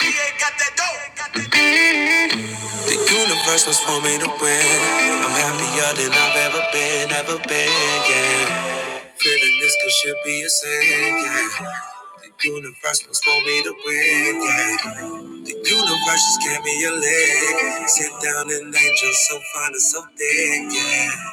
The universe was for me to win. I'm happier than I've ever been, ever been, yeah. Feeling this could should be a sin, yeah. The universe was for me to win, yeah. The universe just gave me a leg. Sit down and angel so fine and so thick, yeah.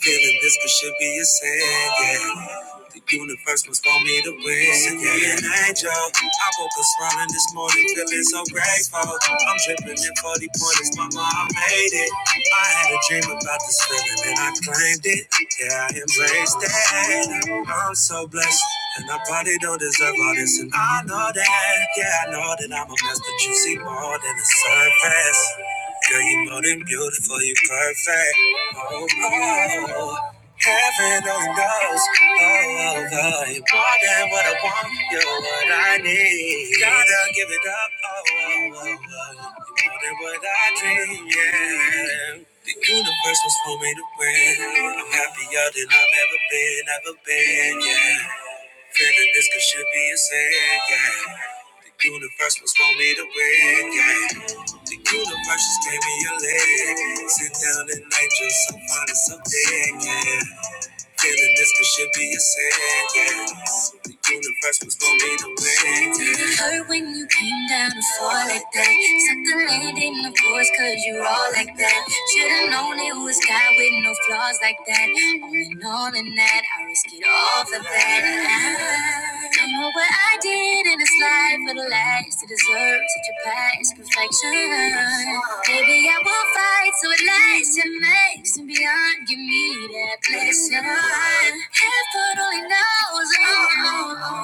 Feeling this could should be a sin, yeah. The universe must want me to win. Send me an angel. I woke up smiling this morning, feeling so grateful. I'm dripping in 40 pointers, mama, I made it. I had a dream about this feeling and I claimed it. Yeah, I embraced it. I'm so blessed. And I probably don't deserve all this, and I know that. Yeah, I know that I'm a mess, but you see more than the surface. Girl, you are more than beautiful, you are perfect. Oh, oh, oh. heaven only knows. Oh, oh, oh, you more than what I want, you're what I need. Gotta give it up. Oh, oh, oh, oh. you more than what I dream, yeah. The universe was for me to win. I'm happier than I've ever been, ever been, yeah. Feeling this could should be a sin, yeah. The universe was for me to win, yeah. The universe just gave me a leg. Sit down and night just so fine and so dead, yeah. Feeling this could should be a sentence. The universe was gonna be the win. Did it hurt when you came down to fall like that? Suck the land in the course, cause you're all like that. Should've known it was God with no flaws like that. All in all, in that, I risk it all for that. I don't know what I did waited in this life for the lies to deserve such a past perfection. Baby, I won't fight, so it lasts. and makes and beyond. Give me that blessing. Heaven only knows, oh, oh,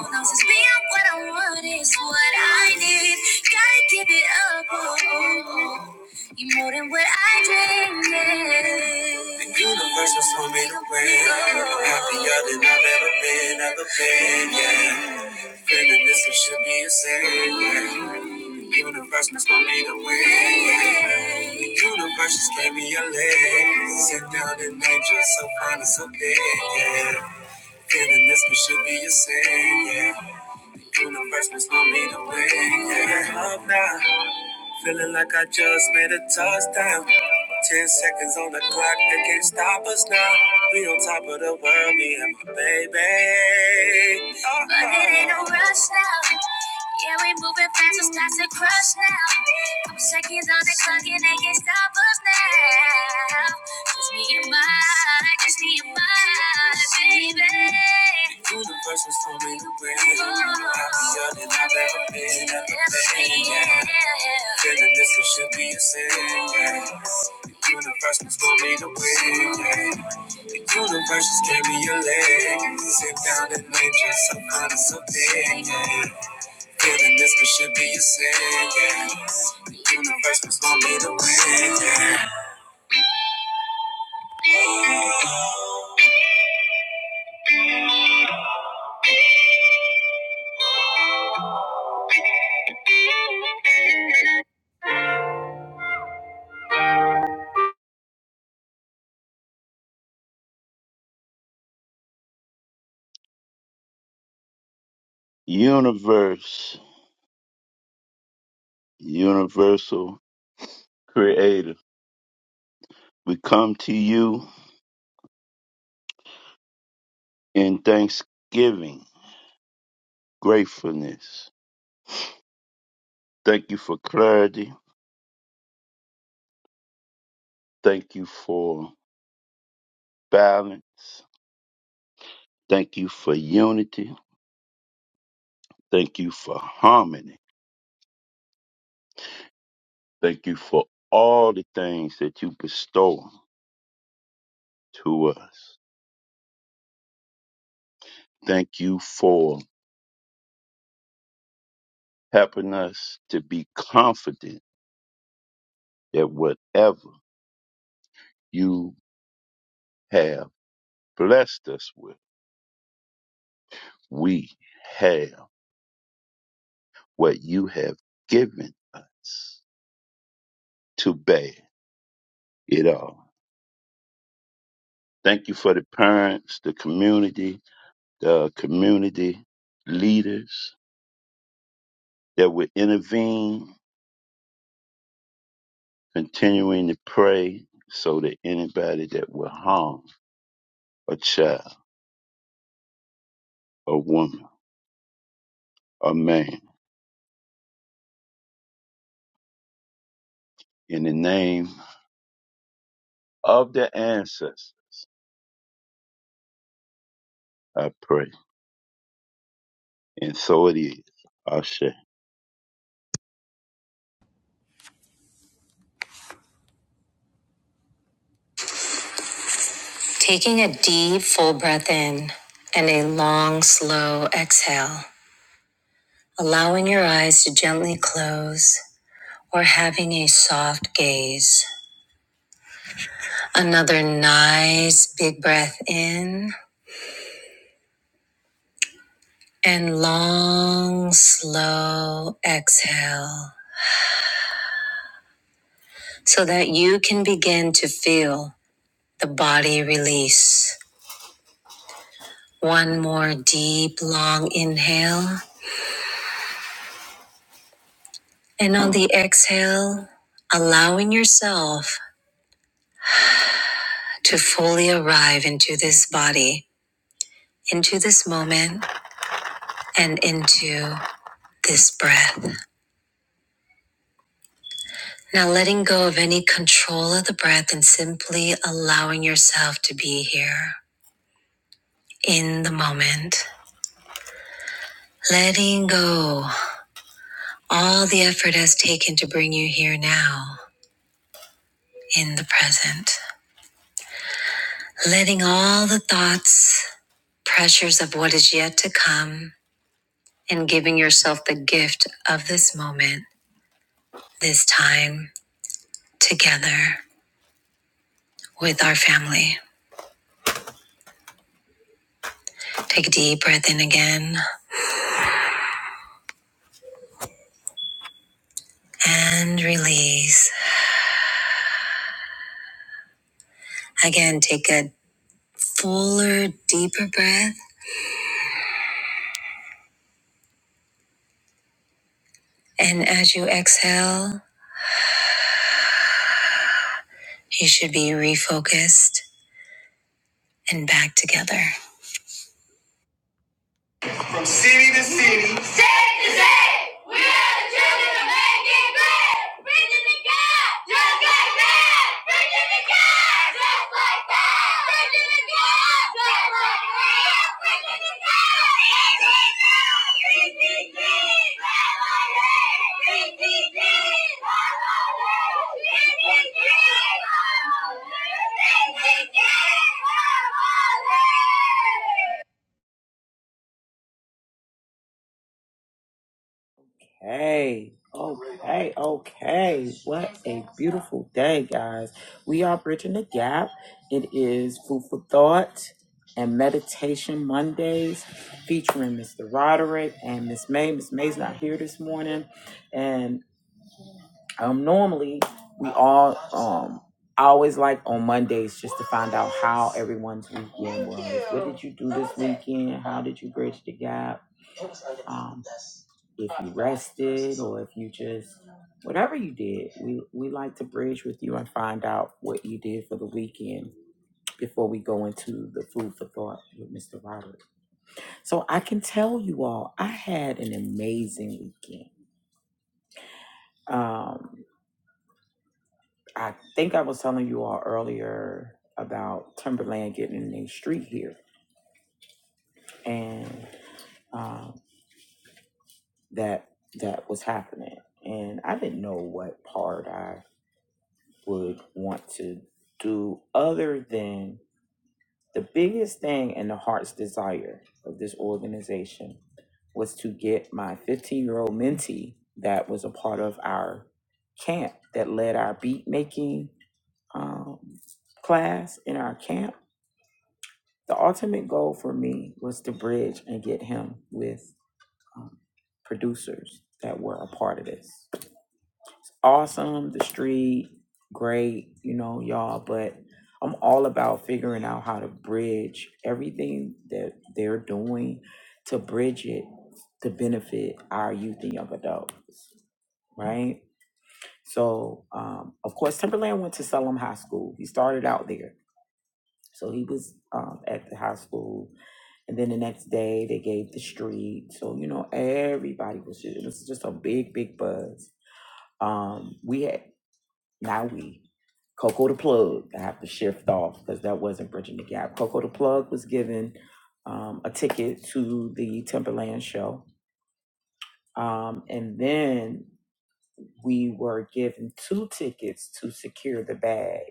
oh, knows it's beyond what I want, it's what I need. Gotta give it up, oh, oh, oh. You're more than what I dreamed. The universe was for me to win. I'm happier than I've ever been, ever been. Yeah, feeling this it should be a sin. Yeah. The universe must want me to win. Yeah. The universe just gave me a leg. Sit down and angel, so fine and so big. Yeah, feeling this it should be a sin. Yeah. The universe must want me to win. Yeah, love now. Feeling like I just made a touchdown. Ten seconds on the clock, they can't stop us now. We on top of the world, me and my baby. Oh. But it ain't no rush now. Yeah, we moving fast, it's time to crush now. Couple seconds on the clock nothing that can stop us now. Just me and my, just me and my baby. The universe was for me to win. Happier than I've ever been, ever been. Yeah. Feeling this should be a sin. Yeah. The universe was for me to win. Yeah. The universe just gave me a leg. Sit down and make yourself honest a bit. Feeling this could should be a sin, yeah. The universe must want me to win, yeah. Universe, universal creator, we come to you in thanksgiving, gratefulness. Thank you for clarity. Thank you for balance. Thank you for unity. Thank you for harmony. Thank you for all the things that you bestow to us. Thank you for helping us to be confident that whatever you have blessed us with We have what you have given us to bear it all. Thank you for the parents, the community, the community leaders that will intervene, continuing to pray so that anybody that will harm a child, a woman, a man, in the name of the ancestors, I pray. And so it is. Ashe. Taking a deep, full breath in and a long, slow exhale, allowing your eyes to gently close or having a soft gaze. Another nice, big breath in and long, slow exhale so that you can begin to feel the body release. One more deep, long inhale. And on the exhale, allowing yourself to fully arrive into this body, into this moment, and into this breath. Now, letting go of any control of the breath and simply allowing yourself to be here in the moment. Letting go all the effort has taken to bring you here now in the present. Letting all the thoughts pressures of what is yet to come, and giving yourself the gift of this moment, this time together with our family. Take a deep breath in again and release. Again, take a fuller, deeper breath. And as you exhale, you should be refocused and back together. From city to city. State to state. We are the children of making great. Preaching to God. Just like that. Preaching to God. Just like that. Preaching to God. Just like that. Preaching to God. PTG. PTG. PTG. PTG. PTG. Okay, okay, okay. What a beautiful day, guys. We are bridging the gap. It is Food for Thought and Meditation Mondays featuring Mr. Roderick and Miss May. Miss May's not here this morning. and. Um, normally we all um I always like on Mondays just to find out how everyone's weekend was. What did you do this weekend? How did you bridge the gap? Um, if you rested or if you just whatever you did, we we like to bridge with you and find out what you did for the weekend before we go into the food for thought with Mr. Robert. So I can tell you all, I had an amazing weekend. Um, I think I was telling you all earlier about Timberland getting in the street here, and um, that that was happening. And I didn't know what part I would want to do other than the biggest thing and the heart's desire of this organization was to get my 15 year old mentee that was a part of our camp that led our beat making um, class in our camp The ultimate goal for me was to bridge and get him with um, producers that were a part of this. Awesome, the street, great, you know, y'all, but I'm all about figuring out how to bridge everything that they're doing to bridge it to benefit our youth and young adults, right? So, um, of course, Timberland went to Salem High School. He started out there. So he was um, at the high school And then the next day they gave the street. So, you know, everybody was just, it was just a big, big buzz. Um, we had, now we, Coco the Plug, I have to shift off because that wasn't Bridging the Gap. Coco the Plug was given um, a ticket to the Timberland show. Um, and then we were given two tickets to secure the bag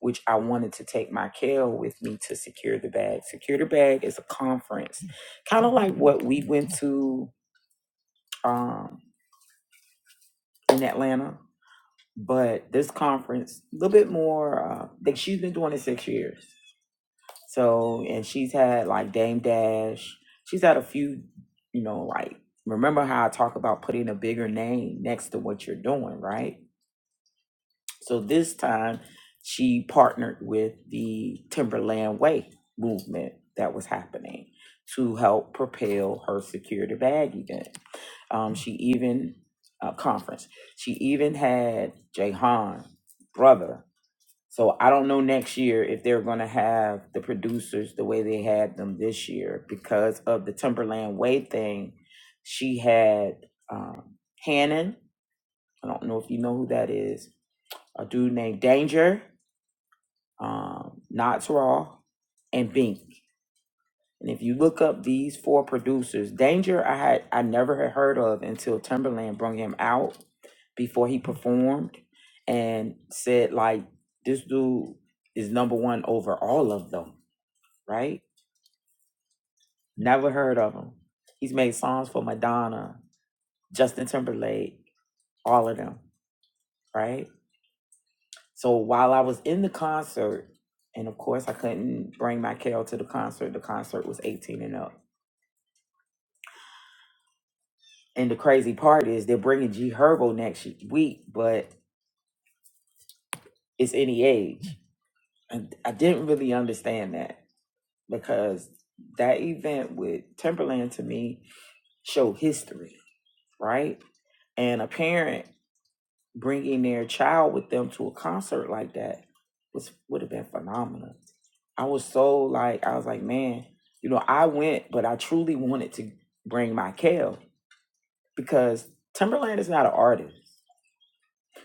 which I wanted to take my Kel with me to Secure the Bag. Secure the Bag is a conference, kind of like what we went to um, in Atlanta, but this conference a little bit more. Uh, like she's been doing it six years, so and she's had like Dame Dash. She's had a few, you know, like remember how I talk about putting a bigger name next to what you're doing, right? So this time she partnered with the Timberland Way movement that was happening to help propel her security bag event. Um, she even uh, conference. She even had Jahan brother. So I don't know next year if they're going to have the producers the way they had them this year because of the Timberland Way thing. She had um, Hannon. I don't know if you know who that is a dude named Danger, um, Knots Raw, and Bink. And if you look up these four producers, Danger I had I never had heard of until Timberland brought him out before he performed and said like this dude is number one over all of them, right? Never heard of him. He's made songs for Madonna, Justin Timberlake, all of them, right? So while I was in the concert, and of course I couldn't bring my Carol to the concert. The concert was 18 and up. And the crazy part is they're bringing G Herbo next week, but it's any age. And I didn't really understand that because that event with Timberland to me showed history, right? And a parent bringing their child with them to a concert like that was would have been phenomenal I was so like, I was like, man, you know, I went, but I truly wanted to bring my Kale because Timberland is not an artist.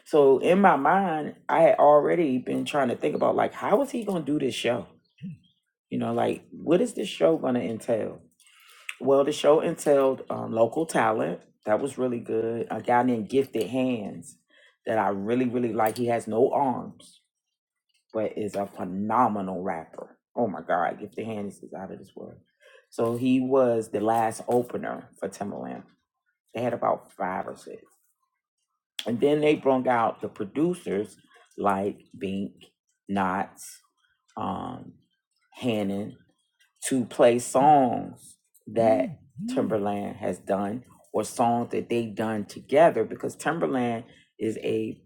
So in my mind, I had already been trying to think about like, how is he gonna do this show? You know, like, what is this show gonna entail? Well, the show entailed um, local talent. That was really good. A guy named Gifted Hands that I really, really like. He has no arms but is a phenomenal rapper. Oh my God, Gifted Hands is out of this world. So he was the last opener for Timbaland. They had about five or six. And then they brought out the producers like Bink, Knotts, um, Hannon to play songs that Mhm. Timberland has done or songs that they have done together because Timberland is a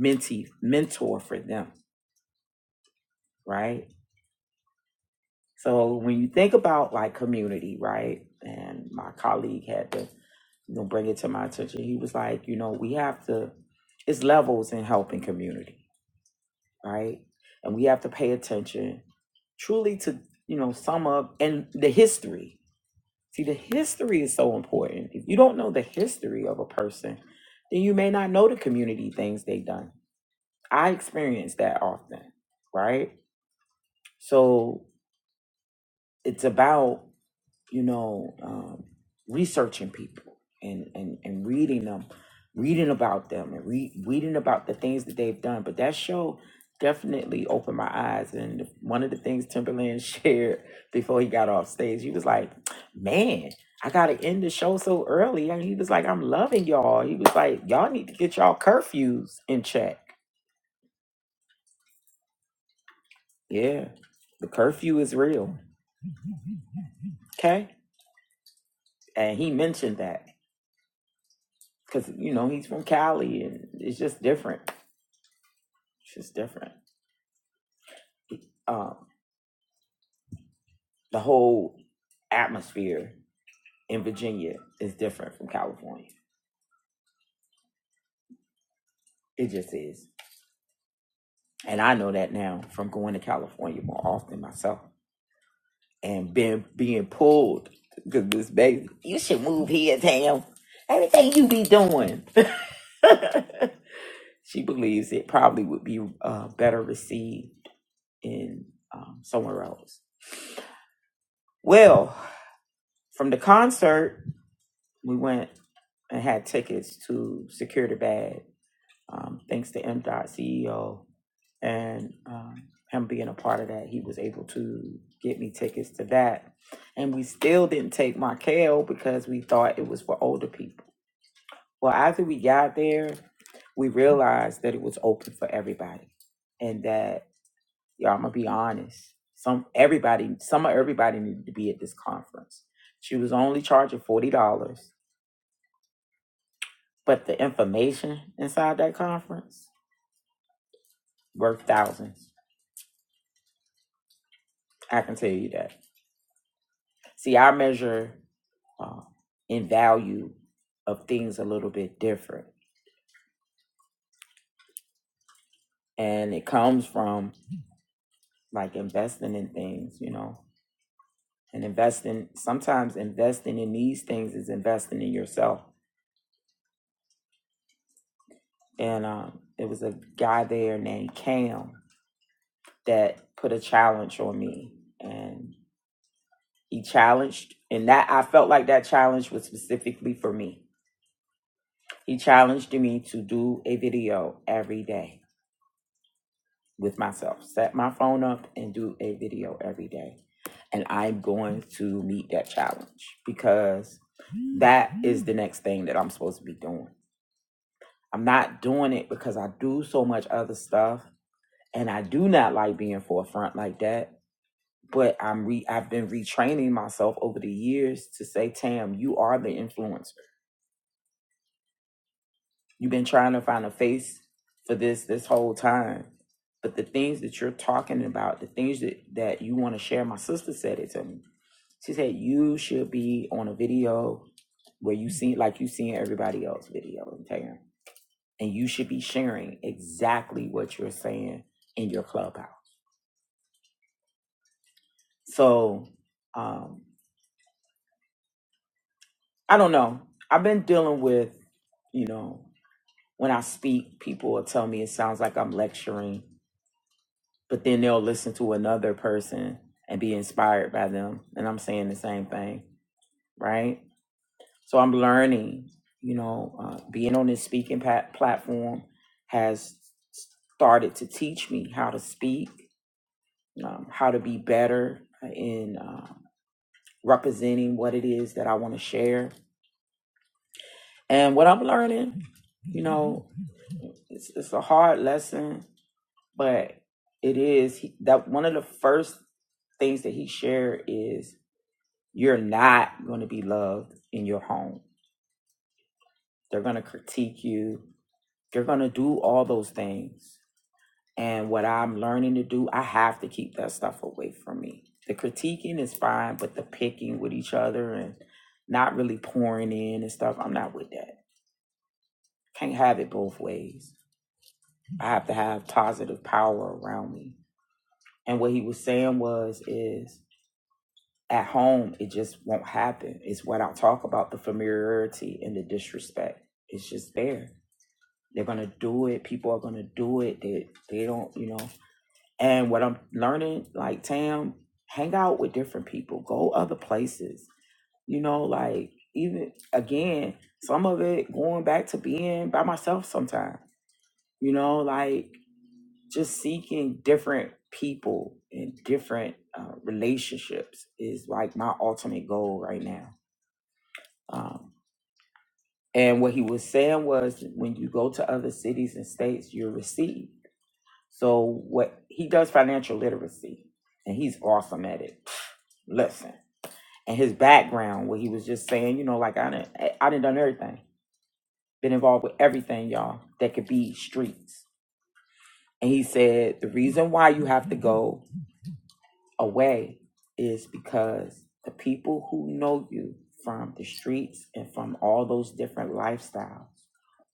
mentee, mentor for them, right? So when you think about like community, right? And my colleague had to you know bring it to my attention. He was like, you know, we have to it's levels in helping community, right? And we have to pay attention truly to, you know, sum up and the history. See, the history is so important. If you don't know the history of a person, then you may not know the community things they've done. I experience that often, right? So it's about you know, um, researching people and, and, and reading them, reading about them and re- reading about the things that they've done. But that show definitely opened my eyes. And one of the things Timberland shared before he got off stage, he was like, man, I got to end the show so early. And he was like, I'm loving y'all. He was like, y'all need to get y'all curfews in check. Yeah, the curfew is real. Okay. And he mentioned that because, you know, he's from Cali and it's just different It's Just different. Um, the whole atmosphere in Virginia is different from California. It just is. And I know that now from going to California more often myself and being being pulled because this baby, you should move here, Tam. Everything you be doing. she believes it probably would be uh, better received in um, somewhere else. Well, from the concert, we went and had tickets to Secure the Bag Um, thanks to M. Dot CEO and um, him being a part of that, he was able to get me tickets to that. And we still didn't take Markel because we thought it was for older people. Well, after we got there, we realized that it was open for everybody, and that y'all, I'm gonna be honest. Some everybody, some of everybody needed to be at this conference. She was only charging forty dollars, but the information inside that conference worth thousands. I can tell you that. See, I measure uh, in value of things a little bit different, and it comes from like investing in things, you know, and investing. Sometimes investing in these things is investing in yourself. And um, there was a guy there named Cam that put a challenge on me, and he challenged, and that I felt like that challenge was specifically for me. He challenged me to do a video every day with myself. Set my phone up and do a video every day. And I'm going to meet that challenge because that is the next thing that I'm supposed to be doing. I'm not doing it because I do so much other stuff and I do not like being forefront like that. But I'm re I've been retraining myself over the years to say, Tam, you are the influencer You've been trying to find a face for this this whole time. But the things that you're talking about, the things that, that you want to share, my sister said it to me. She said you should be on a video where you see like you seeing everybody else's video and and you should be sharing exactly what you're saying in your clubhouse. So um, I don't know. I've been dealing with, you know, when I speak, people will tell me it sounds like I'm lecturing but then they'll listen to another person and be inspired by them. And I'm saying the same thing, right? So I'm learning, you know, uh, being on this speaking pat- platform has started to teach me how to speak, um, how to be better in uh, representing what it is that I want to share. And what I'm learning, you know, it's, it's a hard lesson, but it is he- that one of the first things that he shared is you're not going to be loved in your home. They're going to critique you. They're going to do all those things. And what I'm learning to do, I have to keep that stuff away from me. The critiquing is fine, but the picking with each other and not really pouring in and stuff, I'm not with that. Can't have it both ways. I have to have positive power around me. And what he was saying was, is at home, it just won't happen. It's what I'll talk about the familiarity and the disrespect. It's just there They're gonna do it. People are gonna do it. They they don't, you know. And what I'm learning, like Tam, hang out with different people. Go other places. You know, like even again, some of it going back to being by myself sometimes. You know, like just seeking different people and different uh, relationships is like my ultimate goal right now. Um, and what he was saying was when you go to other cities and states, you're received So what he does financial literacy, and he's awesome at it. Listen, and his background, where he was just saying, you know, like I didn't, I didn't done everything, been involved with everything, y'all, that could be streets. And he said the reason why you have to go away is because the people who know you from the streets and from all those different lifestyles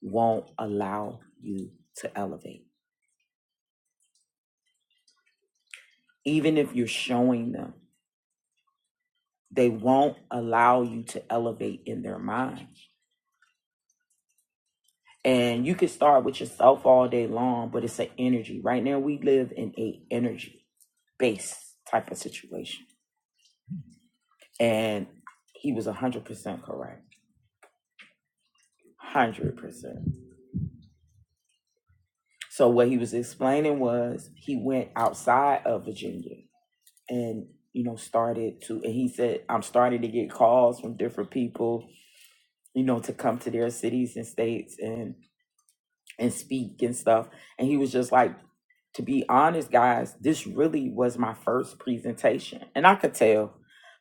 won't allow you to elevate, even if you're showing them They won't allow you to elevate in their mind. And you can start with yourself all day long, but it's an energy. Right now we live in a energy based type of situation. And he was 100% correct. 100%. So what he was explaining was he went outside of Virginia and you know started to and he said I'm starting to get calls from different people, you know, to come to their cities and states and." and speak and stuff. And he was just like, to be honest, guys, this really was my first presentation. And I could tell,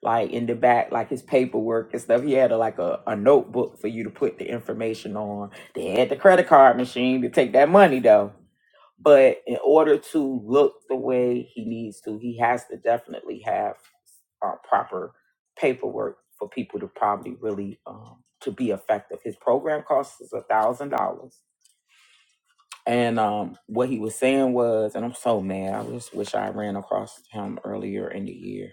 like in the back, like his paperwork and stuff, he had a, like a, a notebook for you to put the information on. They had the credit card machine to take that money though. But in order to look the way he needs to, he has to definitely have uh, proper paperwork for people to probably really um, to be effective. His program costs is a thousand dollars and um, what he was saying was, and I'm so mad. I just wish I ran across him earlier in the year.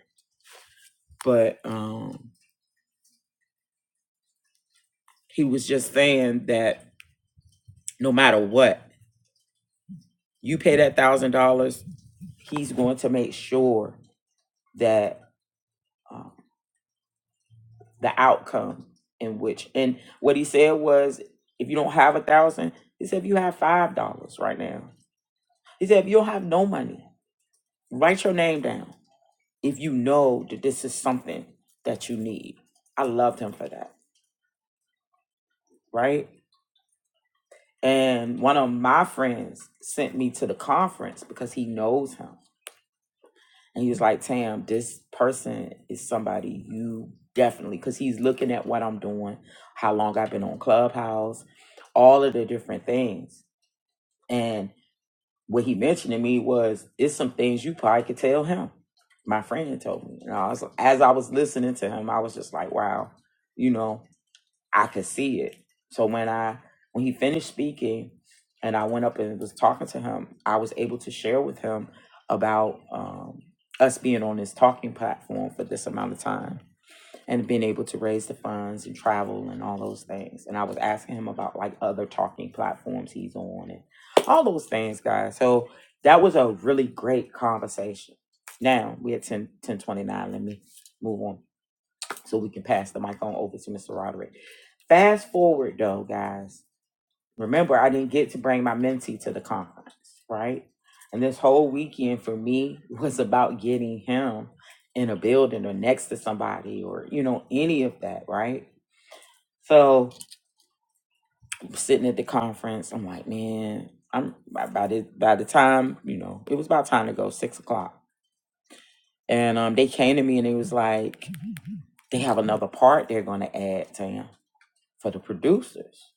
But um, he was just saying that no matter what, you pay that thousand dollars, he's going to make sure that um, the outcome in which, and what he said was, if you don't have a thousand, he said, if you have five dollars right now, he said, if you don't have no money, write your name down. If you know that this is something that you need, I loved him for that right? And one of my friends sent me to the conference because he knows him. And he was like, Tam, this person is somebody you definitely, because he's looking at what I'm doing, how long I've been on Clubhouse, all of the different things. And what he mentioned to me was, it's some things you probably could tell him. My friend had told me. And I was, as I was listening to him, I was just like, wow, you know. I could see it. So when I when he finished speaking and I went up and was talking to him, I was able to share with him about um, us being on this talking platform for this amount of time and being able to raise the funds and travel and all those things. And I was asking him about like other talking platforms he's on and all those things, guys. So that was a really great conversation. Now we at 10 1029. Let me move on so we can pass the mic on over to Mr. Roderick. Fast forward though, guys. Remember, I didn't get to bring my mentee to the conference, right? And this whole weekend for me was about getting him in a building or next to somebody or, you know, any of that, right? So sitting at the conference, I'm like, man, I'm by the by the time, you know, it was about time to go, six o'clock. And um they came to me and it was like, they have another part they're gonna add to him for the producers.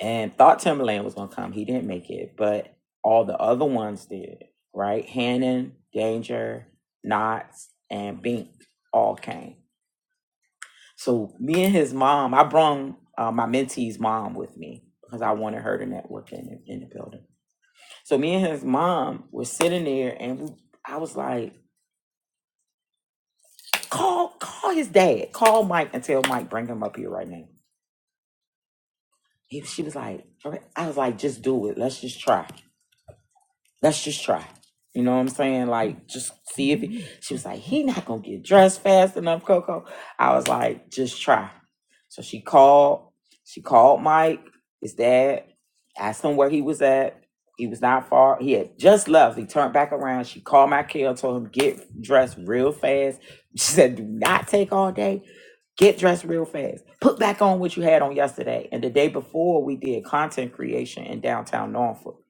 and thought Timberland was gonna come. He didn't make it, but all the other ones did, right? Hannon, Danger, Knots, and Bink all came. So me and his mom, I brung uh, my mentee's mom with me because I wanted her to network in the, in the building. So me and his mom were sitting there, and we, I was like, "Call, call his dad. Call Mike and tell Mike bring him up here right now." He, she was like, "Okay." "I was like, just do it. Let's just try." let's just try. You know what I'm saying? Like, just see if he, she was like, he not gonna get dressed fast enough, Coco. I was like, just try. So she called, she called Mike, his dad, asked him where he was at. He was not far. He had just left. He turned back around. She called my kid, told him get dressed real fast. She said, do not take all day. Get dressed real fast. Put back on what you had on yesterday. And the day before, we did content creation in downtown Norfolk.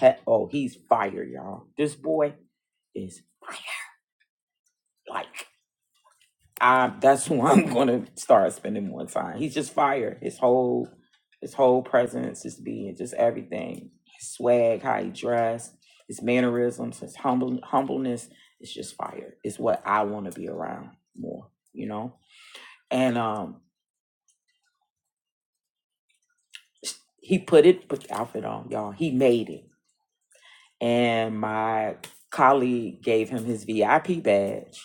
He- oh, he's fired, y'all. This boy is fired. Like, I, that's who I'm gonna start spending more time. He's just fired. His whole, his whole presence, his being, just everything. His swag, how he dressed, his mannerisms, his humble humbleness. It's just fire. It's what I want to be around more. You know. And um, He put it, put the outfit on, y'all. He made it. And my colleague gave him his VIP badge,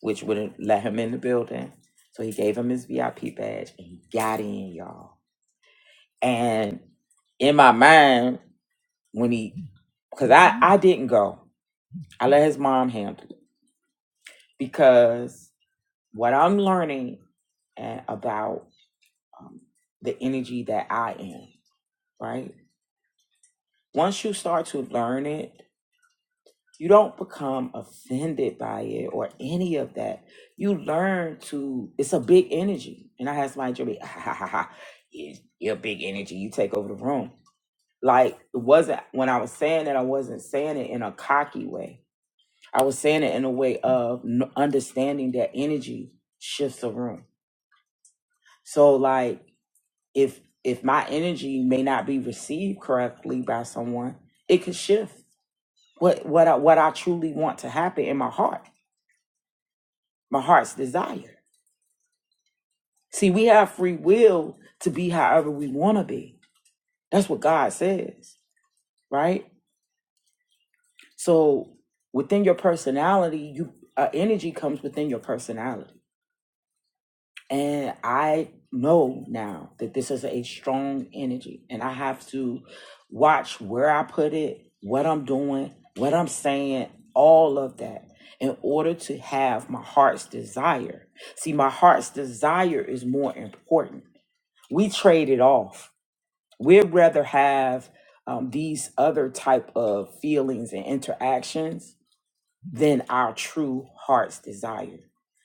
which wouldn't let him in the building. So he gave him his VIP badge and he got in, y'all. And in my mind, when he, because I, I didn't go, I let his mom handle it because what I'm learning and about um, the energy that I am, right? Once you start to learn it You don't become offended by it or any of that. You learn to, it's a big energy. And I had somebody to me. ah, ha, ha, ha. Yeah, you're a big energy. You take over the room. Like, it wasn't, when I was saying that. I wasn't saying it in a cocky way. I was saying it in a way of n- understanding that energy shifts the room. So, like, if, if my energy may not be received correctly by someone, it could shift what what I, what I truly want to happen in my heart. my heart's desire. See, we have free will to be however we want to be. That's what God says, right? So within your personality, you uh, energy comes within your personality. And I know now that this is a strong energy and I have to watch where I put it, what I'm doing, what I'm saying, all of that in order to have my heart's desire. See, my heart's desire is more important we trade it off. We'd rather have um, these other type of feelings and interactions than our true heart's desire.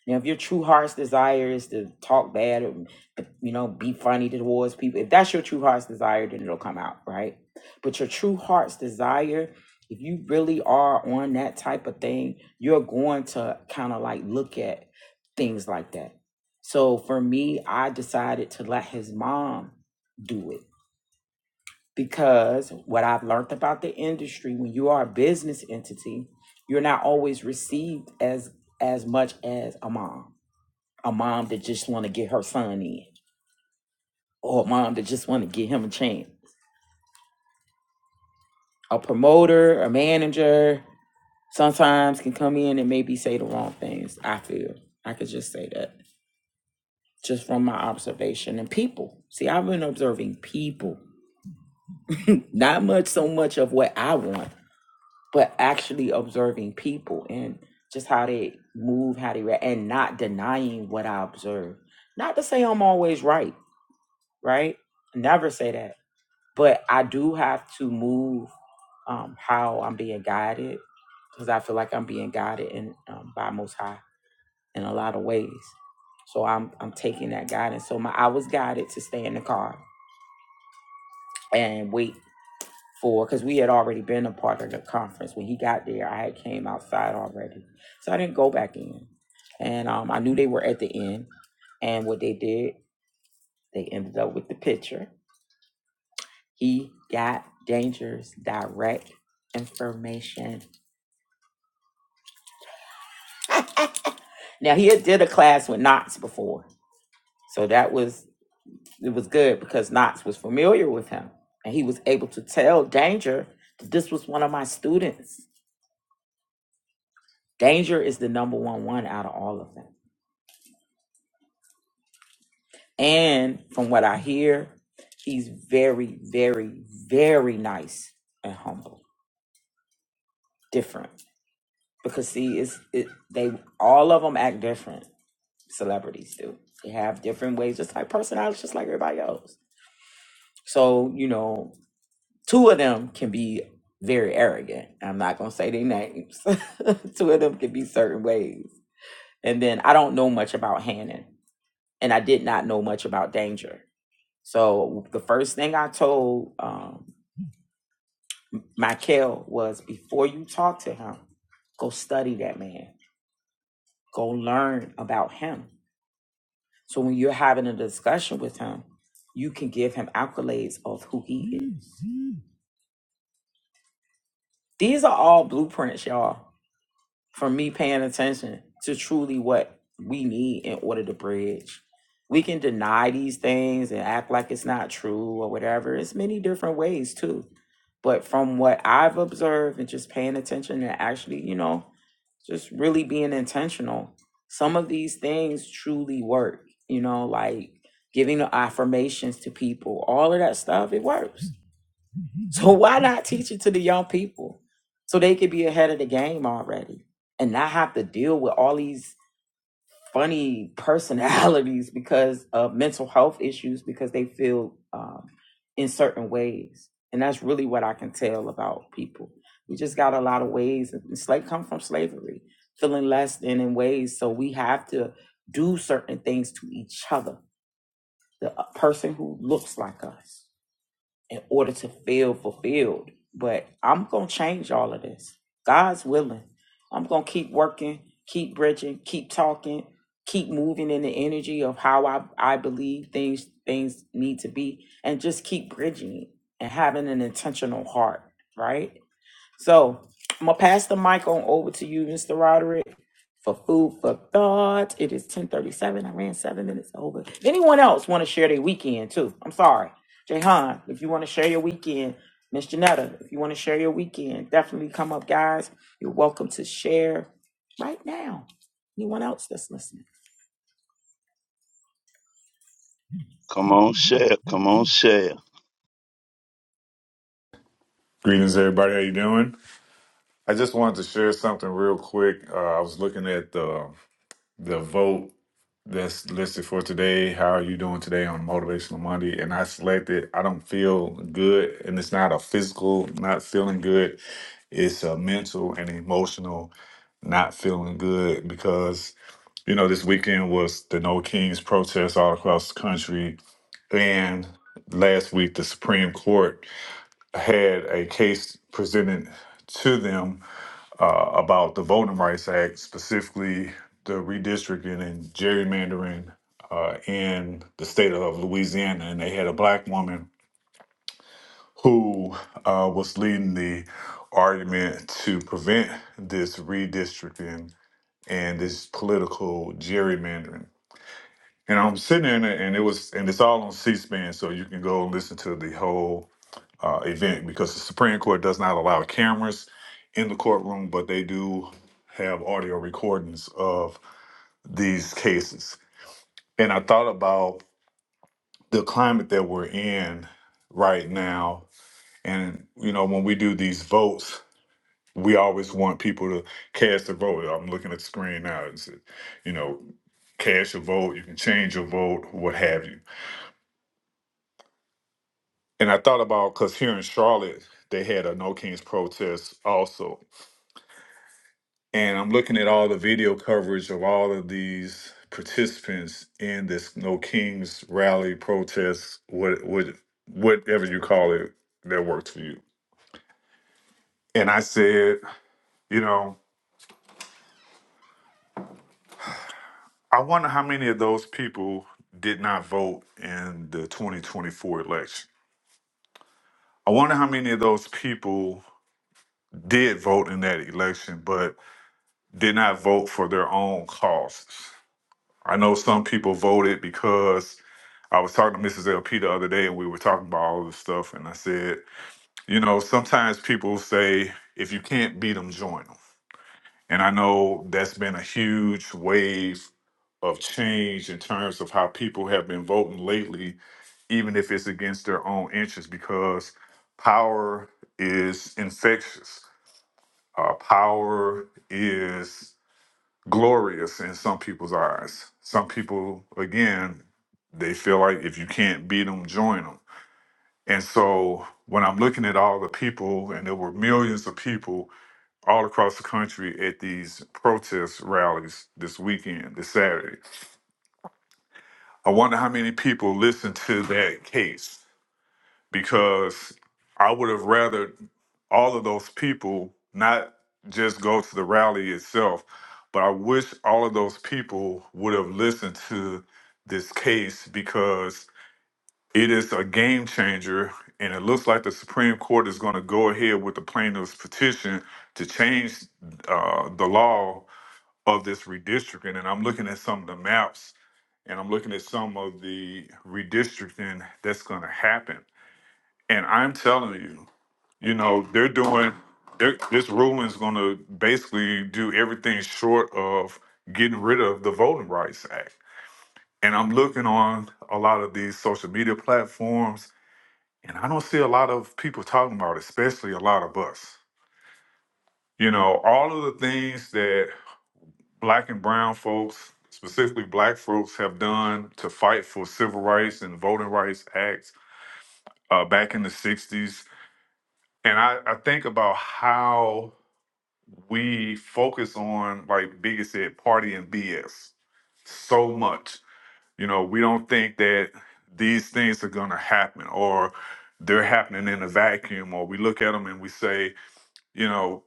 Now, if your true heart's desire is to talk bad or you know be funny towards people, if that's your true heart's desire, then it'll come out, right? But your true heart's desire, if you really are on that type of thing, you're going to kind of like look at things like that. So for me, I decided to let his mom do it because what I've learned about the industry, when you are a business entity, you're not always received as as much as a mom, a mom that just want to get her son in, or a mom that just want to give him a chance. A promoter, a manager, sometimes can come in and maybe say the wrong things. I feel I could just say that just from my observation and people. See, I've been observing people, not much so much of what I want, but actually observing people and just how they move, how they react, and not denying what I observe. Not to say I'm always right, right? Never say that. But I do have to move um, how I'm being guided because I feel like I'm being guided in, um, by Most High in a lot of ways. So I'm I'm taking that guidance. So my I was guided to stay in the car and wait for because we had already been a part of the conference when he got there i had came outside already so i didn't go back in and um, i knew they were at the end and what they did they ended up with the picture he got danger's direct information now he had did a class with knox before so that was it was good because knox was familiar with him and he was able to tell danger that this was one of my students danger is the number one one out of all of them And from what I hear, he's very, very, very nice and humble. Different. Because see, it's it they all of them act different. Celebrities do. They have different ways, just like personalities, just like everybody else. So, you know, two of them can be very arrogant. I'm not gonna say their names. two of them can be certain ways. And then I don't know much about Hannon. And I did not know much about danger. So the first thing I told um Michael was before you talk to him, go study that man, go learn about him. So when you're having a discussion with him, you can give him accolades of who he is. Mm. These are all blueprints, y'all. for me paying attention to truly what we need in order to bridge. We can deny these things and act like it's not true or whatever. It's many different ways too. But from what I've observed and just paying attention and actually, you know, just really being intentional, some of these things truly work, you know, like giving the affirmations to people, all of that stuff, it works so why not teach it to the young people so they could be ahead of the game already and not have to deal with all these funny personalities because of mental health issues because they feel um, in certain ways. And that's really what I can tell about people. We just got a lot of ways. and Slave come from slavery, feeling less than in ways. So we have to do certain things to each other. The uh, person who looks like us in order to feel fulfilled. But I'm going to change all of this. God's willing. I'm going to keep working, keep bridging, keep talking, keep moving in the energy of how I, I believe things things need to be and just keep bridging it and having an intentional heart, right? So I'm gonna pass the mic on over to you, Mr. Roderick, for food for thought. It is 10:37. I ran seven minutes over. Anyone else want to share their weekend too? I'm sorry, Jayhan, if you want to share your weekend, Miss Janetta, if you want to share your weekend, definitely come up, guys. You're welcome to share right now. Anyone else that's listening? Come on, share. Come on, share. Greetings, everybody. How you doing? I just wanted to share something real quick. Uh, I was looking at the the vote that's listed for today. How are you doing today on Motivational Monday? And I selected. I don't feel good, and it's not a physical not feeling good. It's a mental and emotional not feeling good because you know this weekend was the No Kings protest all across the country, and last week the Supreme Court had a case presented to them uh, about the Voting Rights Act, specifically the redistricting and gerrymandering uh, in the state of Louisiana. And they had a black woman who uh, was leading the argument to prevent this redistricting and this political gerrymandering. And I'm sitting there, and it and it was, and it's all on C-SPAN, so you can go and listen to the whole uh, event because the Supreme Court does not allow cameras in the courtroom, but they do have audio recordings of these cases. And I thought about the climate that we're in right now. And, you know, when we do these votes, we always want people to cast their vote. I'm looking at the screen now. It's, you know, cast your vote, you can change your vote, what have you. And I thought about because here in Charlotte, they had a No Kings protest also And I'm looking at all the video coverage of all of these participants in this No Kings rally protest, what what whatever you call it that works for you. And I said, you know, I wonder how many of those people did not vote in the 2024 election. I wonder how many of those people did vote in that election, but did not vote for their own causes. I know some people voted because I was talking to Mrs. LP the other day, and we were talking about all this stuff. And I said, you know, sometimes people say, if you can't beat them, join them. And I know that's been a huge wave of change in terms of how people have been voting lately, even if it's against their own interests, because power is infectious. Uh, power is glorious in some people's eyes. Some people, again, they feel like if you can't beat them, join them. And so when I'm looking at all the people, and there were millions of people all across the country at these protest rallies this weekend, this Saturday, I wonder how many people listened to that case because I would have rather all of those people not just go to the rally itself, but I wish all of those people would have listened to this case because It is a game changer, and it looks like the Supreme Court is going to go ahead with the plaintiff's petition to change uh, the law of this redistricting. And I'm looking at some of the maps, and I'm looking at some of the redistricting that's going to happen. And I'm telling you, you know, they're doing they're, this ruling is going to basically do everything short of getting rid of the Voting Rights Act. And I'm looking on a lot of these social media platforms and I don't see a lot of people talking about, it, especially a lot of us. You know, all of the things that black and brown folks, specifically black folks, have done to fight for civil rights and voting rights acts uh, back in the 60s. And I, I think about how we focus on, like Biggie said, party and BS so much. You know, we don't think that these things are going to happen or they're happening in a vacuum, or we look at them and we say, you know,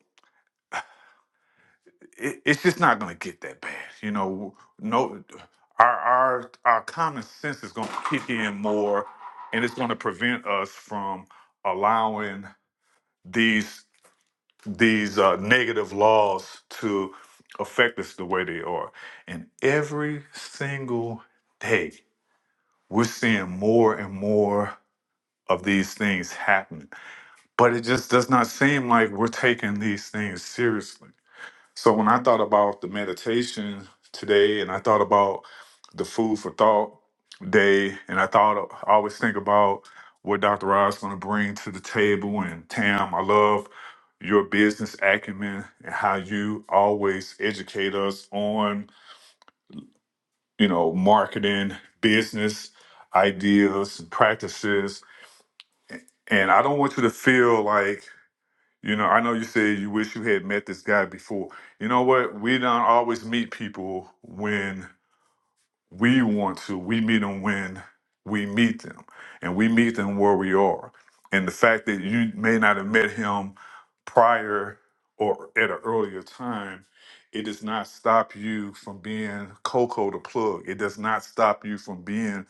it, it's just not going to get that bad. You know, no, our our our common sense is going to kick in more, and it's going to prevent us from allowing these these uh, negative laws to affect us the way they are. And every single day, we're seeing more and more of these things happening. But it just does not seem like we're taking these things seriously So when I thought about the meditation today, and I thought about the food for thought day, and I thought I always think about what Dr. Rod's going to bring to the table. And Tam, I love your business acumen and how you always educate us on you know marketing, business ideas, and practices. And I don't want you to feel like You know, I know you said you wish you had met this guy before. You know what? We don't always meet people when we want to we meet them when we meet them and we meet them where we are and the fact that you may not have met him prior or at an earlier time it does not stop you from being coco the plug it does not stop you from being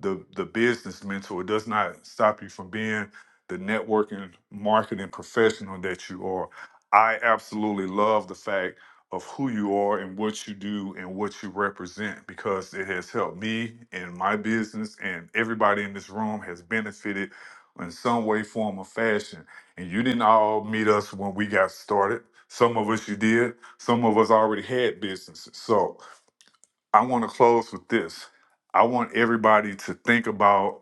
the the business mentor it does not stop you from being the networking marketing professional that you are i absolutely love the fact of who you are and what you do and what you represent because it has helped me and my business and everybody in this room has benefited in some way form or fashion and you didn't all meet us when we got started some of us you did some of us already had businesses so i want to close with this i want everybody to think about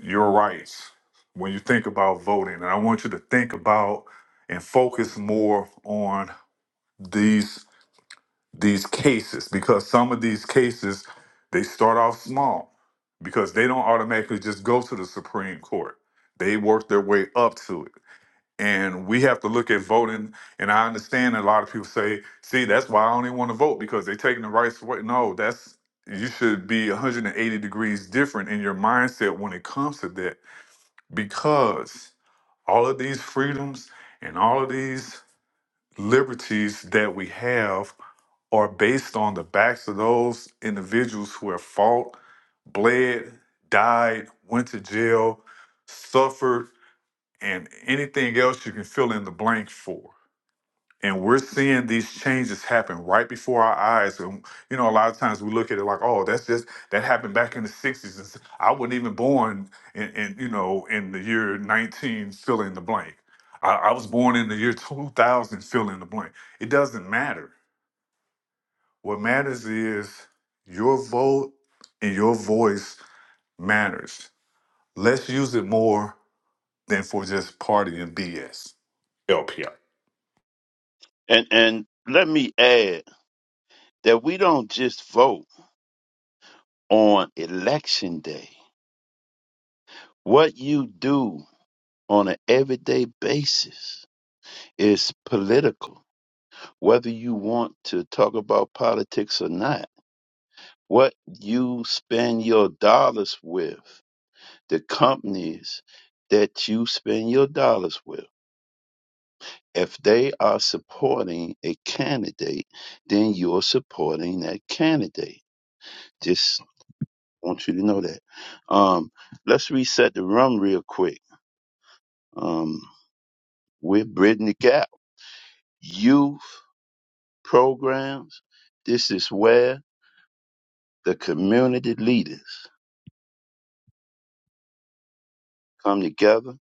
your rights when you think about voting and i want you to think about and focus more on these these cases because some of these cases they start off small because they don't automatically just go to the Supreme Court. They work their way up to it. And we have to look at voting. And I understand a lot of people say, see, that's why I only want to vote because they're taking the rights away. No, that's you should be 180 degrees different in your mindset when it comes to that because all of these freedoms and all of these liberties that we have are based on the backs of those individuals who have fought, bled, died, went to jail, suffered, and anything else you can fill in the blank for. And we're seeing these changes happen right before our eyes. And you know, a lot of times we look at it like, "Oh, that's just that happened back in the '60s." And s- I wasn't even born in, in you know in the year 19, fill in the blank. I, I was born in the year 2000, fill in the blank. It doesn't matter what matters is your vote and your voice matters. Let's use it more than for just party and BS. LPR. And and let me add. that we don't just vote on election day. What you do on an everyday basis is political, whether you want to talk about politics or not. What you spend your dollars with, the companies that you spend your dollars with. If they are supporting a candidate, then you're supporting that candidate. Just want you to know that. Um, let's reset the room real quick um, are Bridging the Gap Youth Programs. This is where the community leaders come together,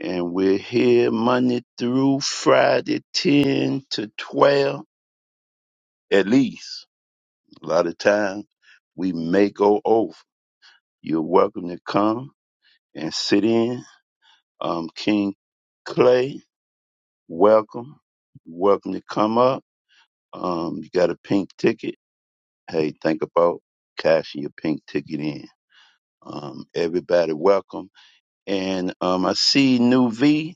and we're here Monday through Friday, 10 to 12 at least. A lot of times we may go over. You're welcome to come and sit in. Um, King Clay, welcome. Welcome to come up. Um, you got a pink ticket hey, think about cashing your pink ticket in. Um, everybody, welcome. And um, I see New V.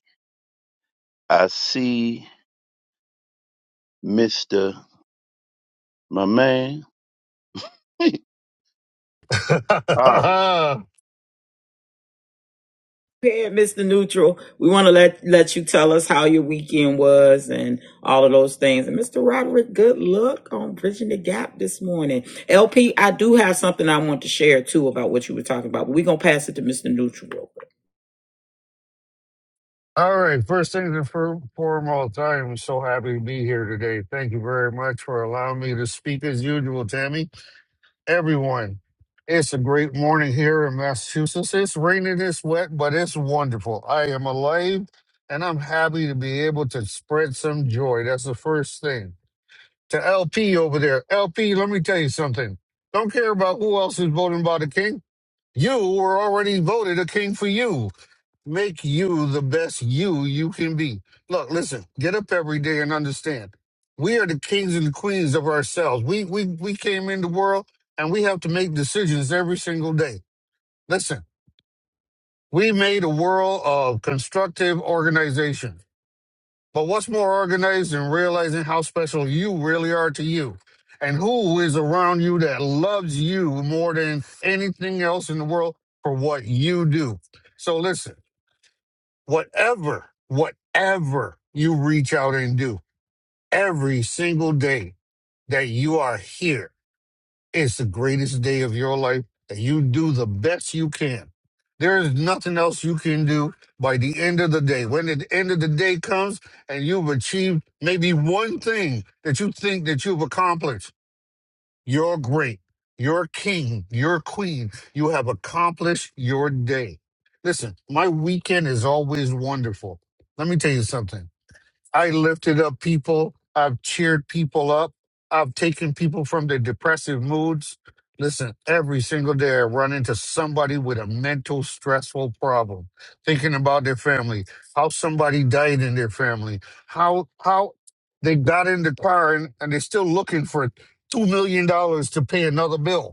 I see Mister, my man. Holla. All prepared, Mr. Neutral. We want to let let you tell us how your weekend was and all of those things. And Mr. Roderick, good luck on bridging the gap this morning. LP, I do have something I want to share too about what you were talking about, but we're gonna pass it to Mr. Neutral real quick. right. First things and fir- foremost, I am so happy to be here today. Thank you very much for allowing me to speak as usual, Tammy. Everyone, it's a great morning here in Massachusetts. It's raining, it's wet, but it's wonderful. I am alive and I'm happy to be able to spread some joy. That's the first thing. To LP over there, LP, let me tell you something. Don't care about who else is voting about a king. You were already voted a king for you. make you the best you you can be. Look, listen, get up every day and understand. We are the kings and the queens of ourselves. We we we came in the world and we have to make decisions every single day. Listen, we made a world of constructive organization. But what's more organized than realizing how special you really are to you? And who is around you that loves you more than anything else in the world for what you do? So listen. whatever, whatever you reach out and do every single day that you are here, it's the greatest day of your life that you do the best you can. There is nothing else you can do by the end of the day. When the end of the day comes and you've achieved maybe one thing that you think that you've accomplished, you're great. You're king. You're queen. You have accomplished your day. Listen, my weekend is always wonderful. Let me tell you something. I lifted up people. I've cheered people up. I've taken people from their depressive moods. Listen, every single day I run into somebody with a mental stressful problem, thinking about their family, how somebody died in their family, how how they got in the car and, and they're still looking for two million dollars to pay another bill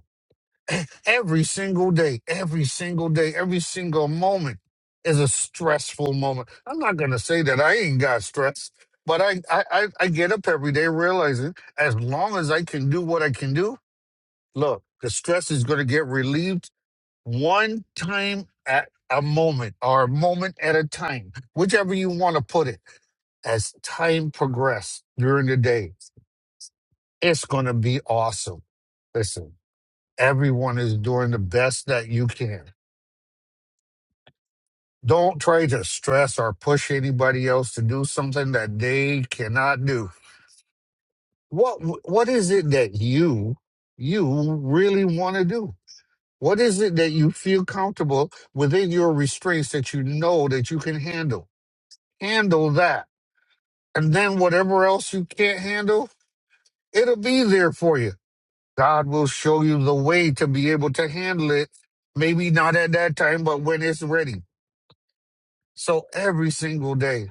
every single day, every single day, every single moment is a stressful moment. I'm not gonna say that I ain't got stress, but I I I, I get up every day realizing as long as I can do what I can do, look, the stress is gonna get relieved one time at a moment or a moment at a time, whichever you want to put it as time progresses during the day, it's going to be awesome. Listen everyone is doing the best that you can. Don't try to stress or push anybody else to do something that they cannot do. What what is it that you you really want to do? What is it that you feel comfortable within your restraints that you know that you can handle? Handle that. And then whatever else you can't handle, it'll be there for you. God will show you the way to be able to handle it. Maybe not at that time, but when it's ready. So every single day,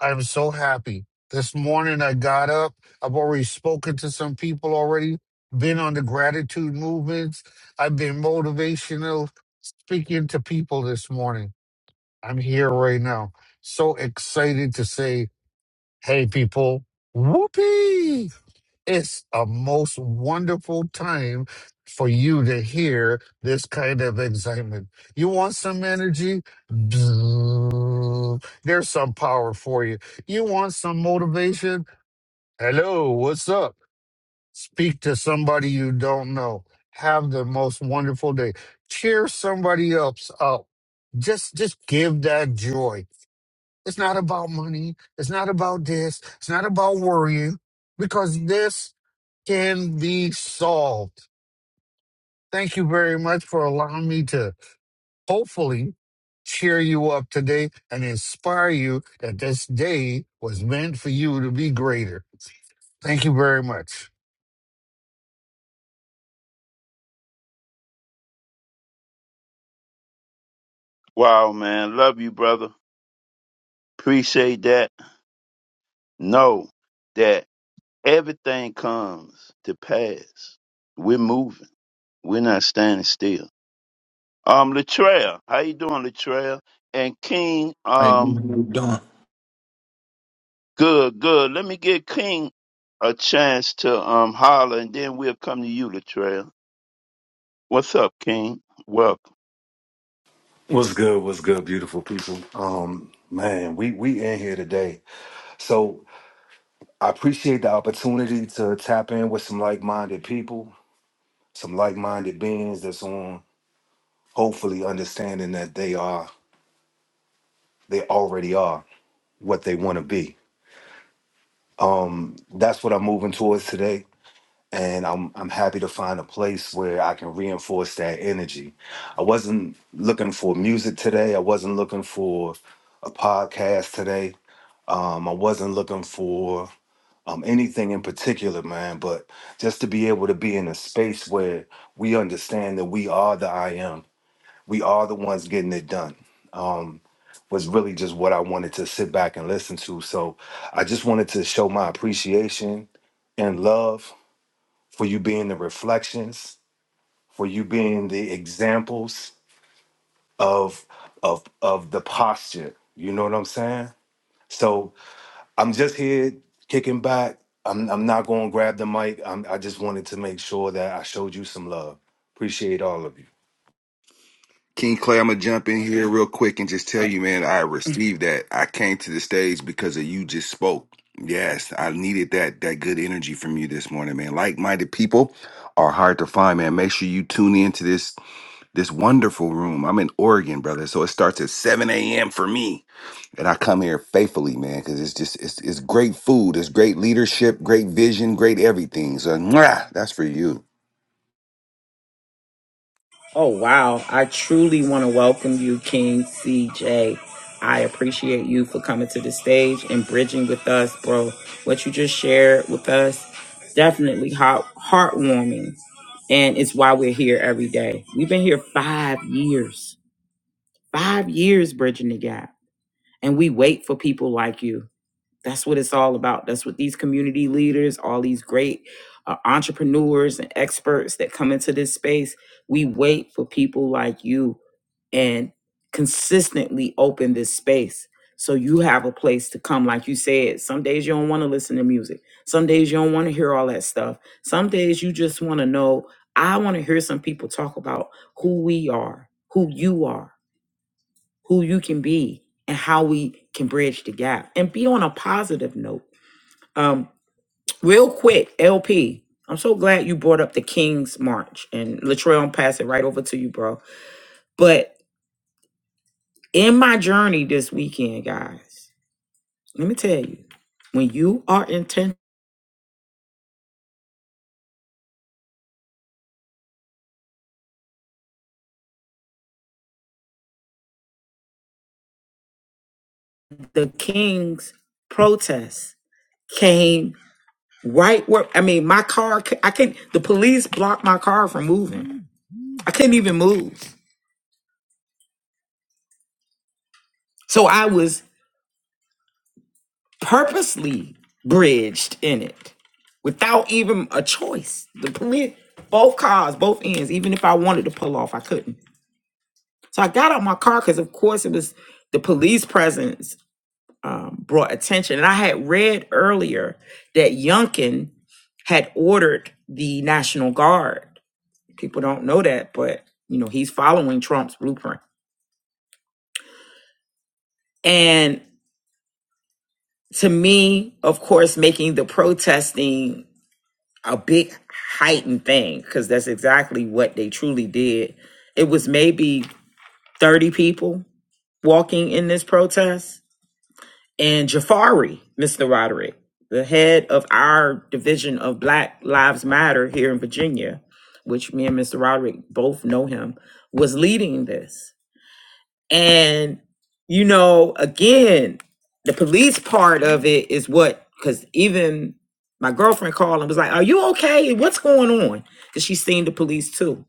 I'm so happy. This morning, I got up. I've already spoken to some people already, been on the gratitude movements. I've been motivational speaking to people this morning. I'm here right now. So excited to say, hey, people, whoopee it's a most wonderful time for you to hear this kind of excitement. You want some energy? Bzzz. There's some power for you. You want some motivation? Hello, what's up? Speak to somebody you don't know. Have the most wonderful day. Cheer somebody else up. Just just give that joy. It's not about money. It's not about this. It's not about worrying because this can be solved. Thank you very much for allowing me to hopefully cheer you up today and inspire you that this day was meant for you to be greater. Thank you very much. wow, man, love you, brother. Appreciate that. Know that everything comes to pass. We're moving. We're not standing still. Um, Latrell, how you doing, Latrell? And King, How you um. doing? Good, good. Let me give King a chance to um holler, and then we'll come to you, Latrell. What's up, King? Welcome, What's good? What's good, beautiful people? Um, man, we we in here today. So I appreciate the opportunity to tap in with some like-minded people, some like-minded beings that's on hopefully understanding that they are they already are what they want to be. Um, that's what I'm moving towards today. And I'm I'm happy to find a place where I can reinforce that energy. I wasn't looking for music today. I wasn't looking for a podcast today. Um, I wasn't looking for um, anything in particular, man, but just to be able to be in a space where we understand that we are the I am, we are the ones getting it done, um, was really just what I wanted to sit back and listen to. So I just wanted to show my appreciation and love for you being the reflections, for you being the examples of of of the posture. You know what I'm saying? So I'm just here kicking back. I'm I'm not going to grab the mic. I'm, I just wanted to make sure that I showed you some love. Appreciate all of you. King Clay, I'm gonna jump in here Wow. real quick and just tell Uh, you, man, I received that. I came to the stage because of you just spoke. Yes, I needed that that good energy from you this morning, man. Like-minded people are hard to find, man. Make sure you tune into this this wonderful room. I'm in Oregon, brother, so it starts at 7 a.m. for me, and I come here faithfully, man, because it's just it's it's great food, it's great leadership, great vision, great everything. So mwah, that's for you. Oh, wow. I truly want to welcome you, King CJ. I appreciate you for coming to the stage and bridging with us, bro. What you just shared with us, definitely heart- heartwarming. And it's why we're here every day. We've been here five years, five years bridging the gap. And we wait for people like you. That's what it's all about. That's what these community leaders, all these great uh, entrepreneurs and experts that come into this space, we wait for people like you and consistently open this space so you have a place to come like you said some days you don't want to listen to music some days you don't want to hear all that stuff some days you just want to know i want to hear some people talk about who we are who you are who you can be and how we can bridge the gap and be on a positive note um real quick lp i'm so glad you brought up the king's march and latrell i'm pass it right over to you bro but In my journey this weekend, guys, let me tell you, when you are intent, the King's protest came right where, I mean, my car, c- I can't, the police blocked my car from moving. I couldn't even move. So I was purposely bridged in it without even a choice. The police, both cars, both ends. Even if I wanted to pull off, I couldn't. So I got out my car because, of course, it was the police presence. brought attention. And I had read earlier that Youngkin had ordered the National Guard. People don't know that, but you know, he's following Trump's blueprint. And to me, of course, making the protesting a big heightened thing, because that's exactly what they truly did. It was maybe 30 people walking in this protest and Jafari, Mr. Roderick, the head of our division of Black Lives Matter here in Virginia, which me and Mr. Roderick both know him, was leading this. And, you know, again, the police part of it is what, because even my girlfriend called and was like, Are you okay? What's going on? Because she's seen the police too.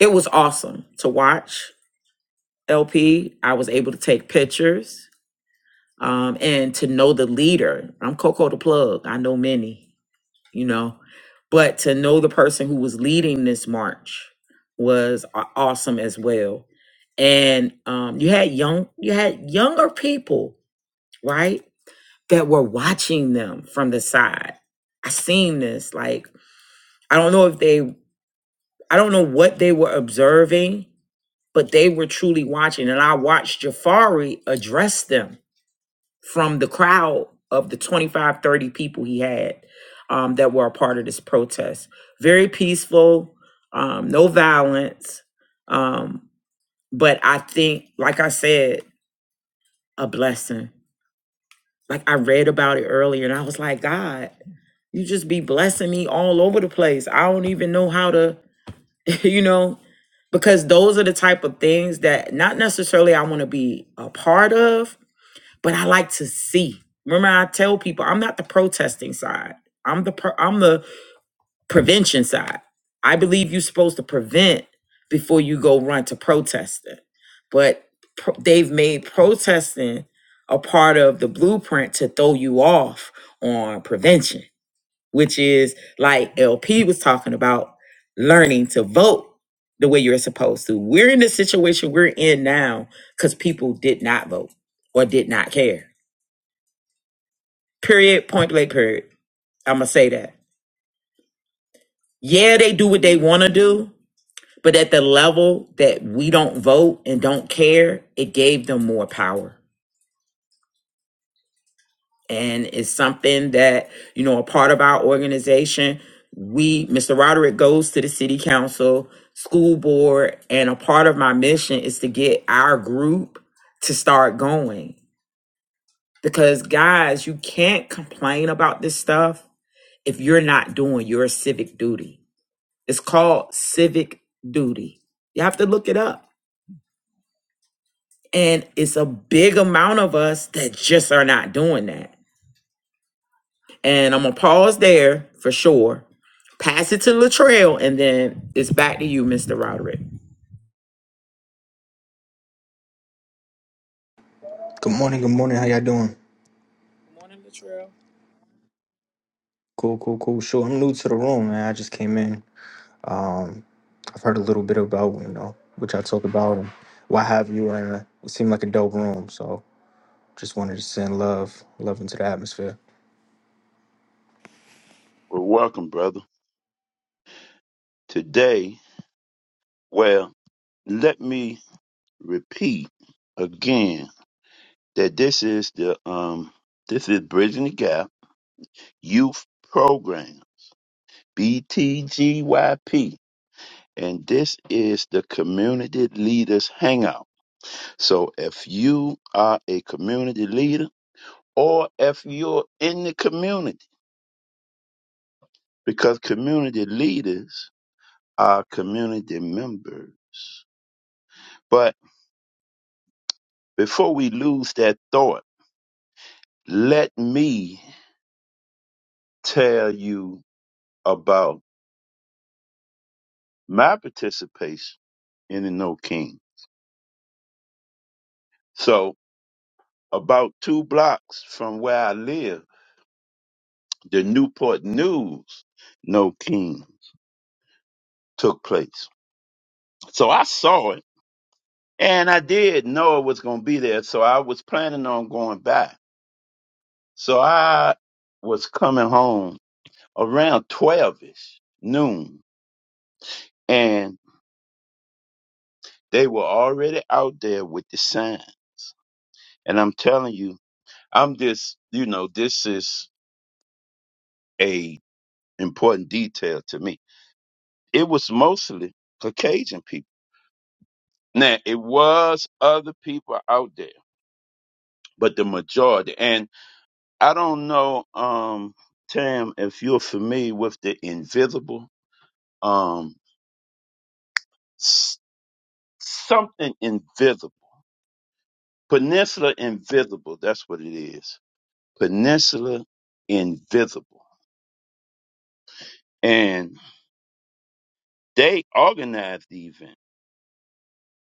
It was awesome to watch. LP, I was able to take pictures. um, and to know the leader. I'm Coco the plug. I know many, you know, but to know the person who was leading this march was a- awesome as well. And um, you had young, you had younger people, right, that were watching them from the side. I seen this. Like I don't know if they, I don't know what they were observing, but they were truly watching. And I watched Jafari address them from the crowd of the 25, 30 people he had um, that were a part of this protest. Very peaceful, um, no violence. Um, but I think, like I said, a blessing. Like I read about it earlier and I was like, God, you just be blessing me all over the place. I don't even know how to, you know, because those are the type of things that not necessarily I want to be a part of, but I like to see. Remember, I tell people I'm not the protesting side. I'm the pro- I'm the prevention side. I believe you're supposed to prevent before you go run to protesting. But pro- they've made protesting a part of the blueprint to throw you off on prevention, which is like LP was talking about learning to vote the way you're supposed to. We're in the situation we're in now because people did not vote or did not care Period, point blank, period. I'm going to say that. Yeah, they do what they want to do, but at the level that we don't vote and don't care, it gave them more power. And it's something that, you know, a part of our organization, we, Mr. Roderick goes to the city council, school board, and a part of my mission is to get our group to start going. Because, guys, you can't complain about this stuff if you're not doing your civic duty It's called civic duty. You have to look it up. And it's a big amount of us that just are not doing that. And I'm going to pause there for sure. Pass it to Latrell, and then it's back to you, Mr. Roderick. Good Good morning, good morning. How y'all doing? morning, Latrell. Cool, cool, cool. Sure. I'm new to the room, man. I just came in. Um, I've heard a little bit about, you know, what y'all talk about and why have you and uh, it seemed like a dope room. So just wanted to send love, love into the atmosphere. well, welcome, brother. Today, well, let me repeat again that this is the um this is Bridging the Gap Youth Program BTGYP, and this is the Community Leaders Hangout. So, if you are a community leader or if you're in the community, because community leaders are community members. But before we lose that thought, let me tell you about my participation in the No King. So, about two blocks from where I live, the Newport News No King took place. So I saw it and I did know it was going to be there. So I was planning on going back So I was coming home around 12 ish, noon, and they were already out there with the sign. And I'm telling you, I'm just, you know, this is a important detail to me. It was mostly Caucasian people. Now, it was other people out there, but the majority. And I don't know, um, Tam, if you're familiar with the invisible, um, s- something invisible. Peninsula Invisible. That's what it is. Peninsula Invisible. And they organized the event,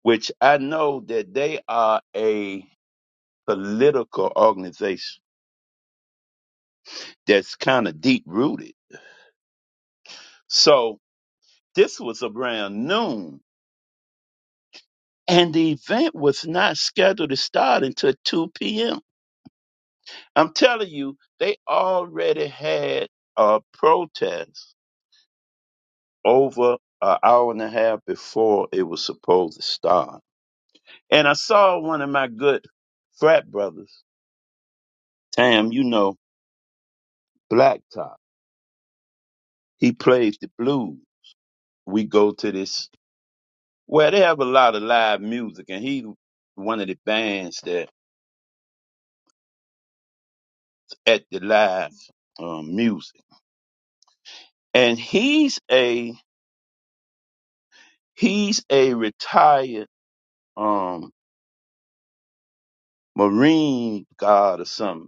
which I know that they are a political organization that's kind of deep rooted. So this was around noon, and the event was not scheduled to start until 2 p.m. I'm telling you, they already had a protest over an hour and a half before it was supposed to start. And I saw one of my good frat brothers, Tam, you know, Blacktop. He plays the blues. We go to this, well, they have a lot of live music, and he one of the bands that at the live um, music. And he's a he's a retired um Marine guard or something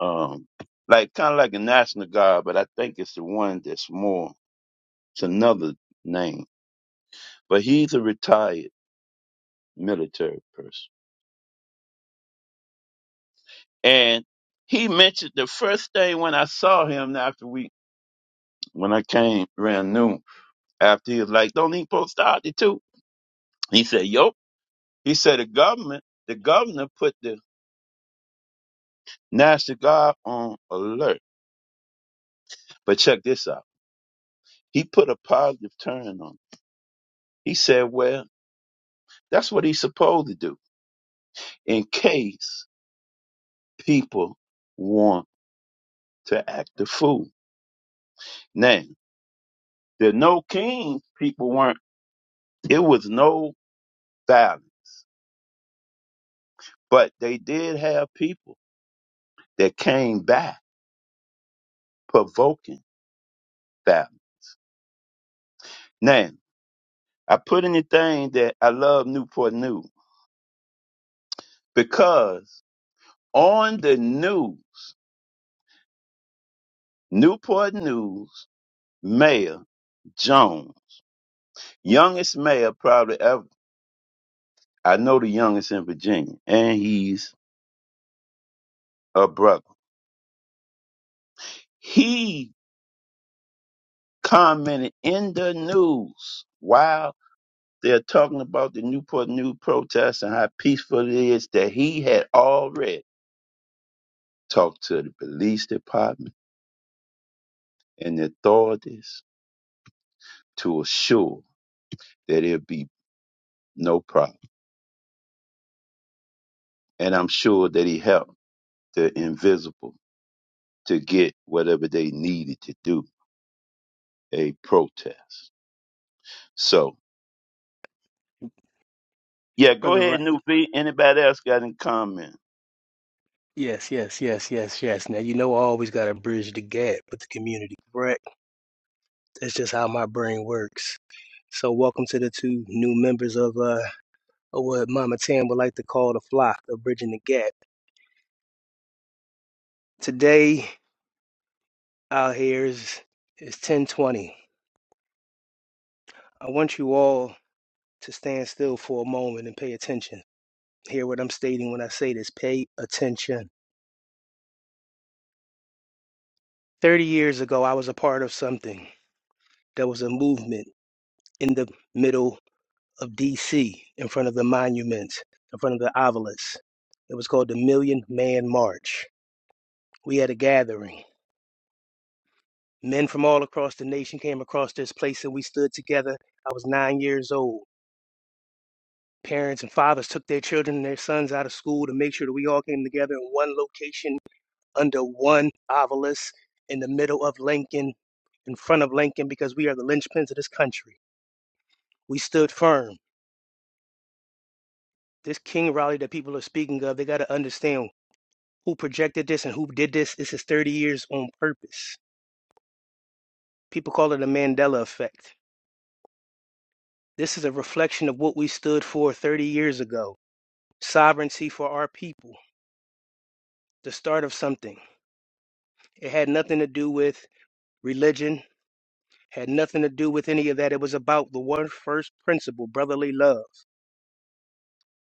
Um, like kind of like a national guard, but I think it's the one that's more. It's another name, but he's a retired military person, and he mentioned the first thing when I saw him after we when I came around noon after he was like, "Don't he post out too?" He said, "Yup." He said the government, the governor put the national guard on alert, but check this out. He put a positive turn on. it. He said, "Well, that's what he's supposed to do in case." people want to act a fool. Now, the no kings people weren't, it was no violence, but they did have people that came back provoking violence. Now, I put in the thing that I love Newport News because on the news, Newport News Mayor Jones, youngest mayor probably ever, I know the youngest in Virginia, and he's a brother. He commented in the news while they're talking about the Newport News protests and how peaceful it is that he had already talked to the police department and the authorities to assure that it'll be no problem. And I'm sure that he helped the invisible to get whatever they needed to do a protest. So yeah, go Brother ahead, Rock. New V. Anybody else got any comment? Yes, yes, yes, yes, yes. Now, you know, I always got to bridge the gap with the community, correct? That's just how my brain works. So, welcome to the two new members of uh, of what Mama Tam would like to call the flock of bridging the gap. Today, out here is is 1020. I want you all to stand still for a moment and pay attention. Hear what I'm stating when I say this. Pay attention. 30 years ago, I was a part of something. There was a movement in the middle of DC in front of the monuments, in front of the obelisks. It was called the Million Man March. We had a gathering. Men from all across the nation came across this place and we stood together. I was nine years old. Parents and fathers took their children and their sons out of school to make sure that we all came together in one location under one obelisk in the middle of Lincoln, in front of Lincoln, because we are the linchpins of this country. We stood firm. This King Raleigh that people are speaking of, they got to understand who projected this and who did this. This is 30 years on purpose. People call it a Mandela effect. This is a reflection of what we stood for 30 years ago sovereignty for our people, the start of something. It had nothing to do with religion, had nothing to do with any of that. It was about the one first principle brotherly love.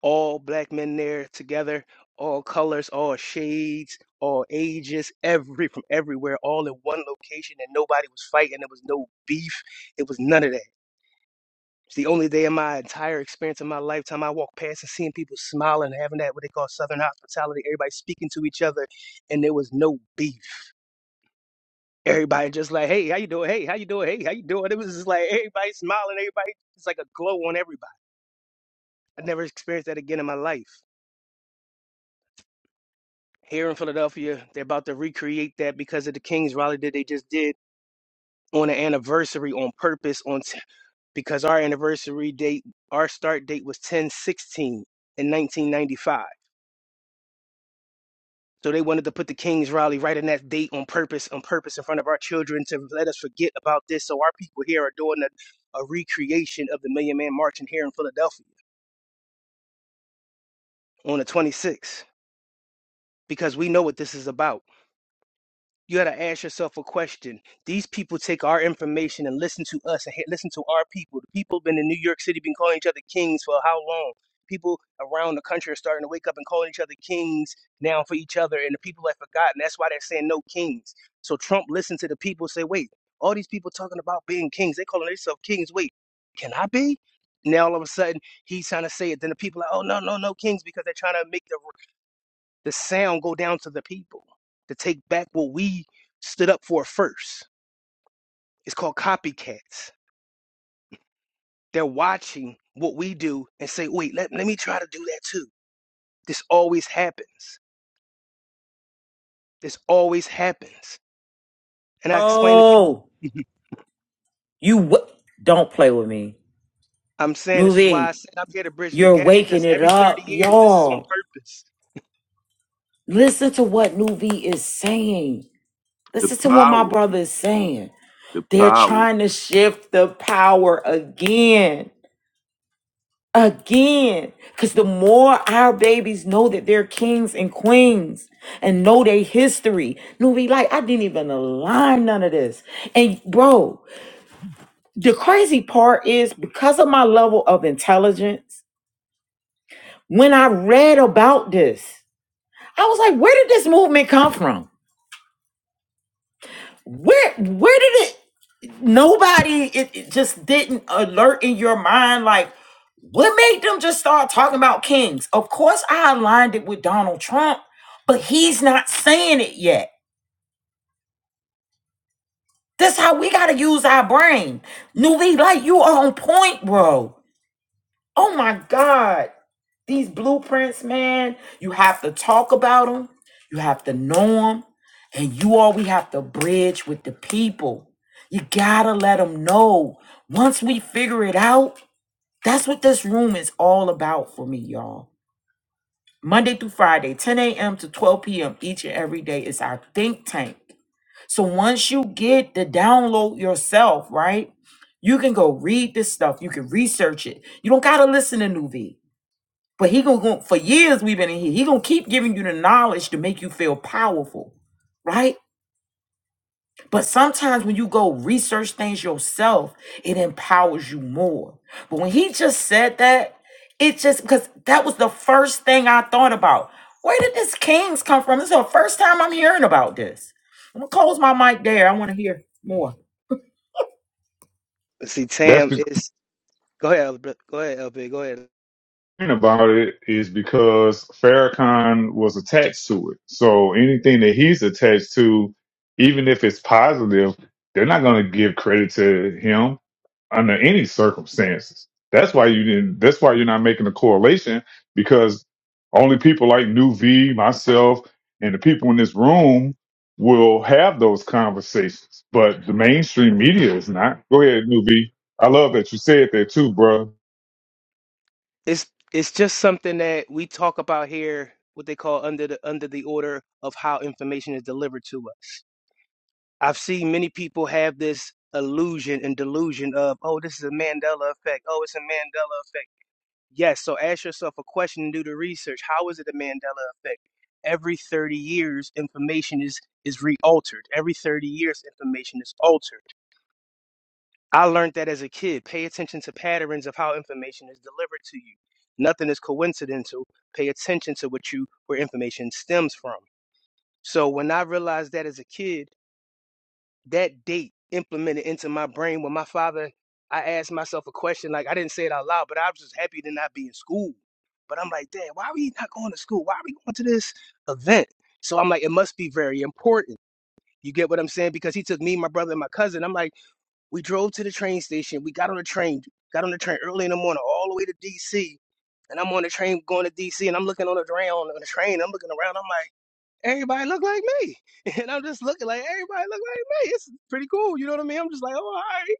All black men there together, all colors, all shades, all ages, every from everywhere, all in one location, and nobody was fighting. There was no beef. It was none of that It's the only day in my entire experience of my lifetime I walked past and seeing people smiling, having that what they call Southern hospitality. Everybody speaking to each other, and there was no beef. Everybody just like, hey, how you doing? Hey, how you doing? Hey, how you doing? It was just like everybody smiling. Everybody, it's like a glow on everybody. I never experienced that again in my life. Here in Philadelphia, they're about to recreate that because of the Kings rally that they just did on an anniversary on purpose on t- because our anniversary date, our start date was ten sixteen in 1995 So they wanted to put the King's Rally right in that date on purpose, on purpose in front of our children to let us forget about this. So our people here are doing a, a recreation of the Million Man March in here in Philadelphia on the 26th because we know what this is about. you got to ask yourself a question. These people take our information and listen to us and hit- listen to our people. The people been in New York City been calling each other kings for how long? People around the country are starting to wake up and calling each other kings now for each other, and the people have forgotten. That's why they're saying no kings. So Trump listened to the people say, wait, all these people talking about being kings, they calling themselves kings. Wait, can I be? Now all of a sudden he's trying to say it. Then the people are, like, oh no, no, no kings because they're trying to make the the sound go down to the people to take back what we stood up for first. It's called copycats. They're watching what we do and say, wait, let, let me try to do that too. This always happens. This always happens. And I explain to Oh, people. you w- don't play with me. I'm saying this is why I Nuvi, said I'm here to bridge the you're gap waking because it every 30 up, years, this is on y'all. purpose. Listen to what Nuvi is saying. The Listen to what my power. brother is saying. The They're power. trying to shift the power again. Again. Because the more our babies know that they're kings and queens and know their history, no, be like, I didn't even align none of this. And bro, the crazy part is because of my level of intelligence, when I read about this, I was like, where did this movement come from? Where where did it nobody it, it just didn't alert in your mind like What made them just start talking about kings? Of course, I aligned it with Donald Trump, but he's not saying it yet. That's how we got to use our brain. Nuvi, like you are on point, bro. Oh my God. These blueprints, man, you have to talk about them, you have to know them, and you all we have to bridge with the people. You got to let them know. Once we figure it out, that's what this room is all about for me, y'all. Monday through Friday, 10 a.m. to 12 p.m. each and every day is our think tank. So once you get the download yourself, right? You can go read this stuff. You can research it. You don't gotta listen to Nuvi, But he gonna go for years we've been in here. He gonna keep giving you the knowledge to make you feel powerful, right? But sometimes when you go research things yourself, it empowers you more. But when he just said that, it just because that was the first thing I thought about. Where did this Kings come from? This is the first time I'm hearing about this. I'm gonna close my mic there. I want to hear more. But see, That's Tam, the it's go ahead, Elb- go ahead, LB, go ahead. thing about it is because Farrakhan was attached to it. So anything that he's attached to, even if it's positive, they're not going to give credit to him. under any circumstances. That's why you didn't. That's why you're not making a correlation because only people like New V, myself, and the people in this room will have those conversations. But the mainstream media is not. Go ahead, New V. I love that you said that too, bro. It's it's just something that we talk about here, what they call under the under the order of how information is delivered to us. I've seen many people have this illusion and delusion of, oh, this is a Mandela effect. Oh, it's a Mandela effect. Yes, so ask yourself a question and do the research. How is it a Mandela effect? Every 30 years, information is is re-altered. Every 30 years, information is altered. I learned that as a kid. Pay attention to patterns of how information is delivered to you. Nothing is coincidental. Pay attention to what you where information stems from. So when I realized that as a kid, that date implemented into my brain when my father I asked myself a question, like I didn't say it out loud, but I was just happy to not be in school. But I'm like, Dad, why are we not going to school? Why are we going to this event? So I'm like, it must be very important. You get what I'm saying? Because he took me, my brother, and my cousin. I'm like, we drove to the train station. We got on the train, got on the train early in the morning, all the way to DC. And I'm on the train going to DC, and I'm looking on the ground on the train. I'm looking around. I'm like everybody look like me. And I'm just looking like everybody look like me. It's pretty cool. You know what I mean? I'm just like, oh, all right.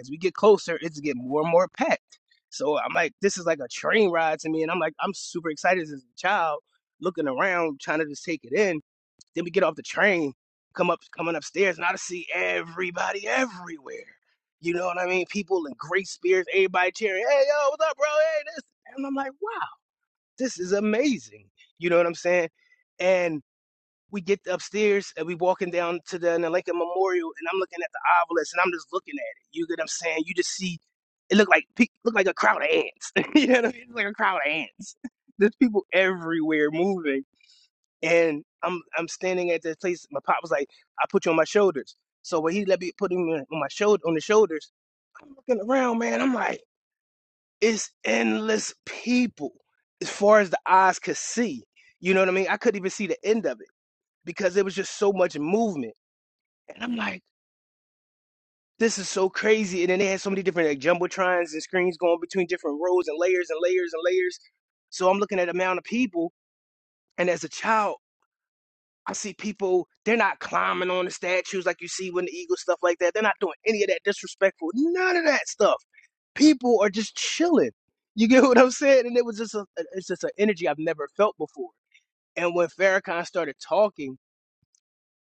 As we get closer, it's getting more and more packed. So I'm like, this is like a train ride to me. And I'm like, I'm super excited as a child, looking around, trying to just take it in. Then we get off the train, come up, coming upstairs, and I just see everybody everywhere. You know what I mean? People in great spirits, everybody cheering, hey, yo, what's up, bro? Hey, this. And I'm like, wow, this is amazing. You know what I'm saying? And we get upstairs and we walking down to the, the Lincoln Memorial, and I'm looking at the obelisk, and I'm just looking at it. You get what I'm saying? You just see it look like look like a crowd of ants. you know what I mean? It's like a crowd of ants. There's people everywhere moving, and I'm I'm standing at this place. My pop was like, "I put you on my shoulders." So when he let me put him on my shoulder on the shoulders, I'm looking around, man. I'm like, it's endless people as far as the eyes could see. You know what I mean? I couldn't even see the end of it because there was just so much movement. And I'm like, this is so crazy. And then they had so many different like jumbotrons and screens going between different rows and layers and layers and layers. So I'm looking at the amount of people. And as a child, I see people, they're not climbing on the statues like you see when the Eagles, stuff like that. They're not doing any of that disrespectful, none of that stuff. People are just chilling. You get what I'm saying? And it was just a, it's just an energy I've never felt before. And when Farrakhan started talking,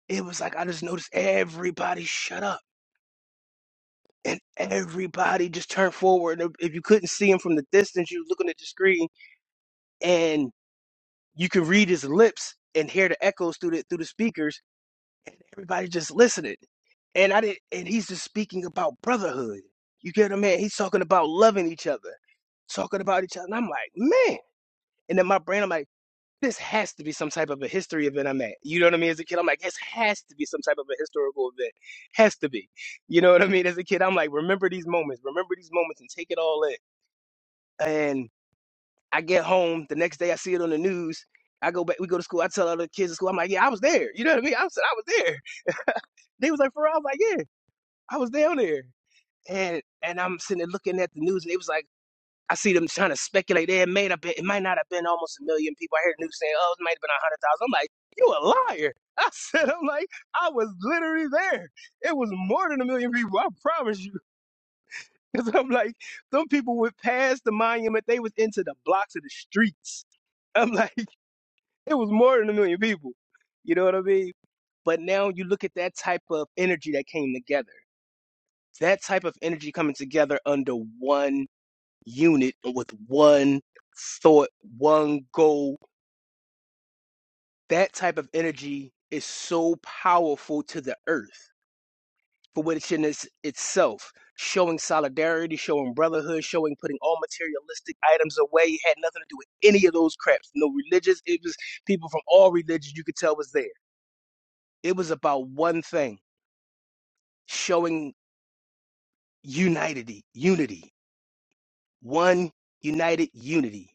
it was like I just noticed everybody shut up and everybody just turned forward. And If you couldn't see him from the distance, you were looking at the screen, and you could read his lips and hear the echoes through the through the speakers, and everybody just listening. And I did, and he's just speaking about brotherhood. You get what I mean? He's talking about loving each other, talking about each other. And I'm like, man. And in my brain, I'm like this has to be some type of a history event I'm at. You know what I mean? As a kid, I'm like, this has to be some type of a historical event. Has to be. You know what I mean? As a kid, I'm like, remember these moments, remember these moments and take it all in. And I get home the next day, I see it on the news. I go back, we go to school. I tell other kids at school, I'm like, yeah, I was there. You know what I mean? I said, I was there. They was like, for real? I was like, yeah, I was down there. And and I'm sitting there looking at the news, and it was like, I see them trying to speculate. "Yeah, It may have been, it might not have been almost a million people. I heard the news saying, oh, it might have been a hundred thousand. I'm like, you a liar. I said, I'm like, I was literally there. It was more than a million people. I promise you. Cause I'm like, some people would pass the monument. They was into the blocks of the streets. I'm like, it was more than a million people. You know what I mean? But now you look at that type of energy that came together. That type of energy coming together under one unit with one thought, one goal. That type of energy is so powerful to the earth for what it's in its, itself. Showing solidarity, showing brotherhood, showing putting all materialistic items away. It had nothing to do with any of those craps. No religious. It was people from all religions you could tell was there. It was about one thing showing unity, unity, one united unity.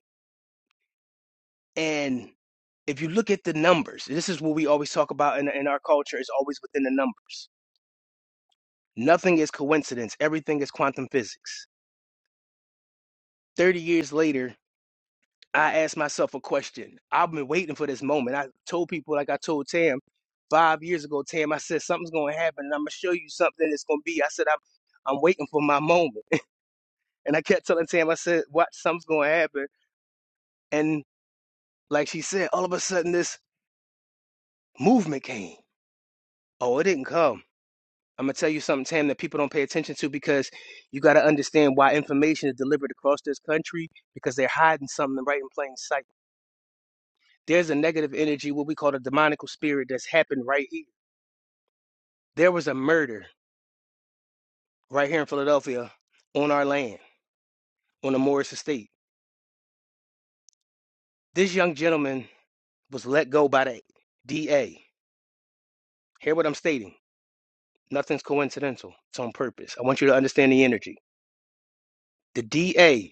And if you look at the numbers, this is what we always talk about in, in our culture is always within the numbers. Nothing is coincidence. Everything is quantum physics. 30 years later, I asked myself a question. I've been waiting for this moment. I told people, like I told Tam five years ago, Tam, I said, something's going to happen and I'm going to show you something that's going to be. I said, I'm, I'm waiting for my moment. And I kept telling Tam, I said, watch, something's going to happen. And like she said, all of a sudden this movement came. Oh, it didn't come I'm gonna tell you something, Tam, that people don't pay attention to because you got to understand why information is delivered across this country because they're hiding something right in plain sight. There's a negative energy, what we call a demonical spirit, that's happened right here. There was a murder right here in Philadelphia on our land, on the Morris estate. This young gentleman was let go by the DA. Hear what I'm stating. Nothing's coincidental. It's on purpose. I want you to understand the energy. The DA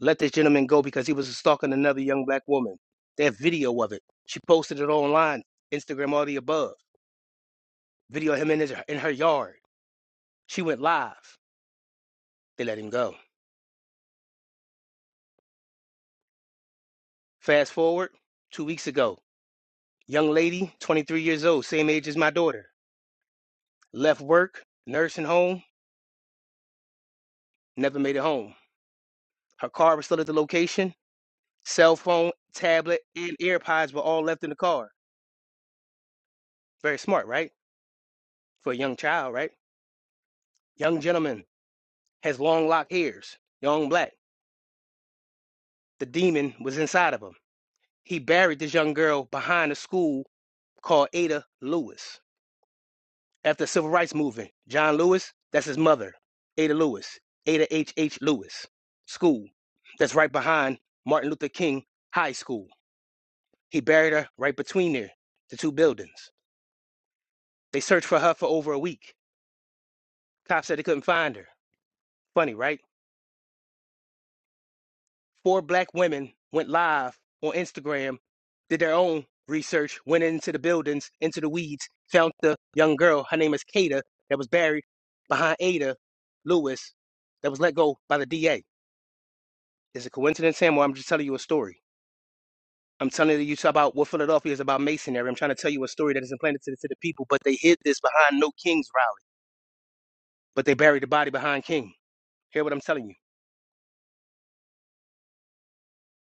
let this gentleman go because he was stalking another young black woman. They have video of it. She posted it online, Instagram, all the above. Video of him in, his, in her yard. She went live. They let him go. Fast forward, two weeks ago, young lady, 23 years old, same age as my daughter, left work, nursing home, never made it home. Her car was still at the location. Cell phone, tablet, and AirPods were all left in the car. Very smart, right? For a young child, right? Young gentleman has long locked hairs, young black. The demon was inside of him. He buried this young girl behind a school called Ada Lewis. After the civil rights movement, John Lewis, that's his mother, Ada Lewis, Ada H. H. Lewis School. That's right behind Martin Luther King High School. He buried her right between there, the two buildings. They searched for her for over a week. Cops said they couldn't find her. Funny, right? four black women went live on Instagram, did their own research, went into the buildings, into the weeds, found the young girl. Her name is Kata that was buried behind Ada Lewis that was let go by the DA. Is it coincidence, Sam, or I'm just telling you a story? I'm telling you so about what Philadelphia is about masonry. I'm trying to tell you a story that is implanted to the, to the people, but they hid this behind no King's rally, but they buried the body behind King. Hear what I'm telling you.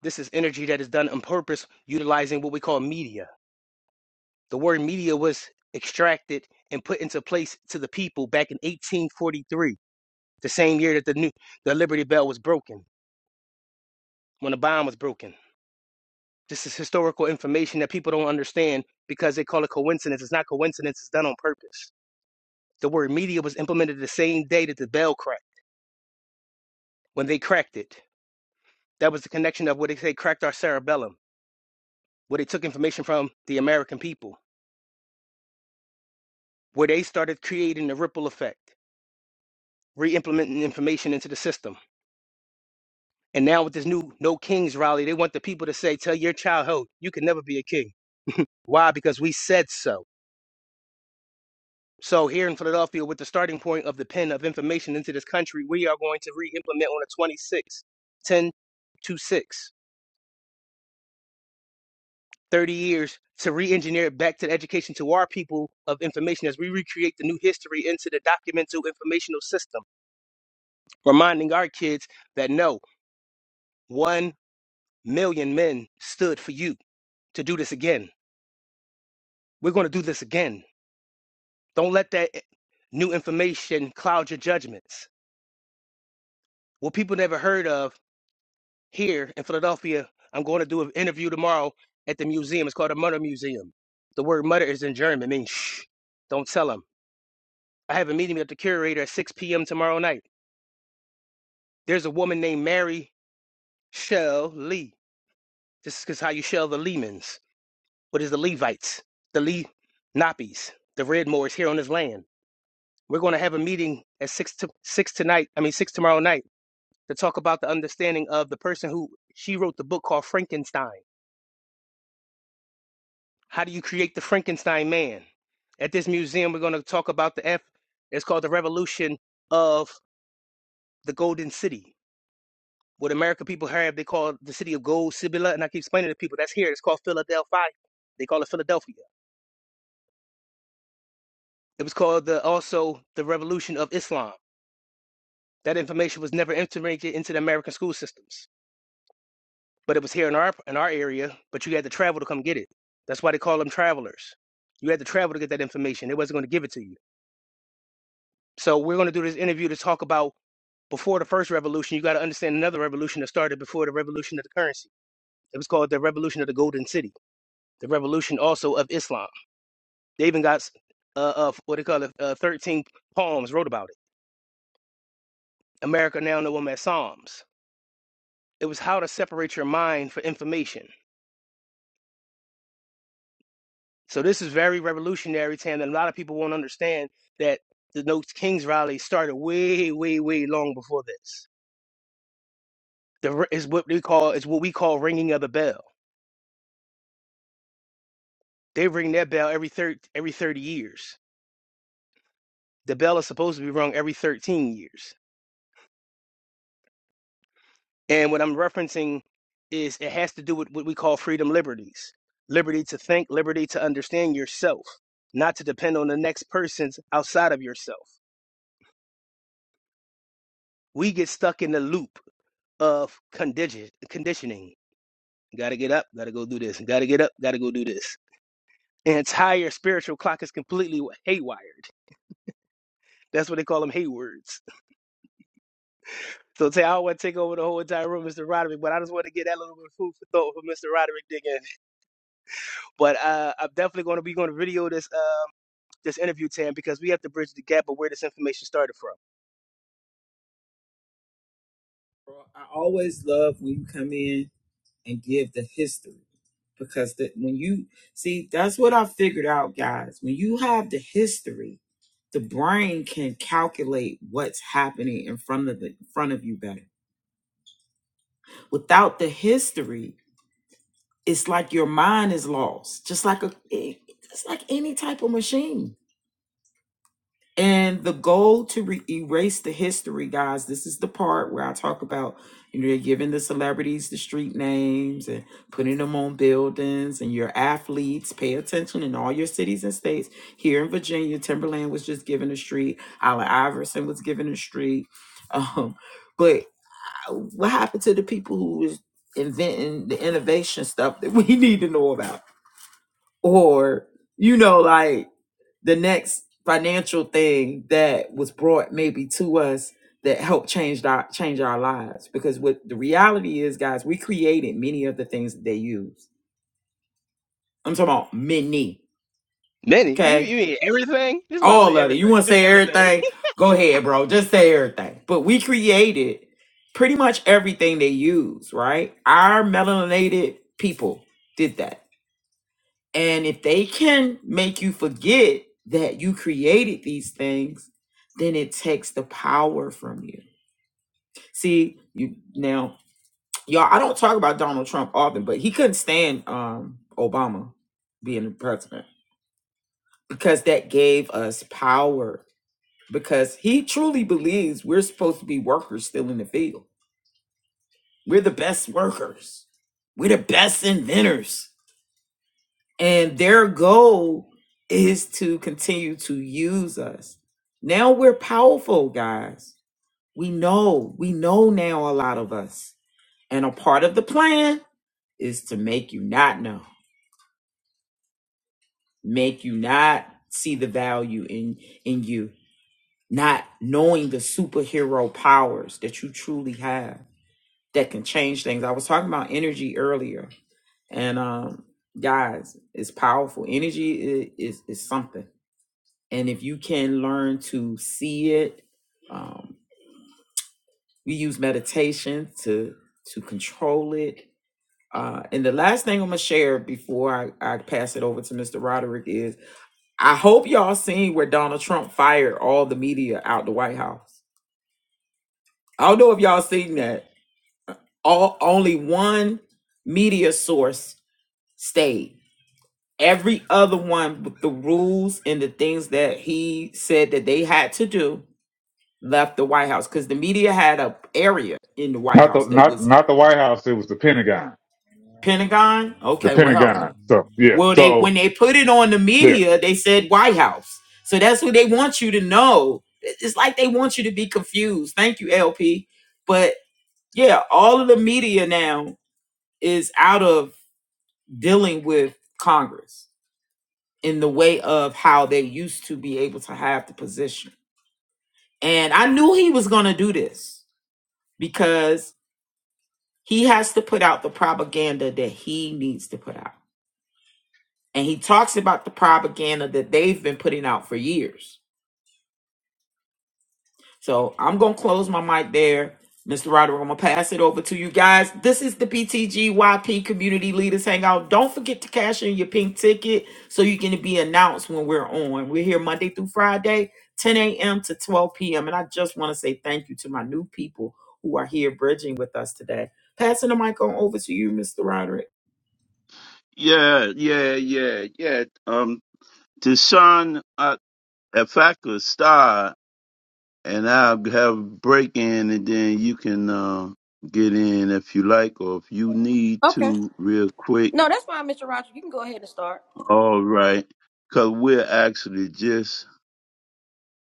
This is energy that is done on purpose, utilizing what we call media The word media was extracted and put into place to the people back in 1843, the same year that the new the Liberty Bell was broken, when the bomb was broken. This is historical information that people don't understand because they call it coincidence. It's not coincidence, it's done on purpose. The word media was implemented the same day that the bell cracked, when they cracked it. That was the connection of what they say cracked our cerebellum, where they took information from the American people, where they started creating the ripple effect, re implementing information into the system And now with this new No Kings rally, they want the people to say, tell your child, ho, you can never be a king. Why? Because we said so. So here in Philadelphia, with the starting point of the pen of information into this country, we are going to re-implement on the 26th, 10 to 6, 30 years to re-engineer it back to the education to our people of information as we recreate the new history into the documental informational system, reminding our kids that no, one million men stood for you to do this again. We're going to do this again Don't let that new information cloud your judgments. What people never heard of here in Philadelphia, I'm going to do an interview tomorrow at the museum. It's called the Mutter Museum. The word mutter is in German, means shh. Don't tell them. I have a meeting with the curator at 6 p.m. tomorrow night. There's a woman named Mary Shell Lee. This is how you shell the Lehmans. What is the Levites? The Lee Nappies, the Redmoors here on this land. We're going to have a meeting at six to six tonight. I mean six tomorrow night to talk about the understanding of the person who she wrote the book called Frankenstein. How do you create the Frankenstein man? At this museum, we're going to talk about the F. It's called the Revolution of the Golden City. What American people have, they call the city of gold, Sibylla, and I keep explaining to people that's here. It's called Philadelphia. They call it Philadelphia. It was called the also the Revolution of Islam. That information was never integrated into the American school systems. but it was here in our in our area. But you had to travel to come get it. That's why they call them travelers. You had to travel to get that information. They wasn't going to give it to you. So we're going to do this interview to talk about before the first revolution. You got to understand another revolution that started before the revolution of the currency. It was called the revolution of the golden city. The revolution also of Islam. They even got uh, uh what they call it uh, thirteen poems wrote about it. America now know them as Psalms. It was how to separate your mind for information. So this is very revolutionary, Tam, and a lot of people won't understand that the No Kings rally started way, way, way long before this. The is what we call is what we call ringing of the bell. They ring their bell every thir- every thirty years. The bell is supposed to be rung every thirteen years. And what I'm referencing is it has to do with what we call freedom liberties: liberty to think, liberty to understand yourself, not to depend on the next person's outside of yourself. We get stuck in the loop of condition, conditioning Gotta get up, gotta go do this. Gotta get up, gotta go do this. The entire spiritual clock is completely wa- haywired. That's what they call them haywards. So say I don't want to take over the whole entire room, Mr. Roderick, but I just want to get that little bit of food for thought for Mr. Roderick digging. But uh, I'm definitely going to be going to video this uh this interview, Tam, because we have to bridge the gap of where this information started from. Bro, I always love when you come in and give the history because that when you see that's what i figured out guys when you have the history the brain can calculate what's happening in front of the in front of you better without the history it's like your mind is lost just like a it- it's like any type of machine And the goal to re- erase the history, guys, this is the part where I talk about, you know, you're giving the celebrities the street names and putting them on buildings and your athletes. Pay attention in all your cities and states. Here in Virginia, Timberland was just given a street, Allen Iverson was given a street. Um, but uh, what happened to the people who was inventing the innovation stuff that we need to know about? Or, you know, like the next financial thing that was brought maybe to us that helped change our change our lives because what the reality is guys we created many of the things that they use i'm talking about many Benny, you okay you mean everything? Just about to say all of it you everything. want to Just say everything. everything go ahead bro just say everything but we created pretty much everything they use right our melanated people did that And if they can make you forget that you created these things, then it takes the power from you. See, you now, y'all, I don't talk about Donald Trump often, but he couldn't stand um Obama being the president because that gave us power. Because he truly believes we're supposed to be workers still in the field. We're the best workers. We're the best inventors. And their goal is to continue to use us. Now we're powerful, guys. We know, we know now a lot of us. And a part of the plan is to make you not know, make you not see the value in in you, not knowing the superhero powers that you truly have that can change things. I was talking about energy earlier. And um guys, it's powerful. Energy i- is is something and if you can learn to see it um, we use meditation to to control it uh, and the last thing i'm gonna share before I, I pass it over to mr roderick is i hope y'all seen where donald trump fired all the media out the white house i don't know if y'all seen that all only one media source stayed every other one with the rules and the things that he said that they had to do left the White House because the media had a area in the White Not the House that not was not the White House. It was the Pentagon. Pentagon. The Okay, well help Pentagon. me. So yeah. Well, they So when they put it on the yeah. media, they said White House. So that's what they want you to know. It- It's like they want you to be confused. Thank you, LP. But yeah, all of the media now is out of dealing with Congress in the way of how they used to be able to have the position. And I knew he was going to do this because He has to put out the propaganda that he needs to put out. And he talks about the propaganda that they've been putting out for years. So I'm going to close my mic there. Mr. Roderick, I'm going to pass it over to you guys. This is the BTGYP Community Leaders Hangout. Don't forget to cash in your pink ticket so you can be announced when we're on. We're here Monday through Friday, 10 a.m. to 12 p.m. And I just want to say thank you to my new people who are here bridging with us today. Passing the mic on over to you, Mr. Roderick. Yeah, yeah, yeah, yeah. Um, to Sean, uh, if I could start and I'll have break in and then you can uh, get in if you like or if you need Okay. to real quick. No, that's fine, Mr. Roger. You can go ahead and start. All right. Because we're actually just,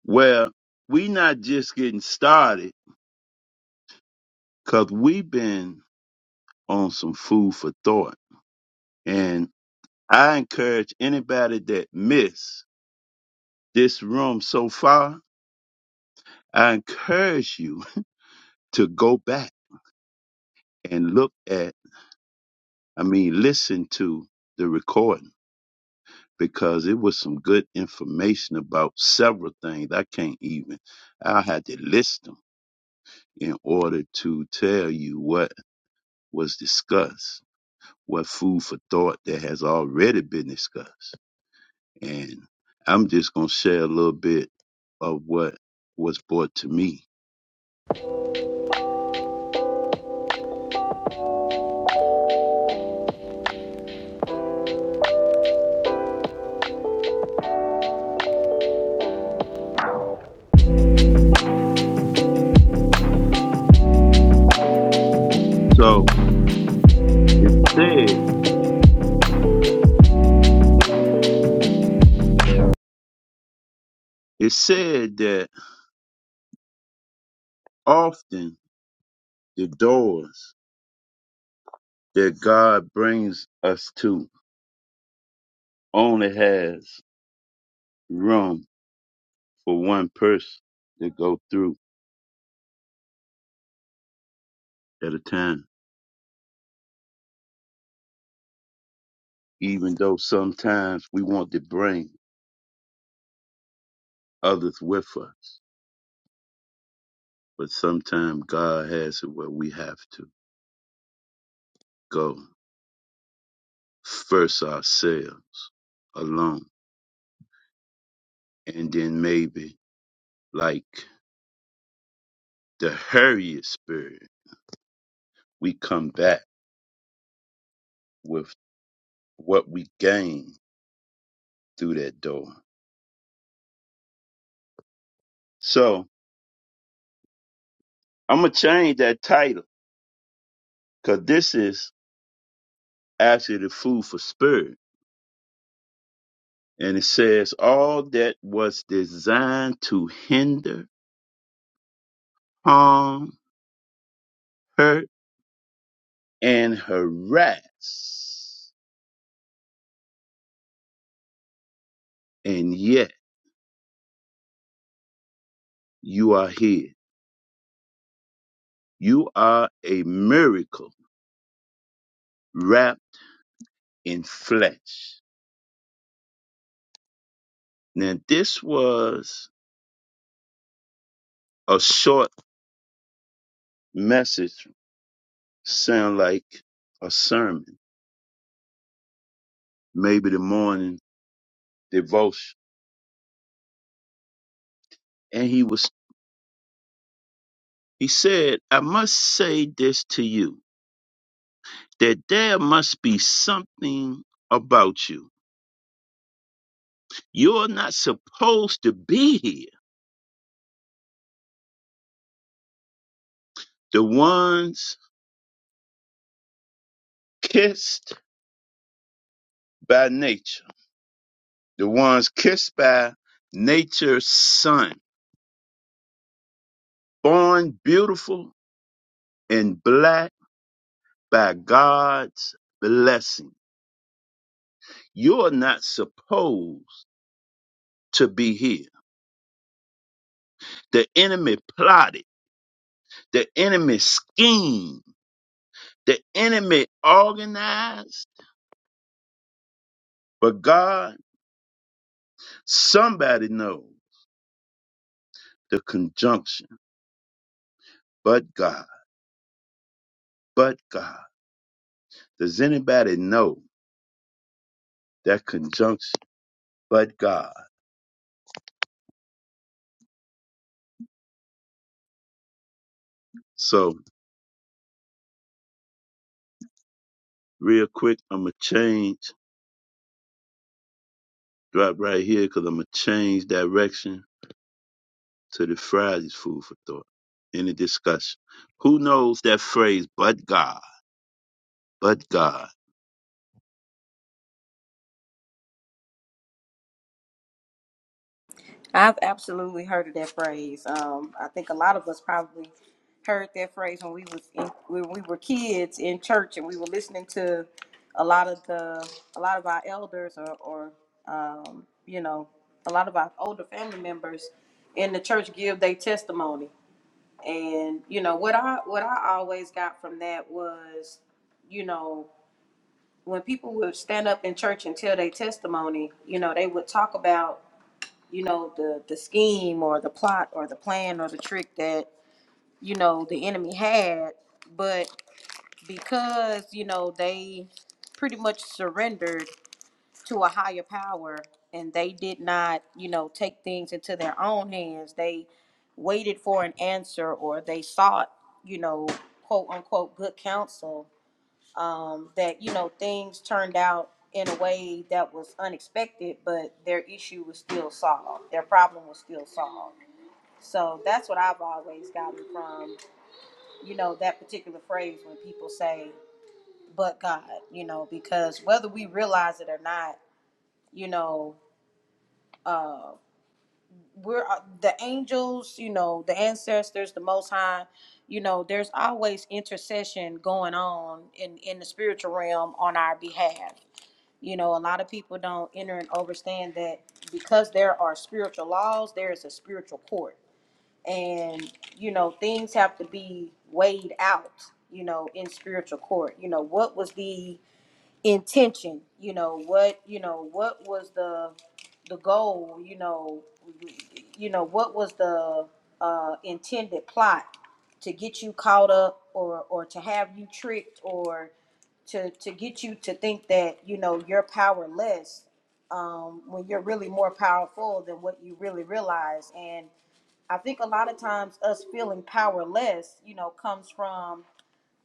well, we not just getting started because we've been on some food for thought. And I encourage anybody that missed this room so far, I encourage you to go back and look at, I mean, listen to the recording because it was some good information about several things. I can't even, I had to list them in order to tell you what was discussed, what food for thought that has already been discussed. And I'm just going to share a little bit of what was brought to me. So it said, it said that often the doors that God brings us to only has room for one person to go through at a time. Even though sometimes we want to bring others with us, but sometimes God has it where we have to go first ourselves alone. And then maybe, like the Harriet spirit, we come back with what we gained through that door. So I'm going to change that title because this is actually the food for spirit. And it says, all that was designed to hinder, harm, hurt, and harass. And yet you are here. You are a miracle wrapped in flesh. Now, this was a short message, sound like a sermon, maybe the morning devotion. And he was, he said, I must say this to you that there must be something about you. You're not supposed to be here. The ones kissed by nature, the ones kissed by nature's sun, born beautiful and black by God's blessing. You're not supposed to be here. The enemy plotted, the enemy schemed, the enemy organized, but God, somebody knows. the conjunction, but God, but God. Does anybody know that conjunction, but God? So, real quick, I'm going to change, drop right here because I'm going to change direction to the Friday's food for thought in the discussion. Who knows that phrase, but God, but God? I've absolutely heard of that phrase. Um, I think a lot of us probably heard that phrase when we was in, when we were kids in church and we were listening to a lot of the a lot of our elders or, or um, you know a lot of our older family members in the church give their testimony. And you know what I what I always got from that was you know when people would stand up in church and tell their testimony, you know, they would talk about, you know, the the scheme or the plot or the plan or the trick that, you know, the enemy had, but because, you know, they pretty much surrendered to a higher power and they did not, you know, take things into their own hands. They waited for an answer or they sought, you know, quote unquote good counsel um, that you know things turned out in a way that was unexpected, but their issue was still solved. Their problem was still solved. So that's what I've always gotten from you know that particular phrase when people say, "But God," you know, because whether we realize it or not, you know, uh, we're uh, the angels, you know, the ancestors, the Most High. You know, there's always intercession going on in in the spiritual realm on our behalf You know, a lot of people don't enter and understand that because there are spiritual laws, there is a spiritual court. And, you know, things have to be weighed out, you know, in spiritual court. You know, what was the intention? You know, what, you know, what was the the goal, you know, you know, what was the uh intended plot to get you caught up or or to have you tricked or to to get you to think that you know you're powerless um, when you're really more powerful than what you really realize. And I think a lot of times us feeling powerless, you know, comes from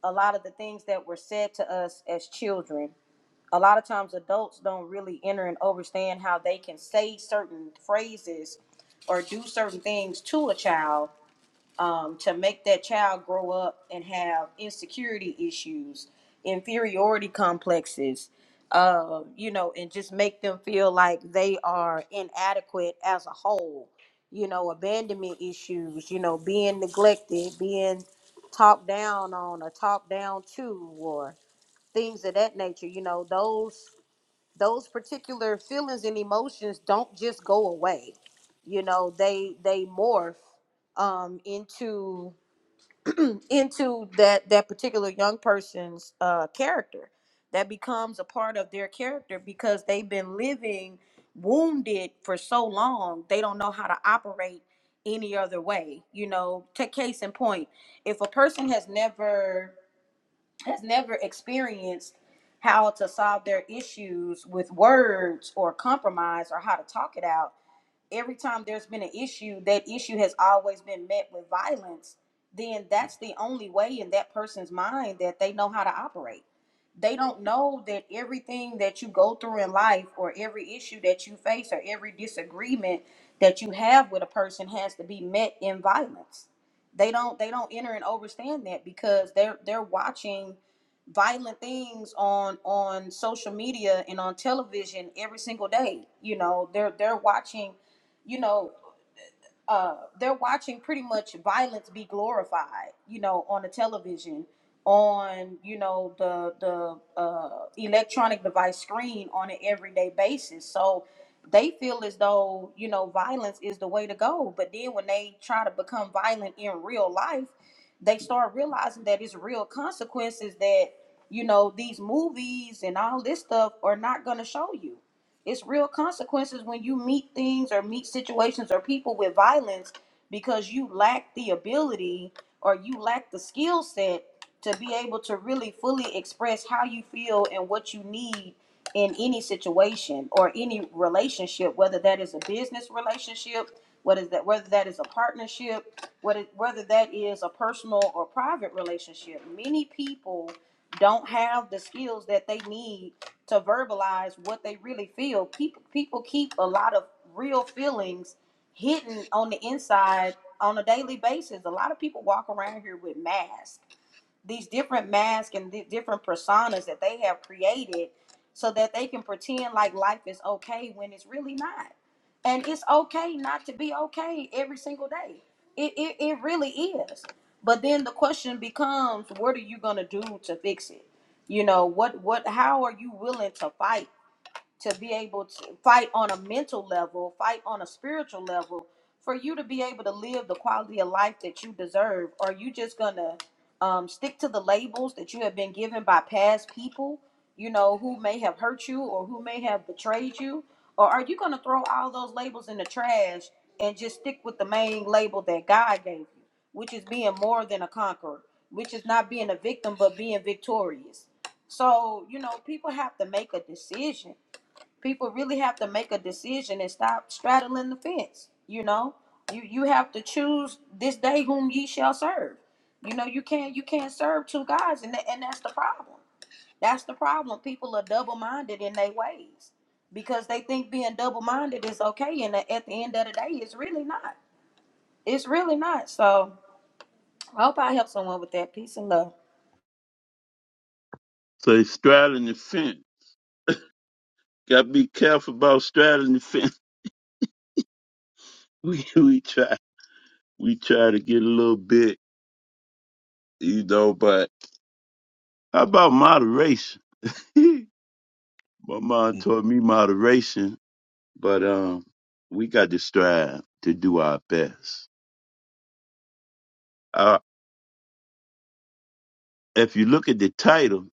a lot of the things that were said to us as children. A lot of times adults don't really enter and understand how they can say certain phrases or do certain things to a child um, to make that child grow up and have insecurity issues, inferiority complexes, uh, you know, and just make them feel like they are inadequate as a whole. You know, abandonment issues, you know, being neglected, being talked down on or talked down to, or things of that nature. You know, those those particular feelings and emotions don't just go away. You know, they they morph um, into into that that particular young person's uh character that becomes a part of their character because they've been living wounded for so long they don't know how to operate any other way you know take case in point if a person has never has never experienced how to solve their issues with words or compromise or how to talk it out every time there's been an issue, that issue has always been met with violence, then that's the only way in that person's mind that they know how to operate. They don't know that everything that you go through in life, or every issue that you face, or every disagreement that you have with a person has to be met in violence. They don't they don't enter and understand that because they're they're watching violent things on on social media and on television every single day. You know, they're they're watching you know, uh, they're watching pretty much violence be glorified, you know, on the television, on you know the the uh, electronic device screen on an everyday basis. So they feel as though you know violence is the way to go. But then when they try to become violent in real life, they start realizing that it's real consequences that you know these movies and all this stuff are not going to show you it's real consequences when you meet things or meet situations or people with violence because you lack the ability or you lack the skill set to be able to really fully express how you feel and what you need in any situation or any relationship, whether that is a business relationship, what is that whether that is a partnership, whether whether that is a personal or private relationship. Many people don't have the skills that they need to verbalize what they really feel. People people keep a lot of real feelings hidden on the inside on a daily basis. A lot of people walk around here with masks these different masks and the different personas that they have created so that they can pretend like life is okay when it's really not. And it's okay not to be okay every single day. It, it, it really is. But then the question becomes, what are you going to do to fix it? You know, what, what, how are you willing to fight? to be able to fight on a mental level, fight on a spiritual level, for you to be able to live the quality of life that you deserve? Are you just gonna um, stick to the labels that you have been given by past people, you know, who may have hurt you or who may have betrayed you? Or are you gonna throw all those labels in the trash and just stick with the main label that God gave you, which is being more than a conqueror, which is not being a victim, but being victorious? So, you know, people have to make a decision people really have to make a decision and stop straddling the fence you know you you have to choose this day whom ye shall serve you know you can't you can't serve two gods and, tha- and that's the problem that's the problem people are double-minded in their ways because they think being double-minded is okay and at the end of the day it's really not it's really not so i hope i help someone with that peace and love So, it's straddling the fence. Got to be careful about straddling the fence. We, we try, we try to get a little bit, you know, but how about moderation? My mom taught me moderation, but um, we got to strive to do our best. Uh, if you look at the title,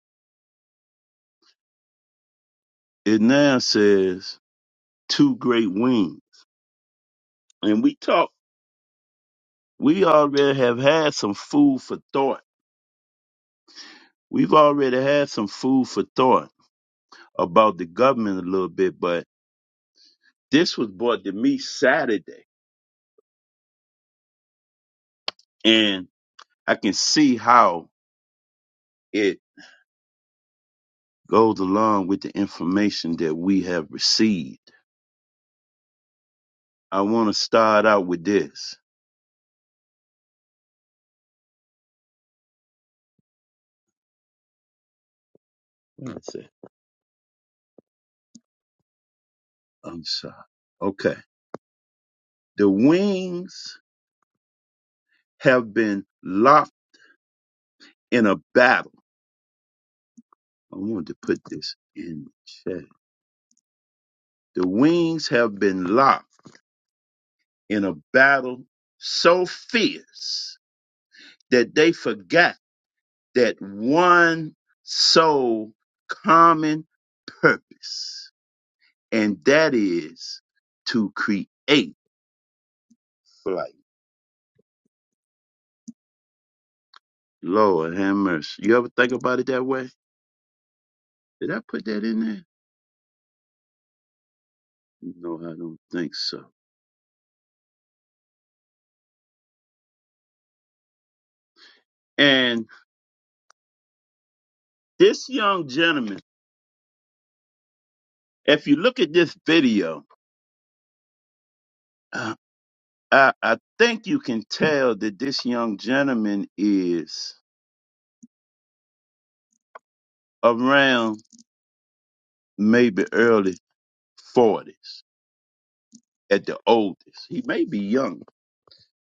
it now says two great wings, and we talk. We already have had some food for thought. We've already had some food for thought about the government a little bit, but this was brought to me Saturday, and I can see how it goes along with the information that we have received I want to start out with this. That's it. I'm sorry. Okay. The wings have been locked in a battle. I wanted to put this in the chat. The wings have been locked in a battle so fierce that they forgot that one sole common purpose, and that is to create flight. Lord have mercy. You ever think about it that way? Did I put that in there? No, I don't think so. And this young gentleman, if you look at this video, uh, I, I think you can tell that this young gentleman is around maybe early 40s at the oldest. He may be young,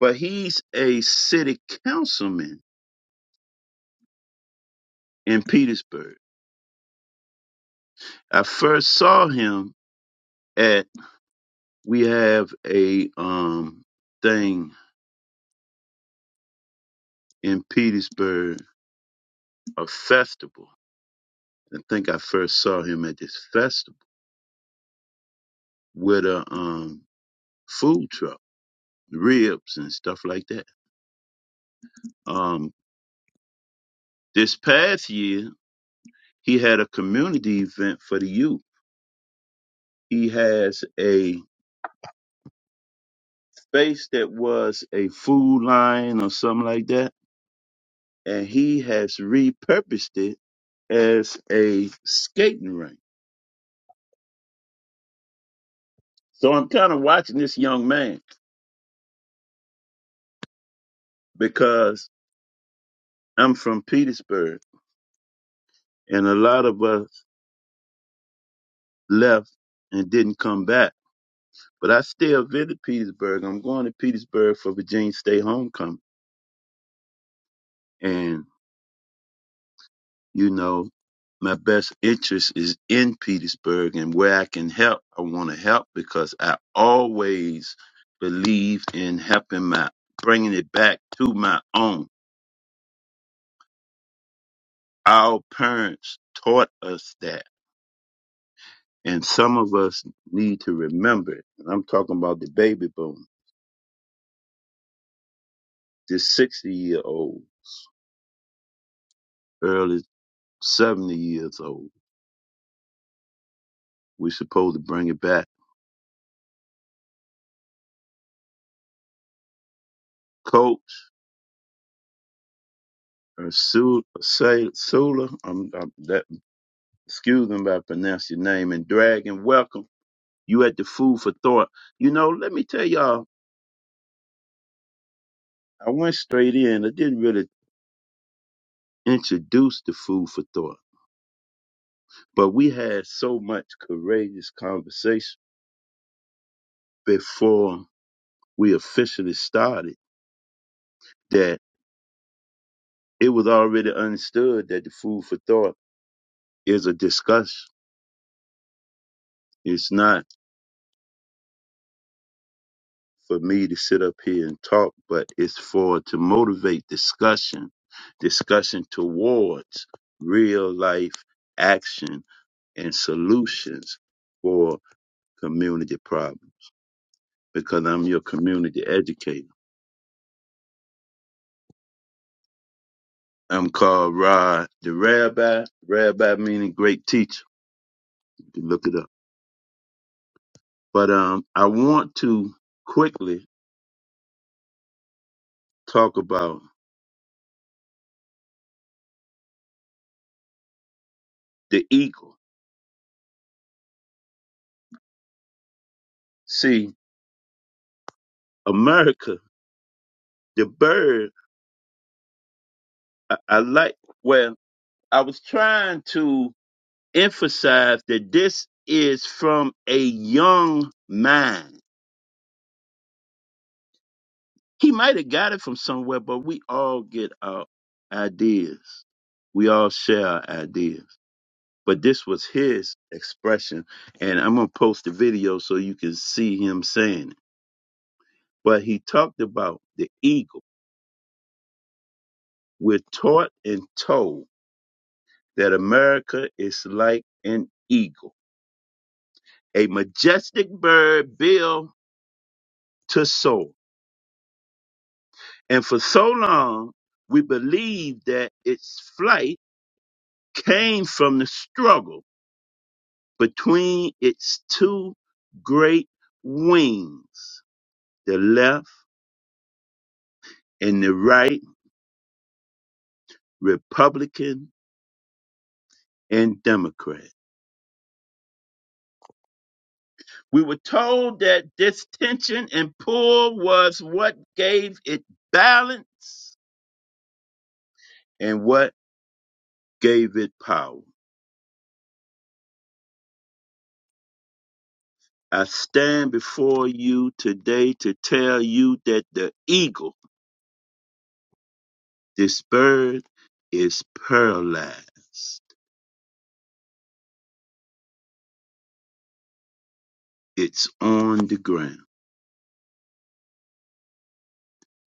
but he's a city councilman in Petersburg. I first saw him at, we have a um, thing in Petersburg, a festival I think I first saw him at this festival with a um, food truck, ribs and stuff like that. Um, this past year, he had a community event for the youth. He has a space that was a food line or something like that, and he has repurposed it as a skating rink. So I'm kind of watching this young man because I'm from Petersburg, and a lot of us left and didn't come back But I still visit Petersburg. I'm going to Petersburg for Virginia State homecoming. And, you know, my best interest is in Petersburg and where I can help, I want to help because I always believe in helping my, bringing it back to my own. Our parents taught us that. And some of us need to remember it. And I'm talking about the baby boom, this 60 year old, early 70 years old. We're supposed to bring it back Coach uh, Su- Say- Sula. I'm, I'm that, excuse me if I pronounce your name. And Dragon, welcome. You at the Food for Thought. You know, let me tell y'all, I went straight in. I didn't really introduce the Food for Thought, but we had so much courageous conversation before we officially started that it was already understood that the Food for Thought is a discussion. It's not. for me to sit up here and talk, but it's for to motivate discussion, discussion towards real life action and solutions for community problems because I'm your community educator. I'm called Rod the Rabbi. Rabbi meaning great teacher. You can look it up. But um, I want to quickly talk about the eagle. See, America, the bird, I, I like. Well, I was trying to emphasize that this is from a young mind. He might have got it from somewhere, but we all get our ideas. We all share our ideas. But this was his expression, and I'm gonna post the video so you can see him saying it. But he talked about the eagle. We're taught and told that America is like an eagle, a majestic bird built to soar And for so long, we believed that its flight came from the struggle between its two great wings, the left and the right, Republican and Democrat. We were told that this tension and pull was what gave it balance and what gave it power. I stand before you today to tell you that the eagle This bird is paralyzed. It's on the ground.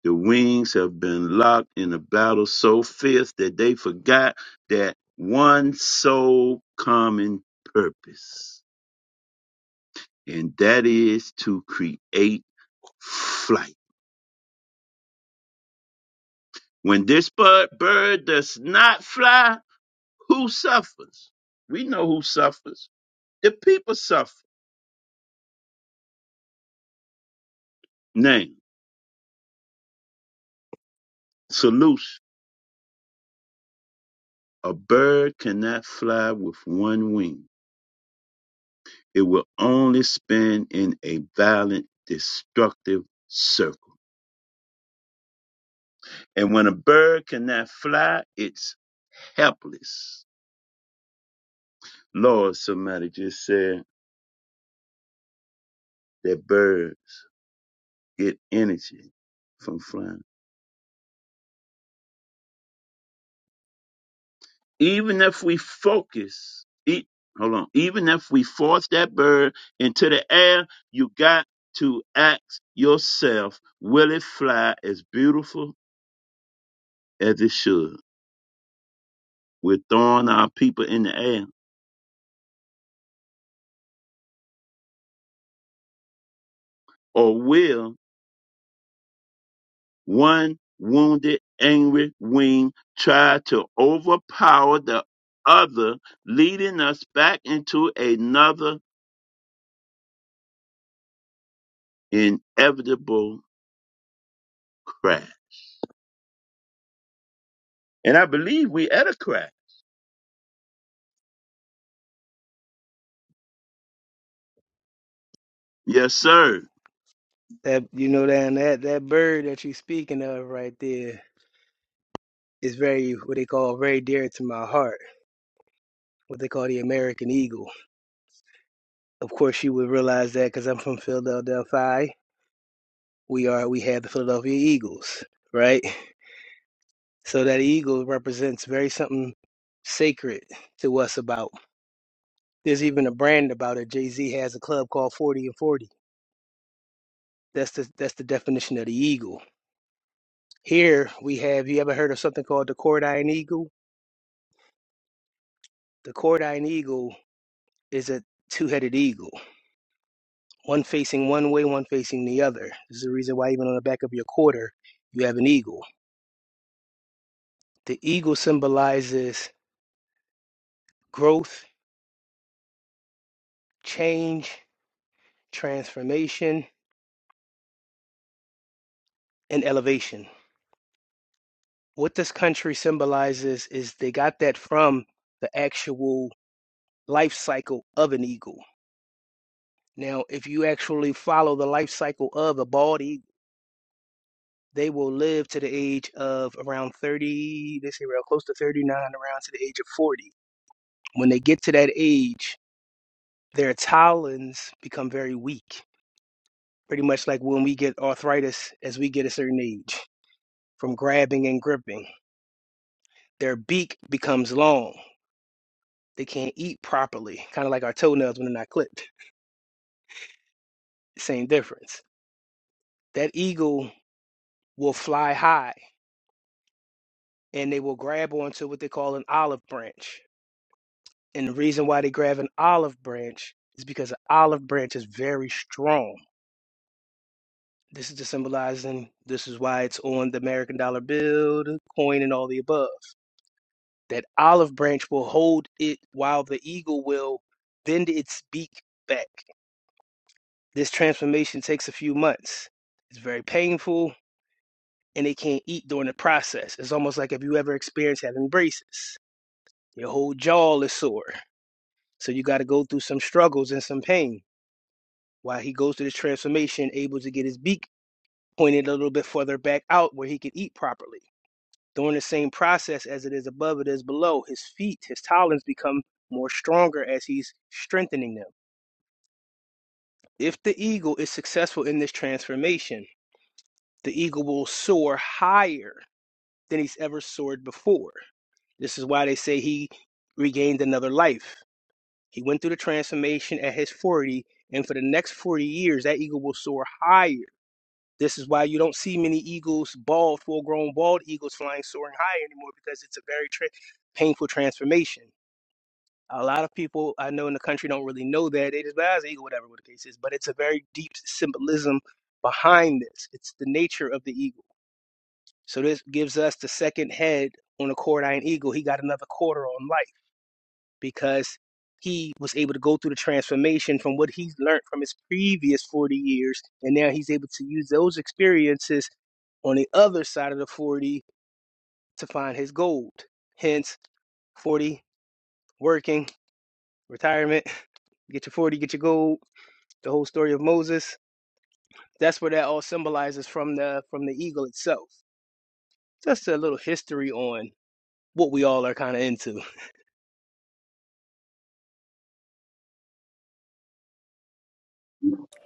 The wings have been locked in a battle so fierce that they forgot that one sole common purpose, and that is to create flight. When this bird, bird does not fly, who suffers? We know who suffers. The people suffer. Name, solution. A bird cannot fly with one wing It will only spin in a violent, destructive circle. And when a bird cannot fly, it's helpless. Lord, somebody just said that birds get energy from flying. Even if we focus, e hold on, even if we force that bird into the air, you got to ask yourself, will it fly as beautiful as it should? We're throwing our people in the air. Or will One wounded, angry wing tried to overpower the other, leading us back into another inevitable crash. And I believe we at a crash. Yes, sir. That you know that that that bird that you speaking of right there is very what they call very dear to my heart. What they call the American eagle. Of course, you would realize that because I'm from Philadelphia. We are we have the Philadelphia Eagles, right? So that eagle represents very something sacred to us. About there's even a brand about it. Jay Z has a club called Forty and Forty. That's the that's the definition of the eagle Here we have, you ever heard of something called the Cordine Eagle? The Cordine Eagle is a two headed eagle, one facing one way, one facing the other. This is the reason why, even on the back of your quarter, you have an eagle. The eagle symbolizes growth, change, transformation, and elevation. What this country symbolizes is they got that from the actual life cycle of an eagle. Now, if you actually follow the life cycle of a bald eagle, They will live to the age of around 30, they say around close to 39, around to the age of 40. When they get to that age, their talons become very weak, pretty much like when we get arthritis as we get a certain age from grabbing and gripping. Their beak becomes long. They can't eat properly, kind of like our toenails when they're not clipped. Same difference. That eagle will fly high and they will grab onto what they call an olive branch And the reason why they grab an olive branch is because an olive branch is very strong. This is just symbolizing this is why it's on the American dollar bill, the coin, and all the above. That olive branch will hold it while the eagle will bend its beak back. This transformation takes a few months. It's very painful and they can't eat during the process. It's almost like if you ever experienced having braces. Your whole jaw is sore. So you gotta go through some struggles and some pain While he goes through this transformation, able to get his beak pointed a little bit further back out where he could eat properly. During the same process as it is above, it is below. His feet, his talons become more stronger as he's strengthening them. If the eagle is successful in this transformation, the eagle will soar higher than he's ever soared before. This is why they say he regained another life. He went through the transformation at his 40, and for the next 40 years, that eagle will soar higher This is why you don't see many eagles, bald, full grown bald eagles flying soaring high anymore because it's a very tra- painful transformation. A lot of people I know in the country don't really know that. They just, "Ah, it's an eagle, whatever the case is. But it's a very deep symbolism behind this. It's the nature of the eagle. So this gives us the second head on a quarter-eyed eagle. He got another quarter on life because he was able to go through the transformation from what he's learned from his previous 40 years. And now he's able to use those experiences on the other side of the 40 to find his gold. Hence, 40, working, retirement, get your 40, get your gold, the whole story of Moses. That's where that all symbolizes from the from the eagle itself. Just a little history on what we all are kind of into.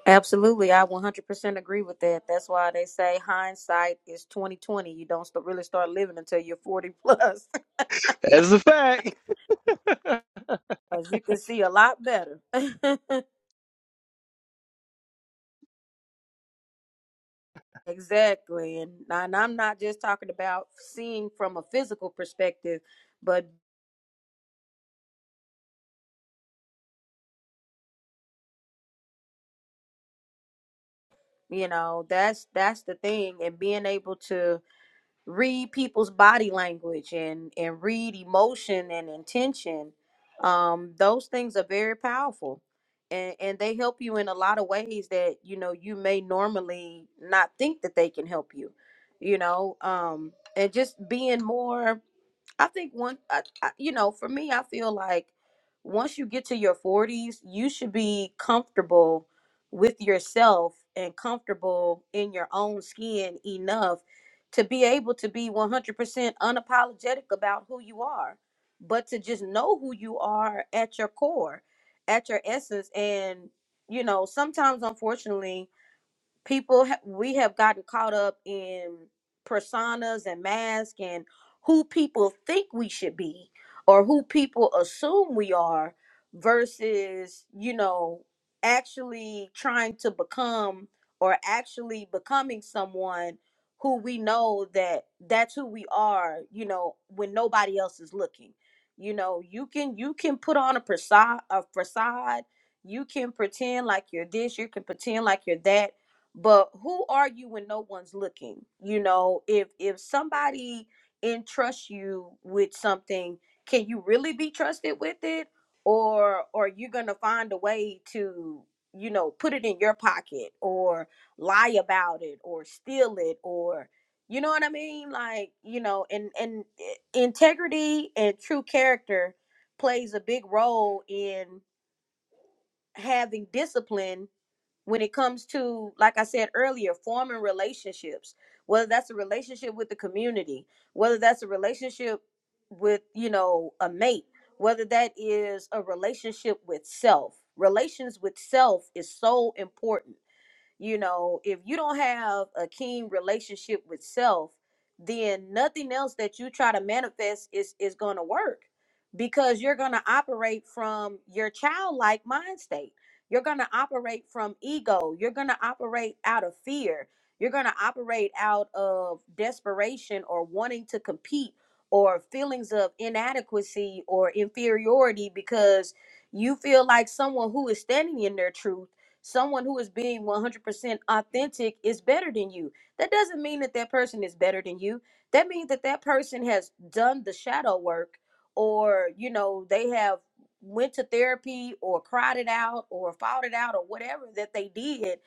Absolutely, I 100% agree with that. That's why they say hindsight is 2020. You don't st- really start living until you're 40 plus, That's a fact. because you can see a lot better. exactly, and, and I'm not just talking about seeing from a physical perspective, but you know that's that's the thing, and being able to read people's body language and and read emotion and intention um those things are very powerful and and they help you in a lot of ways that you know you may normally not think that they can help you you know um and just being more I think one, I, I, you know, for me, I feel like once you get to your 40s, you should be comfortable with yourself and comfortable in your own skin enough to be able to be 100% unapologetic about who you are, but to just know who you are at your core, at your essence. And, you know, sometimes, unfortunately, people ha- we have gotten caught up in personas and masks and who people think we should be or who people assume we are versus you know actually trying to become or actually becoming someone who we know that that's who we are you know when nobody else is looking you know you can you can put on a facade a facade you can pretend like you're this you can pretend like you're that but who are you when no one's looking you know if if somebody entrusts you with something can you really be trusted with it or or you gonna find a way to you know put it in your pocket or lie about it or steal it or you know what i mean like you know and and i- integrity and true character plays a big role in having discipline when it comes to like i said earlier forming relationships whether that's a relationship with the community whether that's a relationship with you know a mate whether that is a relationship with self relations with self is so important you know, if you don't have a keen relationship with self, then nothing else that you try to manifest is is going to work because you're going to operate from your childlike mind state. You're going to operate from ego. You're going to operate out of fear. You're going to operate out of desperation or wanting to compete or feelings of inadequacy or inferiority because you feel like someone who is standing in their truth Someone who is being 100% authentic is better than you. That doesn't mean that that person is better than you. That means that that person has done the shadow work or, you know, they have went to therapy or cried it out or fought it out or whatever that they did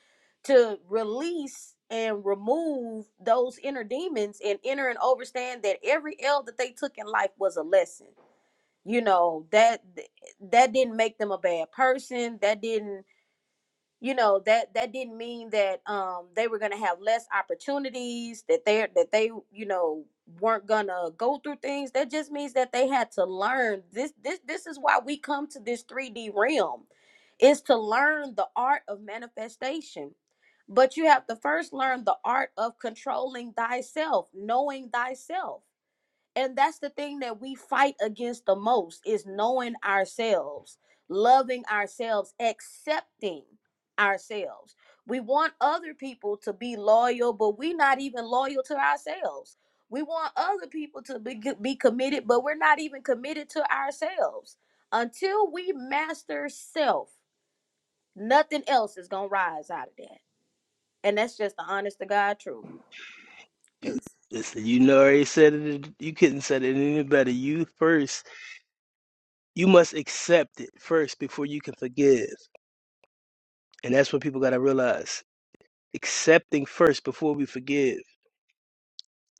to release and remove those inner demons and enter and understand that every L that they took in life was a lesson. You know, that that didn't make them a bad person. That didn't you know that that didn't mean that um they were gonna have less opportunities that they are that they you know weren't gonna go through things that just means that they had to learn this this this is why we come to this 3d realm is to learn the art of manifestation but you have to first learn the art of controlling thyself knowing thyself and that's the thing that we fight against the most is knowing ourselves loving ourselves accepting ourselves we want other people to be loyal but we're not even loyal to ourselves we want other people to be, be committed but we're not even committed to ourselves until we master self nothing else is gonna rise out of that and that's just the honest to god truth You- Listen, you know, I already said it. You couldn't said it any better. You first, you must accept it first before you can forgive, and that's what people gotta realize. Accepting first before we forgive,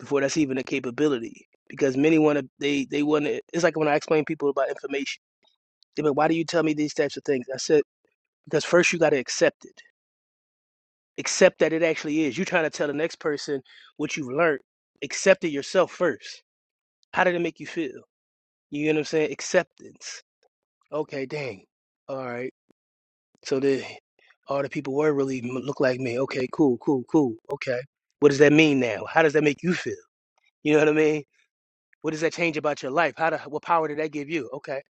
before that's even a capability. Because many want to, they they want to. It's like when I explain people about information. They be like, "Why do you tell me these types of things?" I said, "Because first you gotta accept it. Accept that it actually is. You're trying to tell the next person what you've learned. Accept it yourself first. How did it make you feel? You know what I'm saying? Acceptance." Okay, dang. All right. So the all the people were really m- look like me. Okay, cool, cool, cool. Okay. What does that mean now? How does that make you feel? You know what I mean? What does that change about your life? How do, what power did that give you? Okay.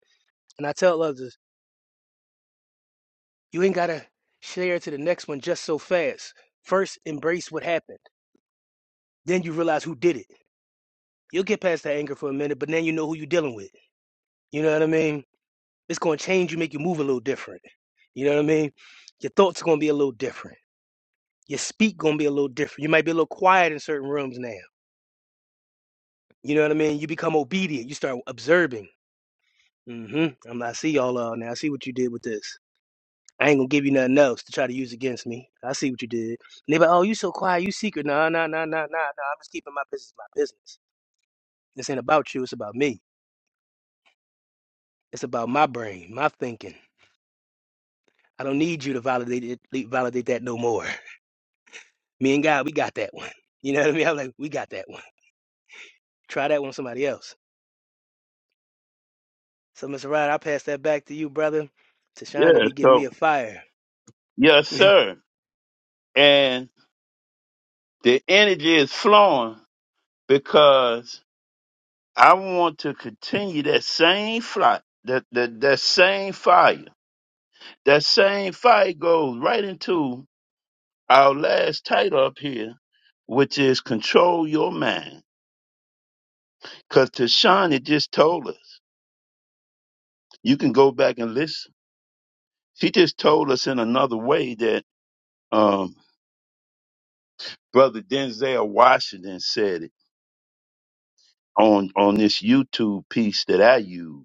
And I tell others, you ain't gotta share to the next one just so fast. First, embrace what happened. Then you realize who did it. You'll get past that anger for a minute, but then you know who you're dealing with. You know what I mean? It's gonna change you, make you move a little different. You know what I mean? Your thoughts are gonna be a little different Your speak gonna be a little different. You might be a little quiet in certain rooms now. You know what I mean? You become obedient. You start observing. hmm I'm like, I see y'all uh, now. I see what you did with this. I ain't gonna give you nothing else to try to use against me. I see what you did. And they be like, oh, you so quiet, you secret. Nah, nah, nah, nah, nah, nah. I'm just keeping my business my business. This ain't about you, it's about me. It's about my brain, my thinking. I don't need you to validate it validate that no more. Me and God, we got that one. You know what I mean? I'm like, we got that one. Try that one with somebody else. So, Mr. Ryder, I pass that back to you, brother. Tashawn to Yeah, be giving me so a fire. yes, oh, sir. And the energy is flowing because I want to continue that same flight, that that, that same fire. That same fire goes right into our last title up here, which is Control Your Mind. Because Tashani just told us, you can go back and listen. She just told us in another way that um, Brother Denzel Washington said it on, on this YouTube piece that I use.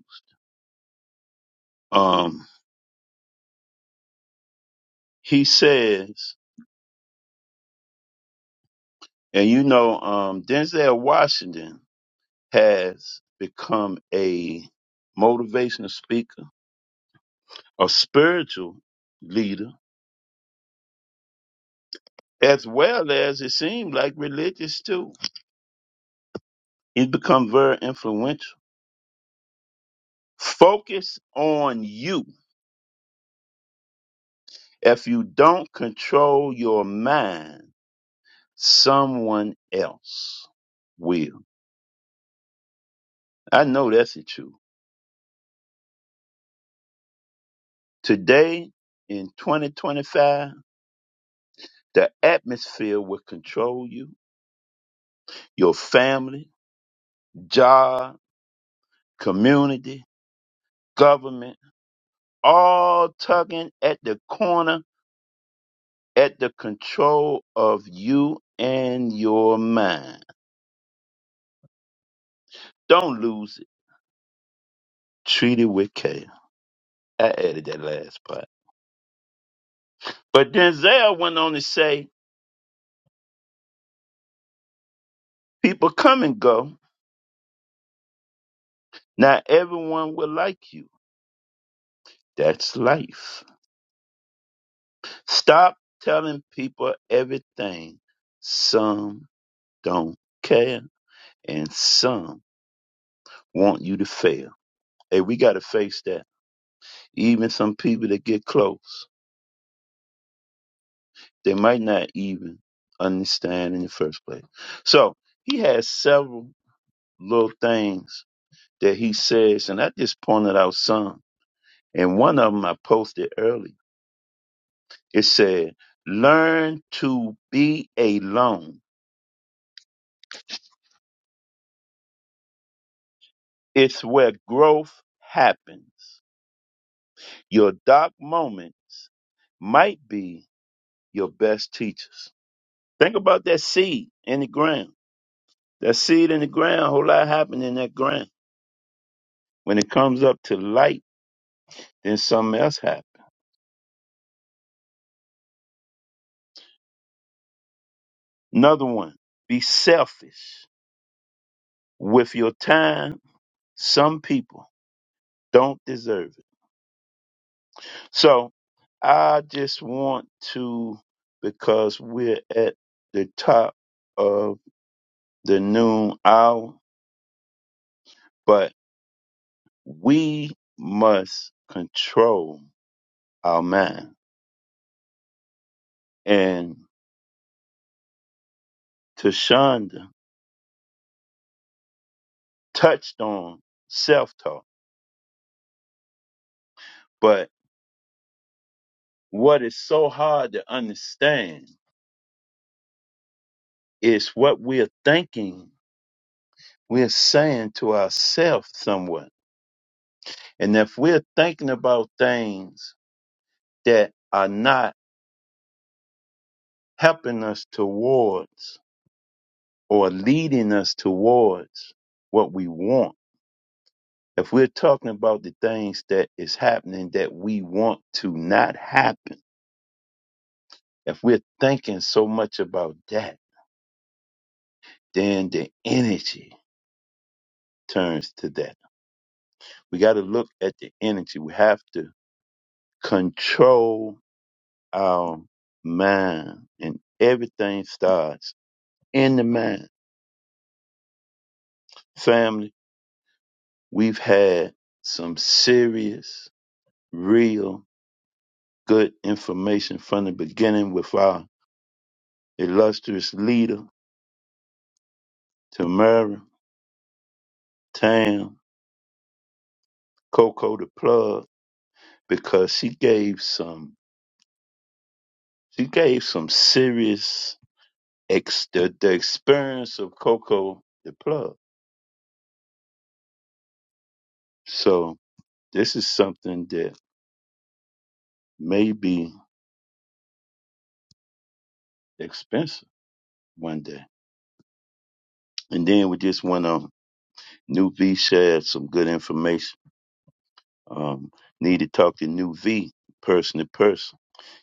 Um, he says, and you know, um, Denzel Washington has become a motivational speaker, a spiritual leader as well as it seemed like religious too. It become very influential. Focus on you. If you don't control your mind, someone else will. I know that's the truth. Today in 2025, the atmosphere will control you, your family, job, community, government, all tugging at the corner at the control of you and your mind. Don't lose it. Treat it with care. I added that last part. But Denzel went on to say, people come and go. Not everyone will like you. That's life. Stop telling people everything. Some don't care and some want you to fail. Hey, we got to face that. Even some people that get close. They might not even understand in the first place. So he has several little things that he says, and I just pointed out some. And one of them I posted early. It said, Learn to be alone. It's where growth happens. Your dark moments might be your best teachers. Think about that seed in the ground. That seed in the ground, a whole lot happened in that ground. When it comes up to light, Then something else happened. Another one, be selfish with your time. Some people don't deserve it. So I just want to, because we're at the top of the noon hour, but we must control our mind. And Tashonda touched on self talk, but what is so hard to understand is what we're thinking We're saying to ourselves somewhat. And if we're thinking about things that are not helping us towards or leading us towards what we want, if we're talking about the things that is happening that we want to not happen, if we're thinking so much about that, then the energy turns to that. We got to look at the energy. We have to control our mind and everything starts in the mind. Family, we've had some serious, real good information from the beginning with our illustrious leader, Tamara, Tam, Coco the Plug, because she gave some she gave some serious ex the, the experience of Coco the Plug. So this is something that may be expensive one day And then with this one, um, New V shared some good information. Um, need to talk to New V person to person.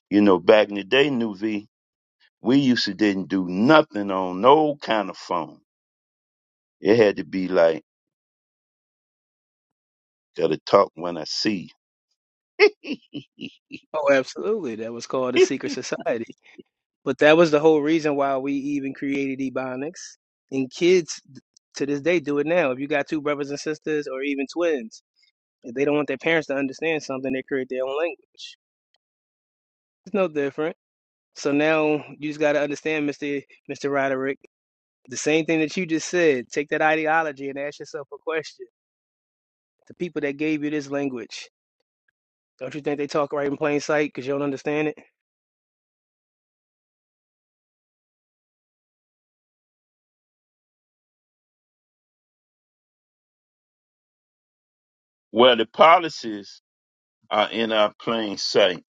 You know, back in the day, New V, we used to didn't do nothing on no kind of phone. It had to be like, gotta talk when I see you. absolutely. That was called the secret society. But that was the whole reason why we even created Ebonics. And kids to this day do it now. If you got two brothers and sisters or even twins, if they don't want their parents to understand something, they create their own language. It's no different. So now you just gotta understand, Mr. Mr. Roderick, the same thing that you just said. Take that ideology and ask yourself a question. The people that gave you this language. Don't you think they talk right in plain sight because you don't understand it? well, the policies are in our plain sight,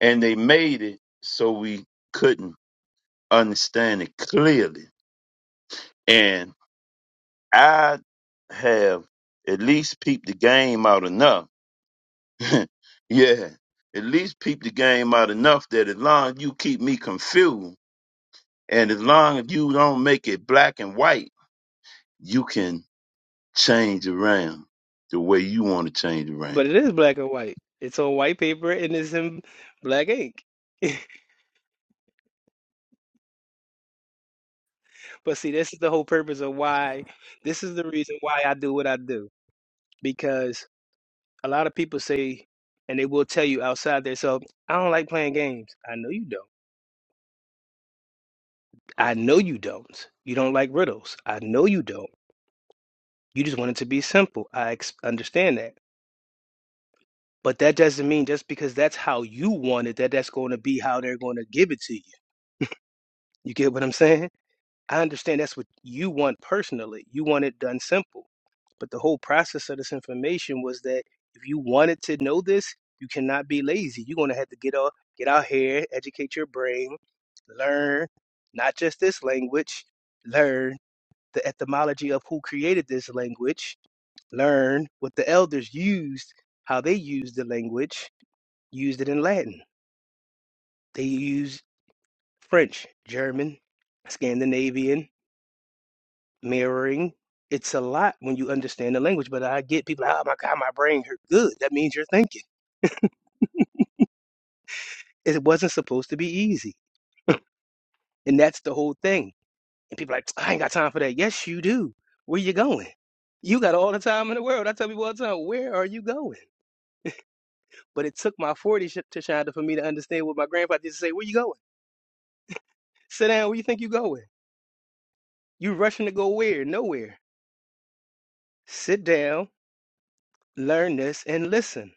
and they made it so we couldn't understand it clearly. And I have at least peeped the game out enough yeah. At least peep the game out enough that as long as you keep me confused and as long as you don't make it black and white, you can change around the way you want to change around. But it is black and white. It's on white paper and it's in black ink. But see, this is the whole purpose of why, this is the reason why I do what I do. Because a lot of people say, and they will tell you outside their self, I don't like playing games. I know you don't. I know you don't. You don't like riddles. I know you don't. You just want it to be simple. I ex- understand that. But that doesn't mean just because that's how you want it, that that's going to be how they're going to give it to you. You get what I'm saying? I understand that's what you want personally. You want it done simple. But the whole process of this information was that if you wanted to know this, you cannot be lazy. You're gonna have to get out, get out here, educate your brain, learn not just this language, learn the etymology of who created this language, learn what the elders used, how they used the language, used it in Latin. They used French, German, Scandinavian, mirroring. It's a lot when you understand the language, but I get people, oh my God, my brain hurt. Good. That means you're thinking. It wasn't supposed to be easy. And that's the whole thing. And people are like, I ain't got time for that. Yes, you do. Where you going? You got all the time in the world. I tell people all the time, where are you going? But it took my 40s sh- to Shonda for me to understand what my grandpa used to say, where you going? Sit down, where you think you going? You rushing to go where? Nowhere. Sit down, learn this, and listen.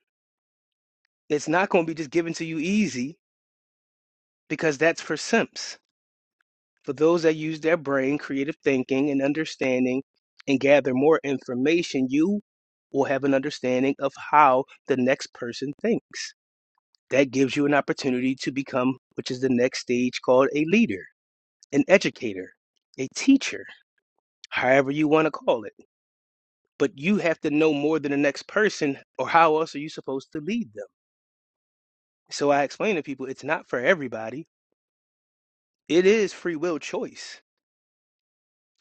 It's not going to be just given to you easy because that's for simps for those that use their brain, creative thinking, and understanding and gather more information, you will have an understanding of how the next person thinks. That gives you an opportunity to become, which is the next stage called a leader, an educator, a teacher, however you want to call it. But you have to know more than the next person, or how else are you supposed to lead them? So I explain to people it's not for everybody, it is free will choice.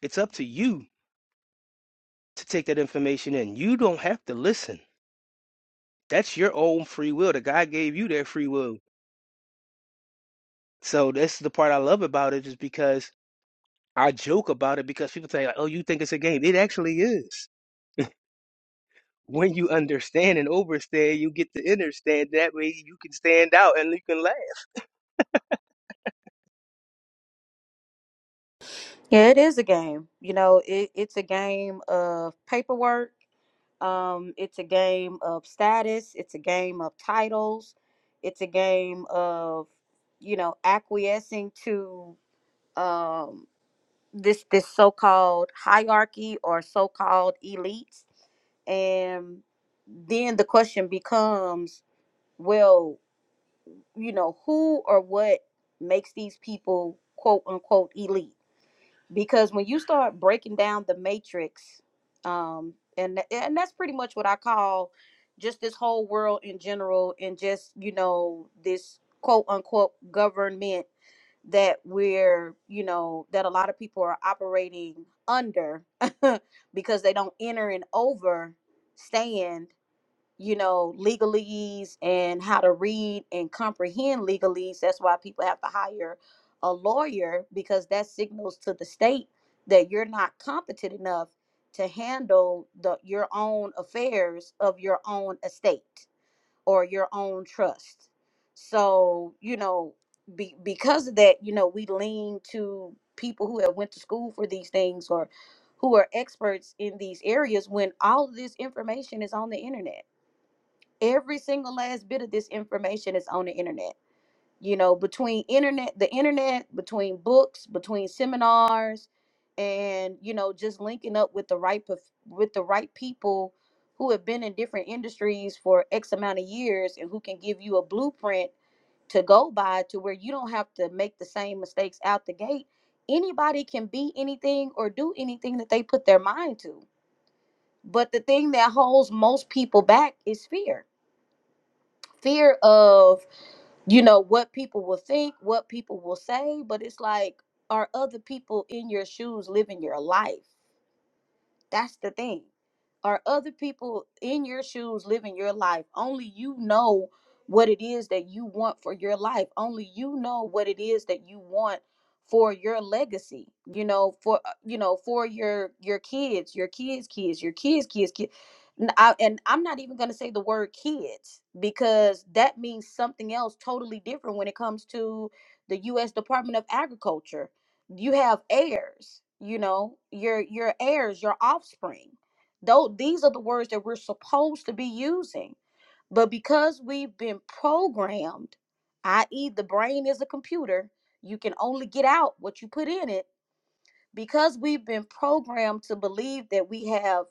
It's up to you to take that information in. You don't have to listen That's your own free will. The God gave you that free will. So that's the part I love about it is because I joke about it because people say, like, oh, you think it's a game. It actually is. When you understand and overstand, you get to understand. That way you can stand out and you can laugh. Yeah, it is a game. You know, it, it's a game of paperwork. Um, it's a game of status. It's a game of titles. It's a game of, you know, acquiescing to um, this this so-called hierarchy or so-called elites. And then the question becomes, well, you know, who or what makes these people quote unquote elite? because when you start breaking down the matrix um and and that's pretty much what i call just this whole world in general and just you know this quote unquote government that we're you know that a lot of people are operating under because they don't enter and overstand you know, legalese and how to read and comprehend legalese. That's why people have to hire a lawyer because that signals to the state that you're not competent enough to handle the your own affairs of your own estate or your own trust. So, you know, be, because of that, you know, we lean to people who have went to school for these things or who are experts in these areas when all of this information is on the internet every single last bit of this information is on the internet you know between internet the internet between books between seminars and you know just linking up with the right prof- with the right people who have been in different industries for x amount of years and who can give you a blueprint to go by to where you don't have to make the same mistakes out the gate anybody can be anything or do anything that they put their mind to but the thing that holds most people back is fear fear of you know what people will think what people will say but it's like are other people in your shoes living your life that's the thing. Are other people in your shoes living your life? Only you know what it is that you want for your life. Only you know what it is that you want for your legacy. You know, for uh, you know, for your your kids, your kids' kids, your kids' kids' kids. N- I- and I'm not even going to say the word kids because that means something else totally different when it comes to the U.S. Department of Agriculture you have heirs you know your your heirs your offspring though these are the words that we're supposed to be using but because we've been programmed i.e the brain is a computer you can only get out what you put in it because we've been programmed to believe that we have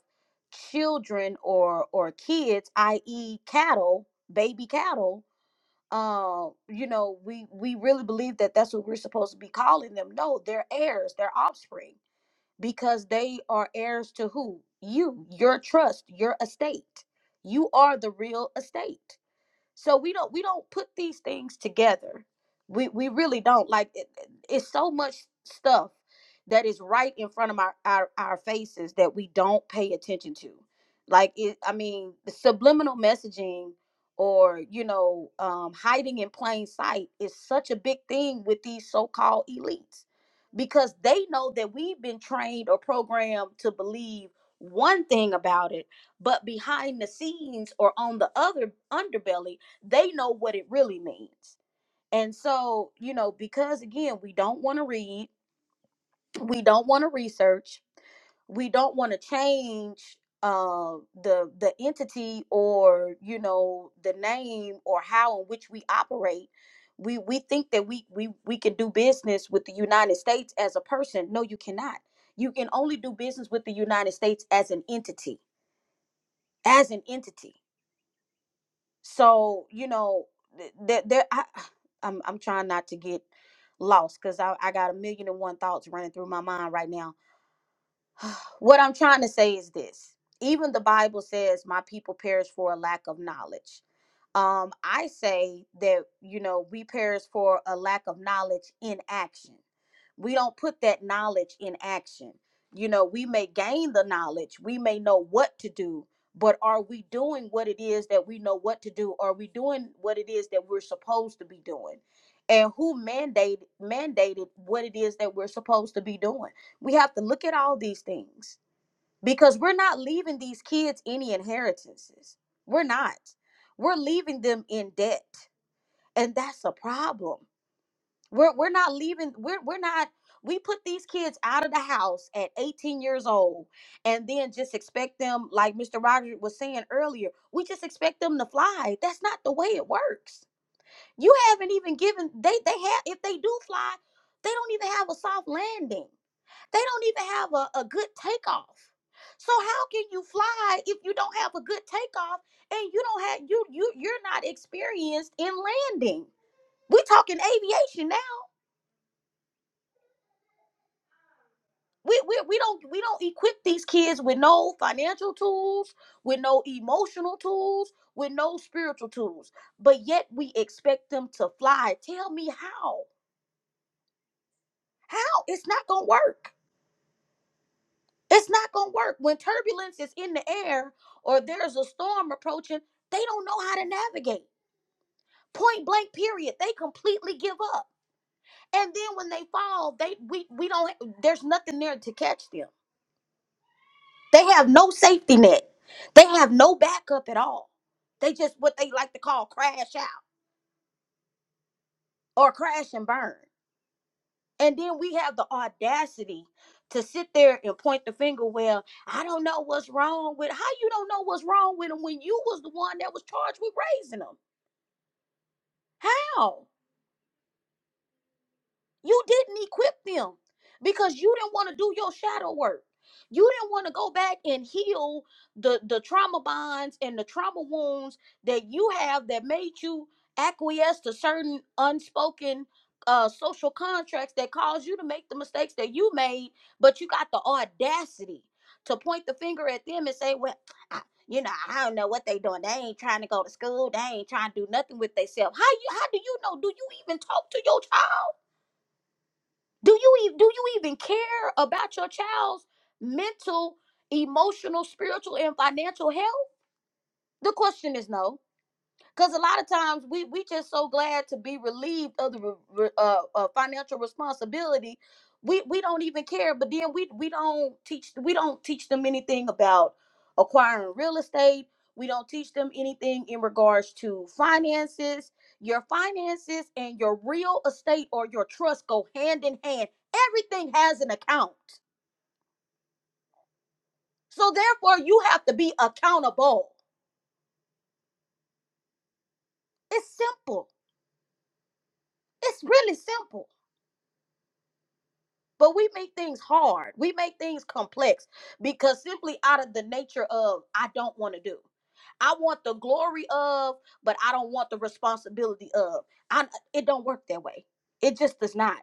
children or or kids i.e cattle baby cattle um you know we we really believe that that's what we're supposed to be calling them no they're heirs they're offspring because they are heirs to who you your trust your estate you are the real estate so we don't we don't put these things together we we really don't like it, it's so much stuff that is right in front of our, our our faces that we don't pay attention to like it i mean the subliminal messaging or you know um, hiding in plain sight is such a big thing with these so-called elites because they know that we've been trained or programmed to believe one thing about it but behind the scenes or on the other underbelly they know what it really means. And so, you know, because again, we don't want to read, we don't want to research, we don't want to change uh the the entity or you know the name or how in which we operate we we think that we we we can do business with the United States as a person no you cannot you can only do business with the United States as an entity as an entity so you know th- there there I, I'm I'm trying not to get lost because I, I got a million and one thoughts running through my mind right now what I'm trying to say is this even the Bible says, My people perish for a lack of knowledge. Um, I say that, you know, we perish for a lack of knowledge in action. We don't put that knowledge in action. You know, we may gain the knowledge, we may know what to do, but are we doing what it is that we know what to do? Are we doing what it is that we're supposed to be doing? And who mandated mandated what it is that we're supposed to be doing? We have to look at all these things because we're not leaving these kids any inheritances. We're not. We're leaving them in debt. And that's a problem. We're, we're not leaving, we're, we're not, we put these kids out of the house at 18 years old and then just expect them, like Mr. Rogers was saying earlier, we just expect them to fly. That's not the way it works. You haven't even given, they, they have, if they do fly, they don't even have a soft landing they don't even have a, a good takeoff. So how can you fly if you don't have a good takeoff and you don't have you you you're not experienced in landing? We are talking aviation now. We, we we don't we don't equip these kids with no financial tools, with no emotional tools, with no spiritual tools. But yet we expect them to fly. Tell me how. How? It's not gonna work. It's not going to work. When turbulence is in the air or there's a storm approaching, they don't know how to navigate. Point blank period. They completely give up. And then when they fall, they we we don't there's nothing there to catch them. They have no safety net. They have no backup at all. They just what they like to call crash out or crash and burn. And then we have the audacity to sit there and point the finger. Well, I don't know what's wrong with how you don't know what's wrong with them when you was the one that was charged with raising them. How? You didn't equip them because you didn't want to do your shadow work. You didn't want to go back and heal the the trauma bonds and the trauma wounds that you have that made you acquiesce to certain unspoken uh, social contracts that caused you to make the mistakes that you made, but you got the audacity to point the finger at them and say, "Well, I, you know, I don't know what they doing. They ain't trying to go to school. They ain't trying to do nothing with themselves. How you? How do you know? Do you even talk to your child? Do you even do you even care about your child's mental, emotional, spiritual, and financial health? The question is no. Because a lot of times we we just so glad to be relieved of the re- re- uh, uh, financial responsibility, we we don't even care. But then we we don't teach we don't teach them anything about acquiring real estate. We don't teach them anything in regards to finances. Your finances and your real estate or your trust go hand in hand. Everything has an account, so therefore you have to be accountable. It's simple. It's really simple. But we make things hard. We make things complex because simply out of the nature of I don't want to do. I want the glory of, but I don't want the responsibility of. I it don't work that way. It just does not.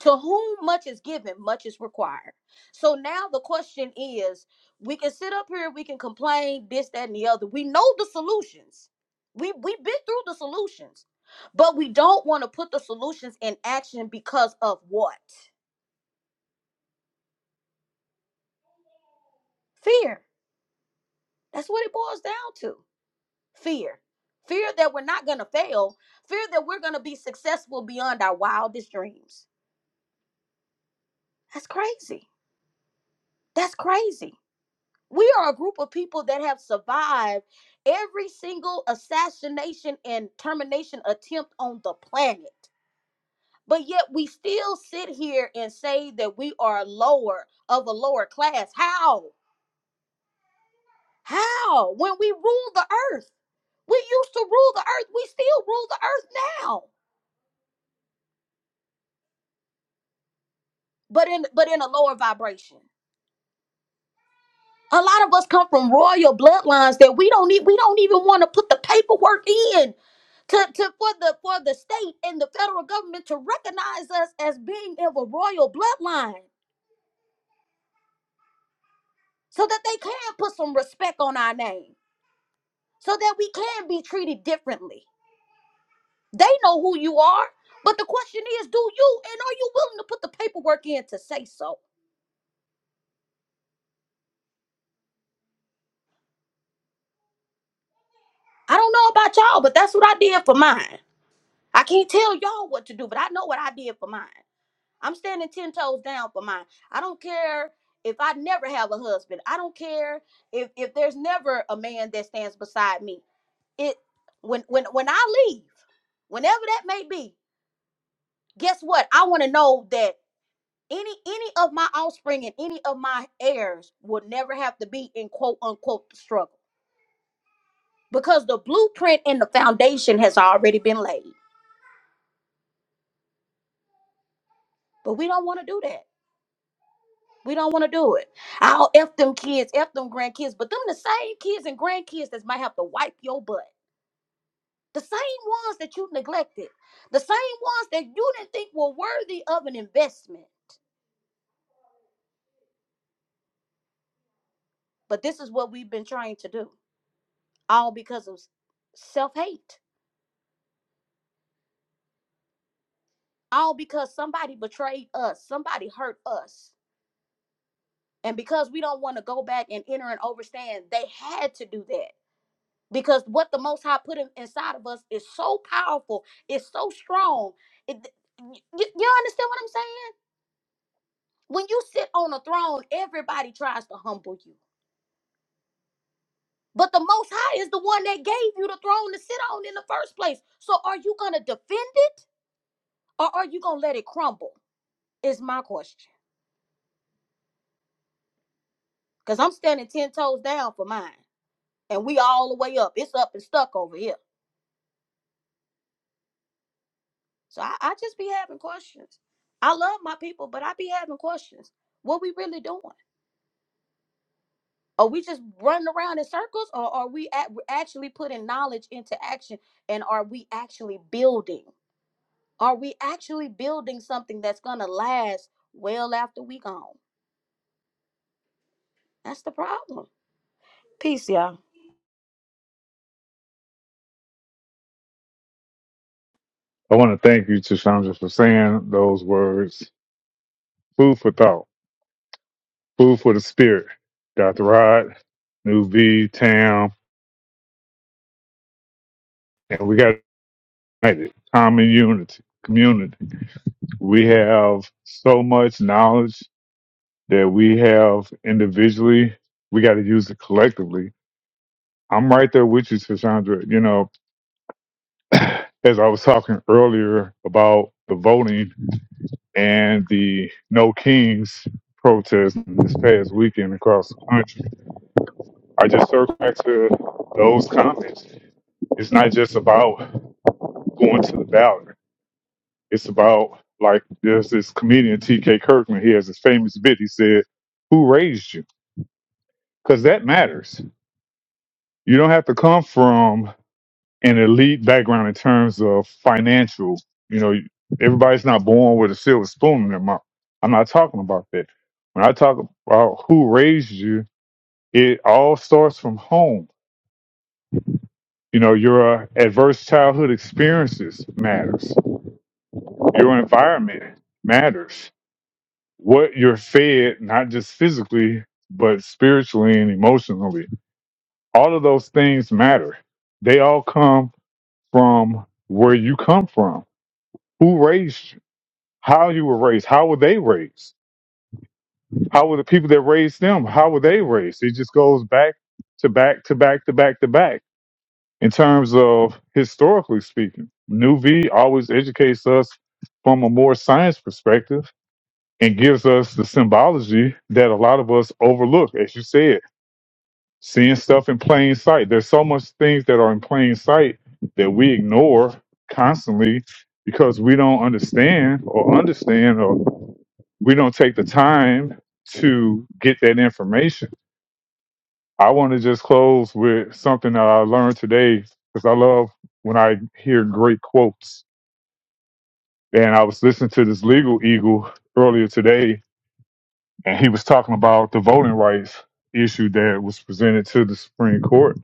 To whom much is given, much is required. So now the question is, we can sit up here, we can complain this, that, and the other. We know the solutions. We we've been through the solutions, but we don't want to put the solutions in action because of what? Fear. That's what it boils down to. Fear. Fear that we're not going to fail. Fear that we're going to be successful beyond our wildest dreams. That's crazy. That's crazy. We are a group of people that have survived every single assassination and termination attempt on the planet. But yet we still sit here and say that we are lower of a lower class. How? How? When we ruled the earth, we used to rule the earth. We still rule the earth now, but in but in a lower vibration. A lot of us come from royal bloodlines that we don't need. We don't even want to put the paperwork in to, to for the for the state and the federal government to recognize us as being of a royal bloodline, so that they can put some respect on our name, so that we can be treated differently They know who you are. But the question is, do you and are you willing to put the paperwork in to say so? I don't know about y'all, but that's what I did for mine. I can't tell y'all what to do, but I know what I did for mine. I'm standing 10 toes down for mine. I don't care if I never have a husband. I don't care if if there's never a man that stands beside me. It when when when I leave, whenever that may be, guess what? I want to know that any any of my offspring and any of my heirs will never have to be in quote unquote the struggle because the blueprint and the foundation has already been laid but we don't want to do that we don't want to do it i'll f them kids f them grandkids but them the same kids and grandkids that might have to wipe your butt the same ones that you neglected the same ones that you didn't think were worthy of an investment but this is what we've been trying to do all because of self-hate all because somebody betrayed us, somebody hurt us. And because we don't want to go back and enter and overstand, they had to do that. Because what the Most High put in, inside of us is so powerful, it's so strong. It, you, you understand what I'm saying? When you sit on a throne, everybody tries to humble you. But the Most High is the one that gave you the throne to sit on in the first place. So are you going to defend it or are you going to let it crumble? Is my question. Because I'm standing 10 toes down for mine. and we all the way up. It's up and stuck over here. So I, I just be having questions. I love my people, but I be having questions. What we really doing? Are we just running around in circles, or are we at, actually putting knowledge into action? And are we actually building? Are we actually building something that's gonna last well after we gone? That's the problem. Peace, y'all. I want to thank you, Chandra, for saying those words. Food for thought. Food for the Spirit, Dr. Rod, New V, Tam, and we got united, common unity, community. We have so much knowledge that we have individually. We got to use it collectively. I'm right there with you, Sandra. You know, as I was talking earlier about the voting and the No Kings protest this past weekend across the country, I just circle back to those comments. It's not just about going to the ballot. It's about like there's this comedian T.K. Kirkman. He has this famous bit. He said, "Who raised you?" Because that matters. You don't have to come from an elite background in terms of financial. You know, everybody's not born with a silver spoon in their mouth. I'm not talking about that. When I talk about who raised you, it all starts from home. You know, your uh, adverse childhood experiences matters. Your environment matters what you're fed, not just physically, but spiritually and emotionally. All of those things matter. They all come from where you come from, who raised you, how you were raised, how were they raised, how were the people that raised them, how were they raised. It just goes back to back to back to back to back in terms of historically speaking. New V always educates us from a more science perspective and gives us the symbology that a lot of us overlook, as you said seeing stuff in plain sight. There's so much things that are in plain sight that we ignore constantly because we don't understand or understand or we don't take the time to get that information. I want to just close with something that I learned today because I love when I hear great quotes. And I was listening to this legal eagle earlier today, and he was talking about the voting rights issue that was presented to the Supreme Court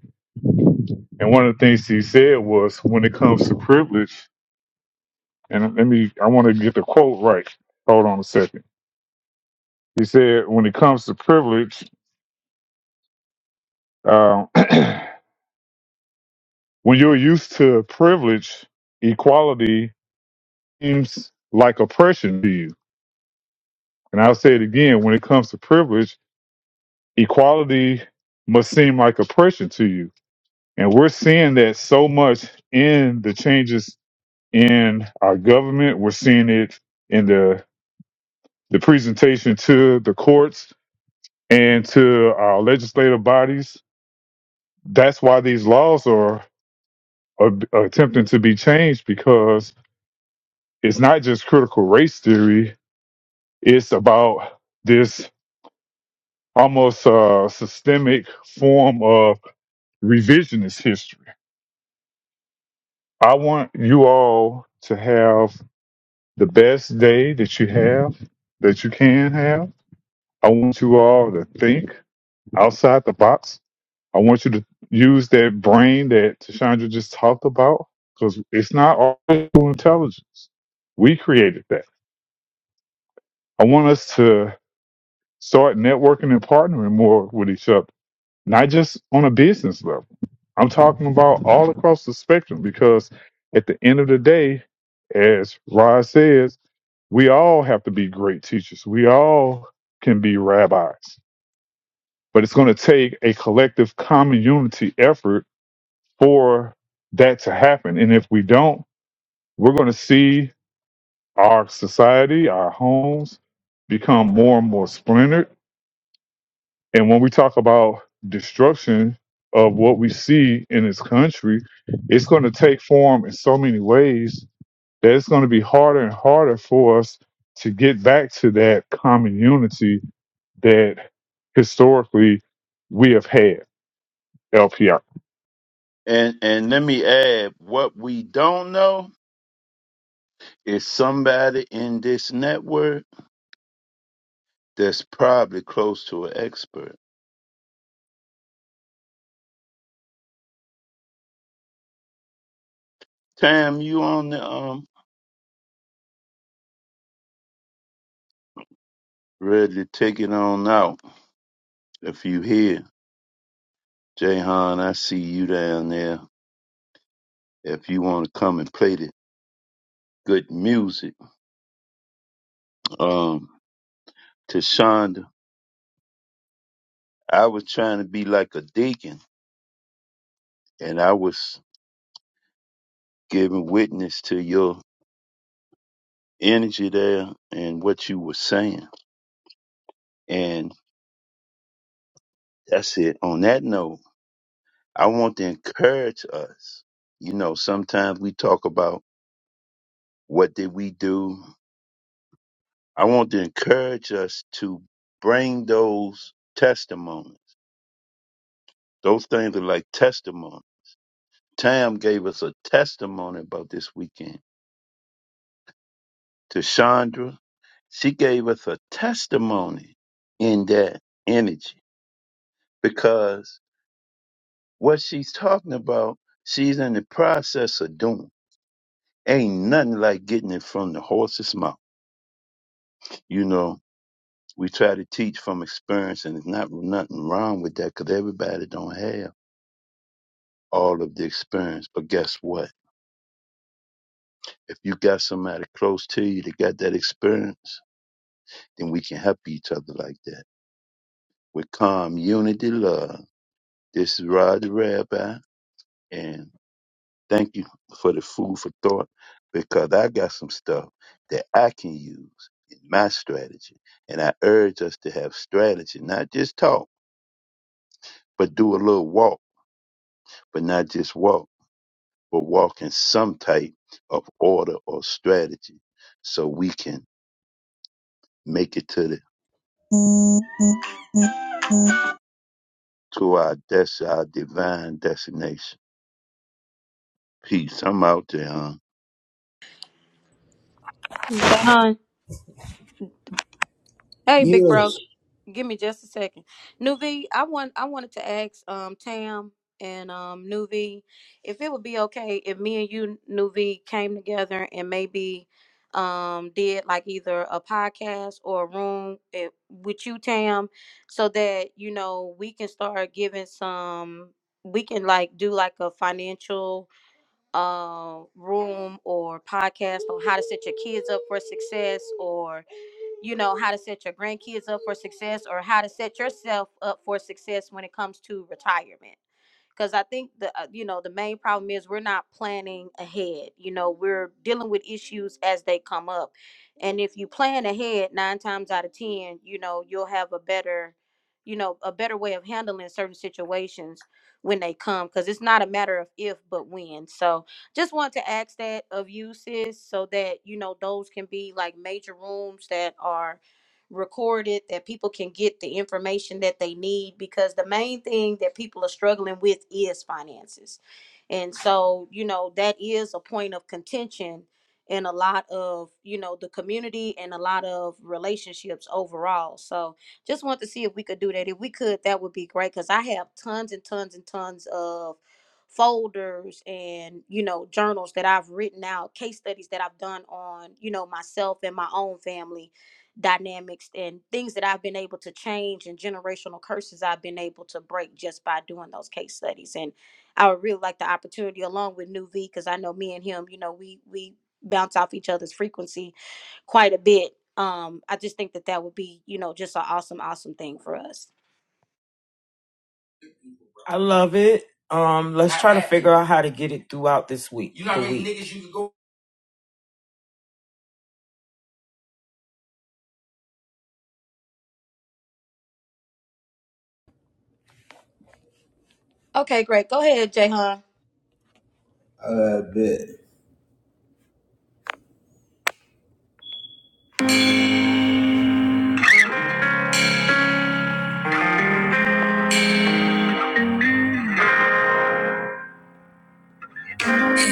And one of the things he said was, when it comes to privilege, and let me, I want to get the quote right. Hold on a second. He said, when it comes to privilege, um, when you're used to privilege, equality seems like oppression to you. And I'll say it again when it comes to privilege, equality must seem like oppression to you. And we're seeing that so much in the changes in our government. We're seeing it in the the presentation to the courts and to our legislative bodies. That's why these laws are, are attempting to be changed because it's not just critical race theory, it's about this almost uh, systemic form of revisionist history. I want you all to have the best day that you have, that you can have. I want you all to think outside the box I want you to use that brain that Tashandra just talked about because it's not artificial intelligence. We created that. I want us to start networking and partnering more with each other, not just on a business level. I'm talking about all across the spectrum because at the end of the day, as Rod says, we all have to be great teachers. We all can be rabbis. But it's going to take a collective common unity effort for that to happen. And if we don't, we're going to see our society, our homes become more and more splintered. And when we talk about destruction of what we see in this country, it's going to take form in so many ways that it's going to be harder and harder for us to get back to that common unity that historically we have had, LPR. And and let me add, what we don't know is somebody in this network that's probably close to an expert. Tam, you on the um ready to take it on out. If you here, Jayhan, I see you down there. If you want to come and play this. good music. Um, to Shonda, I was trying to be like a deacon, and I was giving witness to your energy there and what you were saying. And that's it. On that note, I want to encourage us. You know, sometimes we talk about what did we do. I want to encourage us to bring those testimonies. Those things are like testimony. Tam gave us a testimony about this weekend. To Chandra, She gave us a testimony in that energy because what she's talking about, she's in the process of doing. Ain't nothing like getting it from the horse's mouth. You know, we try to teach from experience, and there's not nothing wrong with that because everybody don't have all of the experience. But guess what? If you got somebody close to you that got that experience, then we can help each other like that. With calm, unity, love. This is Rod the Rabbi, and Thank you for the food for thought because I got some stuff that I can use in my strategy. And I urge us to have strategy, not just talk, but do a little walk, but not just walk, but walk in some type of order or strategy so we can make it to the to our des- our divine destination. Peace. I'm out there. huh? Jay Hun. Hey, big bro. Give me just a second. Nuvi, I want I wanted to ask um Tam and um Nuvi if it would be okay if me and you Nuvi came together and maybe um did like either a podcast or a room eh, with you Tam so that you know we can start giving some we can like do like a financial uh room or podcast on how to set your kids up for success or you know how to set your grandkids up for success or how to set yourself up for success when it comes to retirement because i think the uh, you know the main problem is we're not planning ahead you know we're dealing with issues as they come up and if you plan ahead nine times out of ten you know you'll have a better you know a better way of handling certain situations when they come because it's not a matter of if but when so just want to ask that of you sis so that you know those can be like major rooms that are recorded that people can get the information that they need because the main thing that people are struggling with is finances. And so, you know, that is a point of contention in a lot of, you know, the community and a lot of relationships overall. So, just want to see if we could do that. If we could, that would be great cuz I have tons and tons and tons of folders and you know journals that I've written out case studies that I've done on you know myself and my own family dynamics and things that I've been able to change and generational curses I've been able to break just by doing those case studies. And I would really like the opportunity along with New V because I know me and him, you know, we we bounce off each other's frequency quite a bit. Um, I just think that that would be, you know, just an awesome, awesome thing for us. I love it. Um, let's try to figure out how to get it throughout this week. You know how the many week. niggas you could go. Okay, great. Go ahead, Jayhan. I bet.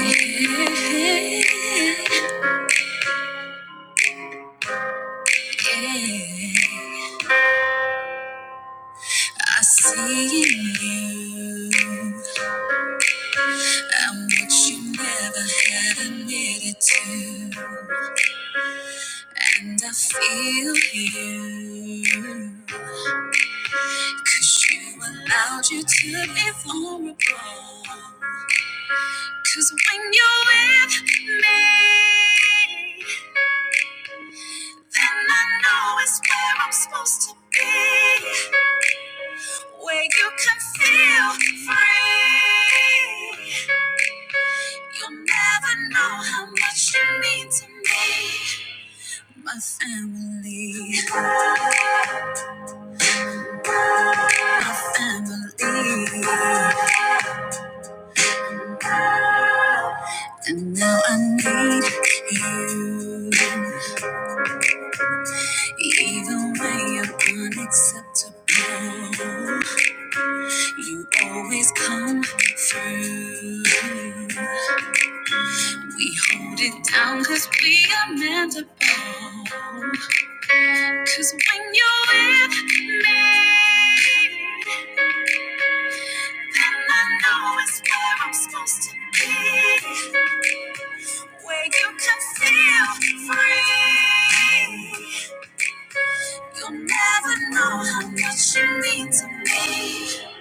I see in you. I'm what you never had admitted to. And I feel you. Cause you allowed you to be vulnerable. Cause when you're with me, then I know it's where I'm supposed to be. Where you can feel free. You'll never know how much you mean to me. My family, my family. And now I need you. Even when you're unacceptable, you always come through. We hold with me. And I know it's where I'm supposed to be. where you can feel free. You'll never know how much you mean to me,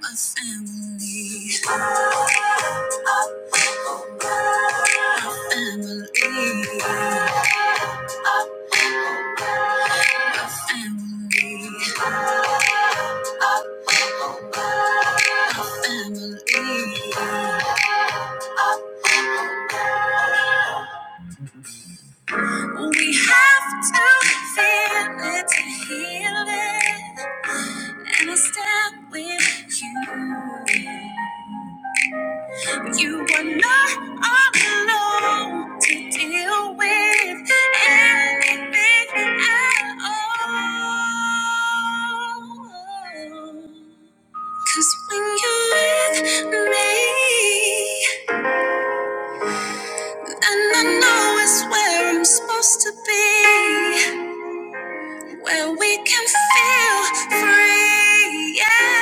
my family. Oh, oh, oh, oh, family. We have to feel it to heal it, and I stand with you. You were not alone to deal with anything at all. Cause when you're with me, and I know it's where I'm supposed to be, where we can feel free. Yeah,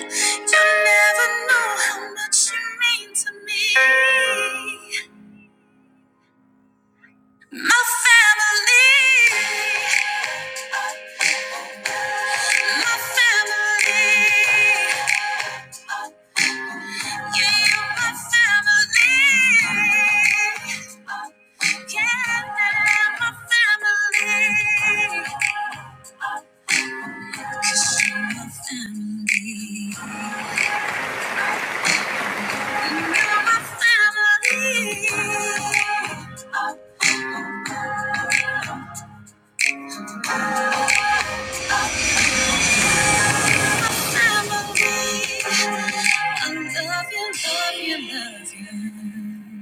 you never know how much you mean to me. My family, my family, yeah, my family, yeah, my family. 'Cause you're my family. You're my family. Family. I love you, love.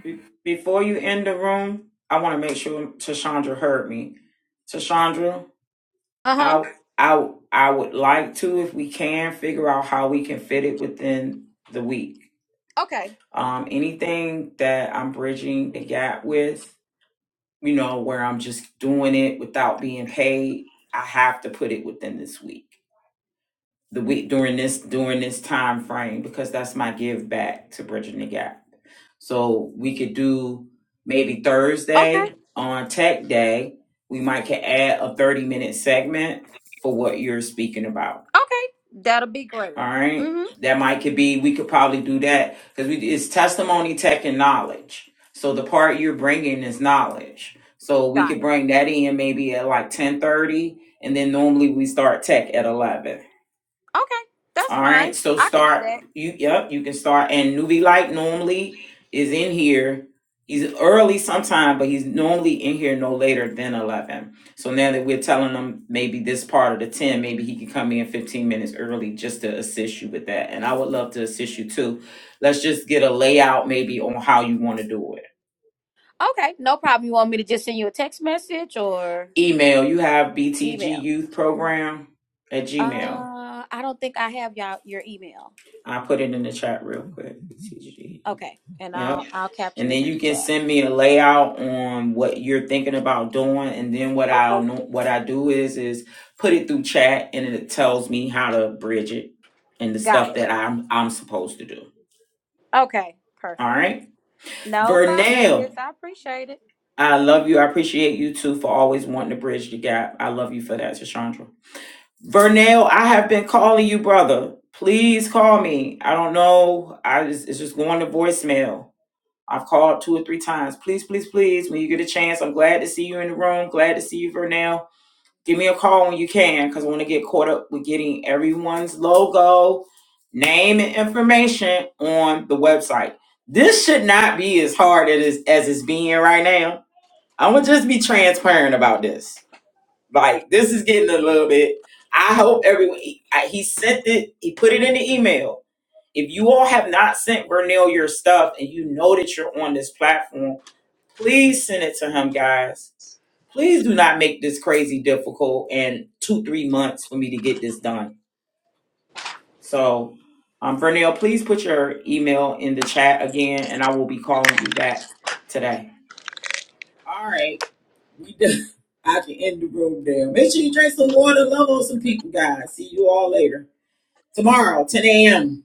Be- Before you end the room, I want to make sure Tashandra heard me. Tashandra, Uh huh. I I I would like to, if we can, figure out how we can fit it within the week. Okay. Um, anything that I'm bridging the gap with, you know, where I'm just doing it without being paid, I have to put it within this week. The week during this during this time frame because that's my give back to bridging the gap. So we could do maybe Okay. Thursday on Tech Day. We might could add a 30 minute segment for what you're speaking about Okay. That'll be great. All Mm right. hmm. That might could be, we could probably do that because we, it's testimony, tech, and knowledge. So the part you're bringing is knowledge. So we Got could it. bring that in maybe at like 1030. And then normally we start tech at 11. Okay. That's All fine. right, so I can do start that. you yep, you can start and Nuvi Light normally is in here. He's early sometime, but he's normally in here no later than eleven. So now that we're telling him maybe this part of the ten, maybe he can come in fifteen minutes early just to assist you with that. And I would love to assist you too. Let's just get a layout maybe on how you want to do it. Okay, no problem. You want me to just send you a text message or Email, you have email? BTG Youth Program at Gmail. Uh, I don't think I have y'all your email. I put it in the chat real quick. BTG Okay, and I'll Yep. I'll And capture it then in you the can chat. send me a layout on what you're thinking about doing. And then what I'll Okay, know, what I do is is put it through chat and it tells me how to bridge it and the got stuff it. that I'm I'm supposed to do. Okay, All perfect. right. No problem, sis. Vernell, I appreciate it. I love you. I appreciate you too for always wanting to bridge the gap. I love you for that, Shashandra. Vernell, I have been calling you, brother. Please call me. I don't know. I just, it's just going to voicemail. I've called two or three times. Please, please, please, when you get a chance, I'm glad to see you in the room. Glad to see you for now. Give me a call when you can because I want to get caught up with getting everyone's logo, name, and information on the website. This should not be as hard as, it's- as it's being right now. I'm going to just be transparent about this. Like, this is getting a little bit. I hope everyone, he I- he sent it, he put it in the email. If you all have not sent Vernell your stuff and you know that you're on this platform, please send it to him, guys. Please do not make this crazy difficult and two, three months for me to get this done. So, um, Vernell, please put your email in the chat again and I will be calling you back today. All right. We done. I can end the room now. Make sure you drink some water, love on some people, guys. See you all later. Tomorrow, 10 a.m.